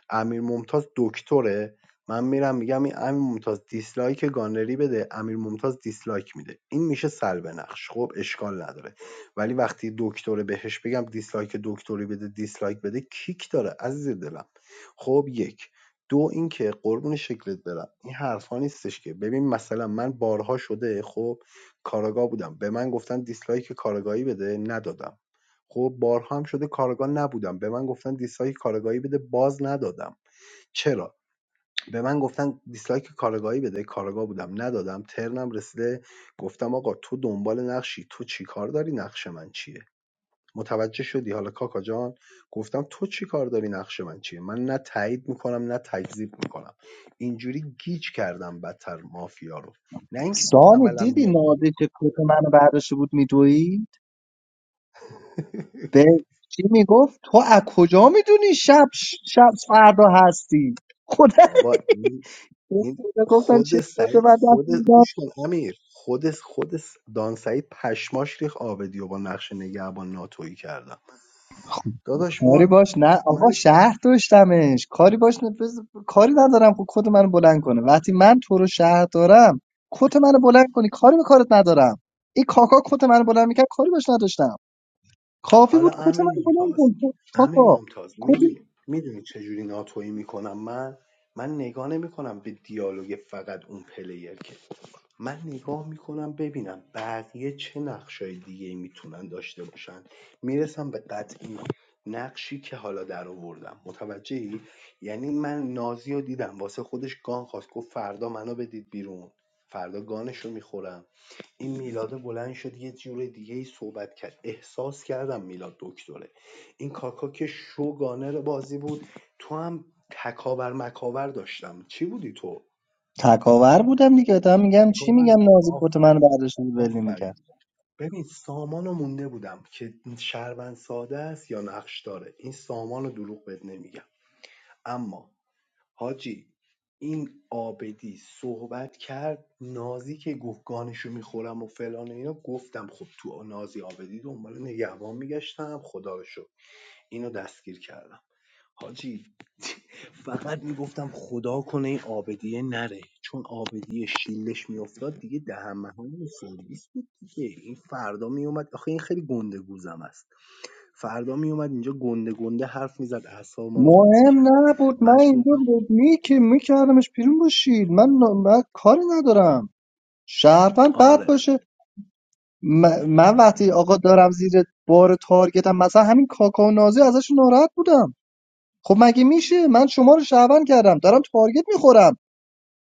Speaker 10: امیر ممتاز دکتره من میرم میگم این امیر ممتاز دیسلایک گانری بده امیر ممتاز دیسلایک میده این میشه سلب نقش خب اشکال نداره ولی وقتی دکتره بهش بگم دیسلایک دکتری بده دیسلایک بده کیک داره عزیز دلم خب یک دو اینکه قربون شکلت برم این حرفا نیستش که ببین مثلا من بارها شده خب کاراگاه بودم به من گفتن دیسلایک کاراگاهی بده ندادم خب بارها هم شده کارگاه نبودم به من گفتن دیسلایک کارگاهی بده باز ندادم چرا؟ به من گفتن دیسلایک کارگاهی بده کارگاه بودم ندادم ترنم رسیده گفتم آقا تو دنبال نقشی تو چی کار داری نقش من چیه متوجه شدی حالا کاکا جان گفتم تو چی کار داری نقش من چیه من نه تایید میکنم نه تکذیب میکنم اینجوری گیج کردم بدتر مافیا رو نه اینکه تو
Speaker 11: سامی
Speaker 10: عملا
Speaker 11: دیدی
Speaker 10: بیاد بگی
Speaker 11: نازی که کت منو برداشته بود میدوی به چی میگفت تو از کجا میدونی شب شب فردا هستی خدا
Speaker 10: بابا این این
Speaker 11: گفتم چه
Speaker 10: خود
Speaker 11: کت
Speaker 10: سعید
Speaker 11: من
Speaker 10: خود
Speaker 11: دست
Speaker 10: گوش کن امیر خود خود دان سعید پشماش ریخ آبدی و با نقش نگهبان ناتویی کردم داداش
Speaker 11: کاری
Speaker 10: ما
Speaker 11: باش نه آقا
Speaker 10: من
Speaker 11: شهر داشتمش کاری باش نه بز- کاری ندارم خب کت منو بلند کنه وقتی من تو رو شهر دارم کت منو بلند کنی کاری به کارت ندارم این کاکا کت منو بلند میکرد کاری باش نداشتم کافی
Speaker 10: حالا
Speaker 11: بود کت
Speaker 10: امیر
Speaker 11: منو بلند
Speaker 10: ممتاز
Speaker 11: کن
Speaker 10: امیر
Speaker 11: کاکا
Speaker 10: ممتاز
Speaker 11: کت
Speaker 10: میدونی میدونی چجوری ناتویی میکنم من من نگاه نمیکنم به دیالوگ فقط اون پلیر که من نگاه میکنم ببینم بقیه چه نقشای دیگه میتونن داشته باشن میرسم به قطعی نقشی که حالا در آوردم متوجهی یعنی من نازی رو دیدم واسه خودش گان خواست گفت فردا منو بدید بیرون فردا گانش رو میخورم این میلاده بلند شد یه جور دیگه ای صحبت کرد احساس کردم میلاد دکتره این کاکا که شو گانر بازی بود تو هم تکاور مکاور داشتم چی بودی تو
Speaker 11: تکاور بودم دیگه تا میگم چی
Speaker 10: کلا
Speaker 11: میگم نازی کت منو
Speaker 10: آفرین
Speaker 11: برداشت بود ول
Speaker 10: آفرین
Speaker 11: میکرد
Speaker 10: ببین سامان رو مونده بودم که شربن ساده است یا نقش داره این سامان رو دروغ بهت نمیگم اما حاجی این آبدی صحبت کرد نازی که گفت گانشو میخورم و فلان و اینا گفتم خب تو نازی آبدی دنبال نگهبان میگشتم خدا رو شکر اینو دستگیر کردم حاجی فقط می‌گفتم خدا کنه این عابدیه نره چون عابدیه شیلش میافتاد دیگه دهن‌مهانمون سرویس بود دیگه این فردا میومد آخه این خیلی گنده گوزم است فردا میومد اینجا گنده گنده حرف میزد اعصاب ما رو خورد میکرد
Speaker 11: مهم نبود من
Speaker 10: مجبور
Speaker 11: اینجا
Speaker 10: بودم-
Speaker 11: بود می که میکردمش بیرون با شیر من, من کاری ندارم شهروند بد
Speaker 10: آره
Speaker 11: باشه م- من وقتی آقا دارم زیر بار تارگتم مثلا همین کاکا و نازی ازش ناراحت بودم خب مگه میشه من شما رو شهروند کردم دارم تارگت میخورم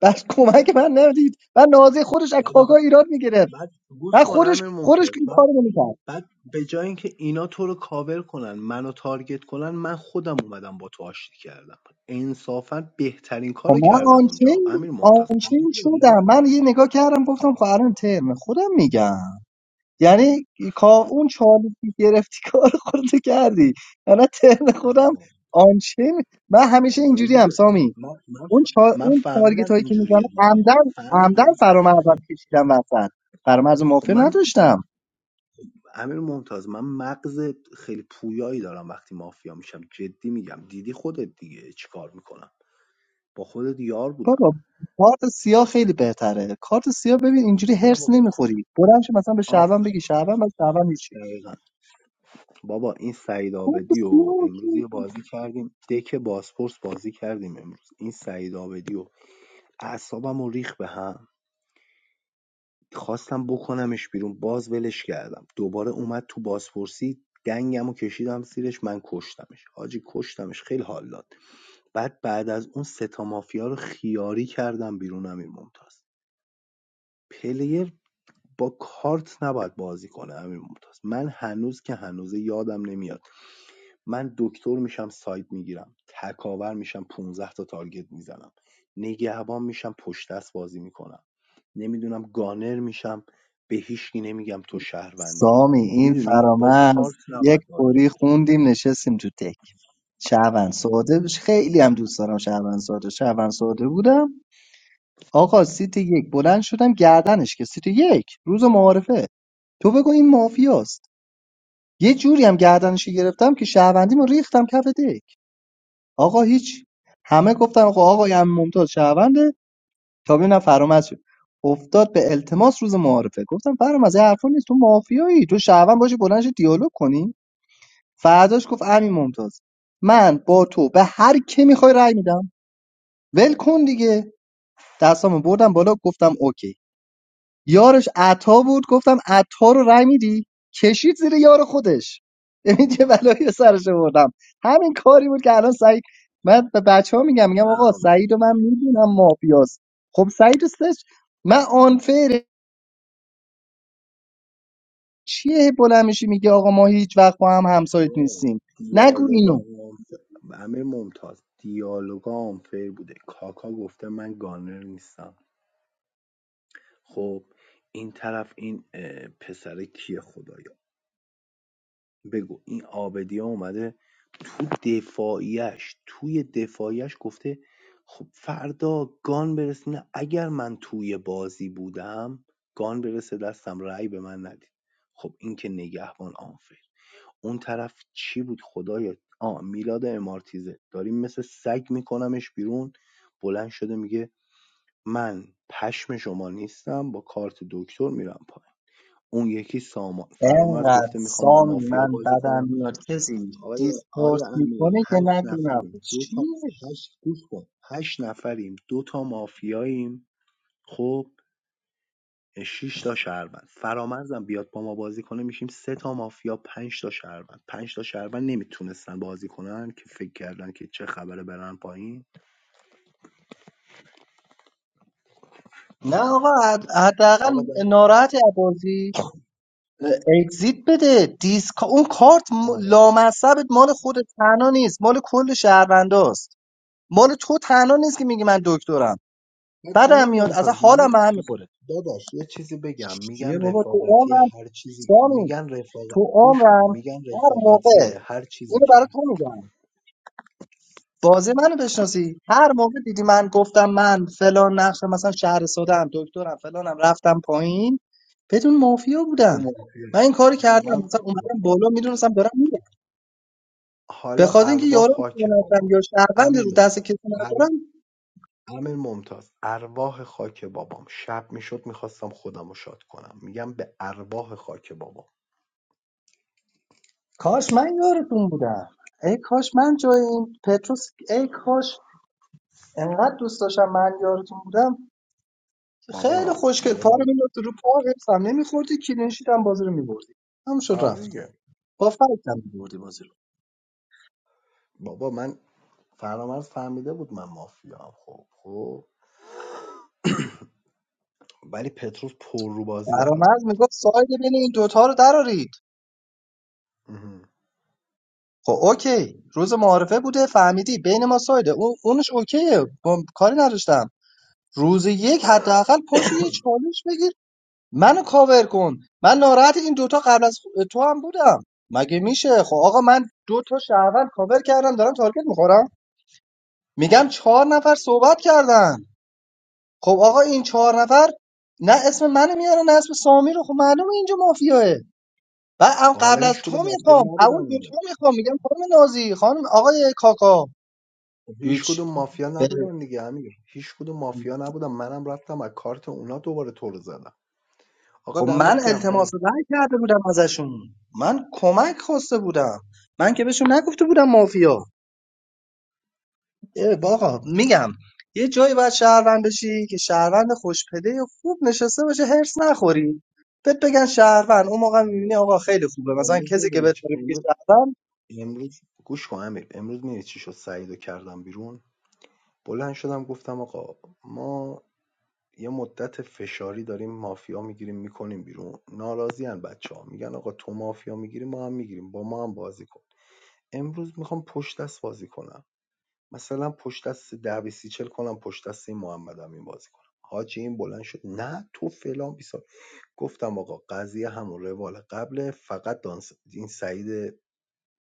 Speaker 11: بس کمک من نمیدید من نازی خودش از
Speaker 10: بعد,
Speaker 11: کاکا
Speaker 10: آخه-
Speaker 11: ایراد میگرفت
Speaker 10: بعد گوش
Speaker 11: من
Speaker 10: کن
Speaker 11: خودش
Speaker 10: امیر
Speaker 11: خودش
Speaker 10: ممتاز
Speaker 11: این
Speaker 10: بعد
Speaker 11: کارو نمیکرد
Speaker 10: بعد به جای اینکه اینا تو رو کاور کنن منو تارگت کنن من خودم اومدم با تو آشتی کردم انصافا بهترین
Speaker 11: خب
Speaker 10: کارو
Speaker 11: من
Speaker 10: کردم اونجا
Speaker 11: آنچین
Speaker 10: امیر ممتاز قبول
Speaker 11: آنچین
Speaker 10: داری
Speaker 11: شدم من یه نگاه کردم گفتم خب الان ترم خودم میگم یعنی کا اون چالی که گرفتی کار خودت کردی یعنی ترم خودم
Speaker 10: آره
Speaker 11: آنچین من همیشه
Speaker 10: آره
Speaker 11: اینجوری هم
Speaker 10: دیگه خود
Speaker 11: سامی
Speaker 10: من من, ف...
Speaker 11: اون چا...
Speaker 10: من
Speaker 11: اون
Speaker 10: فهمیدم
Speaker 11: تارگت هایی که میزنه
Speaker 10: اینجوریه دیگه
Speaker 11: عمدن عمدن
Speaker 10: فهمیدی
Speaker 11: فرامرزم کشیدم وسط فرامرز
Speaker 10: خب
Speaker 11: مافیا
Speaker 10: من
Speaker 11: نداشتم
Speaker 10: امیر ممتاز من مغز خیلی پویایی دارم وقتی مافیا میشم جدی میگم دیدی خودت دیگه چیکار میکنم با خودت یار بودم
Speaker 11: بابا کارت سیاه خیلی بهتره کارت سیاه ببین اینجوری
Speaker 10: آره
Speaker 11: هرس
Speaker 10: بابا
Speaker 11: نمیخوری بلند شو مثلا به شعبان بگی
Speaker 10: آفرین
Speaker 11: شعبان بعد شعبان هیچی
Speaker 10: دقیقاً. بابا این سعید
Speaker 11: کارت
Speaker 10: آبدی
Speaker 11: سیاه
Speaker 10: و
Speaker 11: رو
Speaker 10: امروز یه
Speaker 11: که-
Speaker 10: بازی کردیم دک باسپورس بازی کردیم امروز این سعید آبدی و اعصابم و ریخ به هم خواستم بکنمش بیرون باز ولش کردم دوباره اومد تو بازپرسی دنگم کشیدم زیرش من کشتمش حاجی کشتمش خیلی حال داد بعد بعد از اون سه تا مافیا رو خیاری کردم بیرون امیر ممتاز پلیر با کارت نباید بازی کنه امیر ممتاز من هنوز که هنوز یادم نمیاد من دکتر میشم ساید میگیرم تکاور میشم 15 تا تارگت میزنم نگهبان میشم پشت دست بازی میکنم نمیدونم گانر میشم به هیچکی نمیگم تو شهروندی
Speaker 11: سامی این
Speaker 10: میدونی با کارت
Speaker 11: فرامرز یک
Speaker 10: نباید بازی
Speaker 11: خوری خوندیم نشستیم تو تک شعبان ساده بش- خیلی هم دوست دارم شعبان ساده شعبان ساده بودم آقا سیت یک بلند شدم گردنش که سیت یک روز معارفه تو بگو این مافیاست یه جوری هم گردنشو گرفتم که شهروندیمو ریختم کف دک آقا هیچ همه گفتن آقا آقای ام ممتاز شهرونده تا ببینم فرامز شد افتاد به التماس روز معارفه گفتم فرامز این حرفا نیست تو مافیایی تو شهروند باشی بلند شی دیالوگ کنی فرداش گفت امین ممتاز من با تو به هر کی میخوای رأی میدم ول کن دیگه دستامو بردم بالا گفتم اوکی یارش عطا بود گفتم عطا رو رای میدی کشید زیر یار خودش ببین چه بلایی به سرش آوردم همین کاری بود که الان سعید من به بچه ها میگم میگم
Speaker 10: کنی. نه
Speaker 11: آقا
Speaker 10: آقا.
Speaker 11: سعید و من میدونم مافیاست خب سعید و سش من آنفر چیه بلند میشی میگه آقا ما هیچ وقت با هم همسایت نیستیم نگو
Speaker 10: دیالوگا
Speaker 11: اینو
Speaker 10: آنف- امیر ممتاز دیالوگا آنفیر بوده کاکا گفته من گانر نیستم خب این طرف این اه، پسر کیه خدایا بگو این آبدی ها اومده تو دفاعیش توی دفاعیش گفته خب فردا گان برسه نه اگر من توی بازی بودم گان برسه دستم رأی به من ندید خب این که نگهبان آنفر اون طرف چی بود خدایا آ میلاد امارتیزه داریم مثل سگ میکنمش بیرون بلند شده میگه من پشم شما نیستم با کارت دکتر میرم پایین اون یکی سامان فرامرز
Speaker 11: انقدر
Speaker 10: گفته میخوام با
Speaker 11: سامی
Speaker 10: مافیا
Speaker 11: من
Speaker 10: بازی
Speaker 11: بدم
Speaker 10: کنم
Speaker 11: میاد کسی
Speaker 10: آقای
Speaker 11: دیسپورت
Speaker 10: آقای امیر
Speaker 11: میکنه که
Speaker 10: هشت
Speaker 11: نگو نفر
Speaker 10: نفریم دو
Speaker 11: چیه
Speaker 10: تا هشت گوش کن هشت نفریم دو تا مافیاییم خب شش تا شهروند فرامرزم بیاد با ما بازی کنه میشیم سه تا مافیا پنج تا شهروند پنج تا شهروند نمیتونستن بازی کنن که فکر کردن که چه خبره برن پایین
Speaker 11: نه آقا حد- حداقل
Speaker 10: آقا دمت گرم.
Speaker 11: ناراحتی از بازی اگزیت بده دیسک اون کارت م-
Speaker 10: آره
Speaker 11: لامصبت مال خود تنها نیست مال کل شهرونداست مال تو تنها نیست که میگی من دکترم
Speaker 10: بعد
Speaker 11: بعدم
Speaker 10: امیر
Speaker 11: میاد اصلا
Speaker 10: ممتاز من
Speaker 11: حالم به هم میخوره
Speaker 10: داداش یه چیزی بگم
Speaker 11: چیه
Speaker 10: میگن
Speaker 11: بابا تو
Speaker 10: رفاقتی
Speaker 11: عمرم
Speaker 10: هر چیزی
Speaker 11: سامی
Speaker 10: میگن رفاقت
Speaker 11: تو
Speaker 10: گوش کن
Speaker 11: عمرم
Speaker 10: میگن
Speaker 11: هر موقع
Speaker 10: رفاقتی هر چیزی
Speaker 11: اینو
Speaker 10: که
Speaker 11: برای
Speaker 10: هست
Speaker 11: تو میگم بازی منو بشناسی هر موقع دیدی من گفتم من فلان نقشم مثلا شهر سادم دکترم فلانم رفتم پایین بدون مافیا
Speaker 10: تو
Speaker 11: بودم
Speaker 10: موافقی؟
Speaker 11: من این کاری کردم
Speaker 10: من
Speaker 11: مثلا اومدم بالا میدونستم دارم می‌رم. به
Speaker 10: حالا
Speaker 11: خاطر اینکه
Speaker 10: ارواح
Speaker 11: یارو
Speaker 10: خاک
Speaker 11: نشم
Speaker 10: بابا
Speaker 11: یا شهروند
Speaker 10: امیر
Speaker 11: رو دست
Speaker 10: ممتاز
Speaker 11: کسی
Speaker 10: ار...
Speaker 11: ندارم
Speaker 10: امیر ممتاز ارواح خاک بابام شب میشد میخواستم خودم رو شاد کنم میگم به ارواح خاک بابام
Speaker 11: کاش من یارتون بودم ای کاش من جای این پتروس ای کاش انقدر دوست داشتم من یارتون بودم که خیلی
Speaker 10: بابا
Speaker 11: خوشگل
Speaker 10: یه
Speaker 11: پا
Speaker 10: بار
Speaker 11: رو می‌نداختی رو پا حفظم نمیخوردی کلینشیت هم بازی رو میبردی هم شد
Speaker 10: آره
Speaker 11: رفت
Speaker 10: دیگه.
Speaker 11: با فرق هم میبردی بازی رو
Speaker 10: بابا من فرامرز فهمیده بود من مافیا هم خب خب ولی پتروس پر رو بازی در
Speaker 11: فرامرز میگفت ساید بین این دوتا رو درارید
Speaker 10: آورد.
Speaker 11: خب اوکی روز معارفه بوده فهمیدی بین ما سایده اون اونش اوکیه با کاری نداشتم روز یک حداقل پاشو یه چالش بگیر منو کاور کن من ناراحت این دوتا قبل از خو- تو هم بودم مگه میشه خب آقا من دو تا شهروند کاور کردم دارم تارگت میخورم میگم چهار نفر صحبت کردن خب آقا این چهار نفر نه اسم منو میاره نه اسم سامی رو خب معلومه اینجا مافیاه و ام-
Speaker 10: خب حالا
Speaker 11: قبل از
Speaker 10: هیچ کدوم
Speaker 11: تو
Speaker 10: مافیا
Speaker 11: میخوام اول
Speaker 10: نبودن
Speaker 11: دو
Speaker 10: دیگه
Speaker 11: تو میخوام میگم خانم نازی خانم آقای کاکا
Speaker 10: خب هیچ
Speaker 11: هیچ
Speaker 10: کدوم مافیا
Speaker 11: به-
Speaker 10: نبودن دیگه امیر هیچ کدوم مافیا نبودن منم رفتم از کارت اونا دوباره تو رو زدم آقا
Speaker 11: خب
Speaker 10: دمت
Speaker 11: من
Speaker 10: گرم
Speaker 11: التماس
Speaker 10: بریم
Speaker 11: رأی کرده بودم ازشون من کمک خواسته بودم من که بهشون نگفته بودم مافیا اه، آقا میگم یه جایی باید شهروند بشی که شهروند خوشپده و خوب نشسته باشه هرس نخوری بهت بگن شهروند اون موقع میبینی آقا خیلی خوبه مثلا
Speaker 10: امروز
Speaker 11: کسی که
Speaker 10: میدونی
Speaker 11: بهت
Speaker 10: چی
Speaker 11: داره میگه
Speaker 10: امروز
Speaker 11: شهروند
Speaker 10: امروز گوش کن امیر امروز میدونی چی شد سعیدو کردم بیرون بلند شدم گفتم آقا ما یه مدت فشاری داریم مافیا میگیریم میکنیم بیرون ناراضیان بچه ها میگن آقا تو مافیا میگیری ما هم میگیریم با ما هم بازی کن امروز میخوام پشت دست بازی کنم مثلا پشت دست ۱۰ بیست 40 کنم پشت دست این محمد‌امین بازی کنم حاجی این بلند شد نه تو فلان بیسار گفتم آقا قضیه همون روال قبله فقط دانس این سعید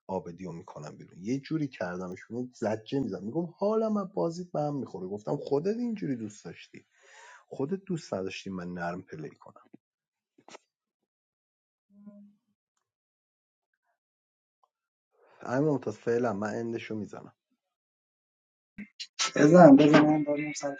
Speaker 10: آبدی رو میکنم بیرون یه جوری کردمش بیرون زجه میزد میگم حالا من بازیت به هم میخوره گفتم خودت اینجوری دوست داشتی خودت دوست نداشتی من نرم پلی کنم همین ممتاز فعلا من اندشو میزنم
Speaker 11: بزن بزن من دارم سر کار.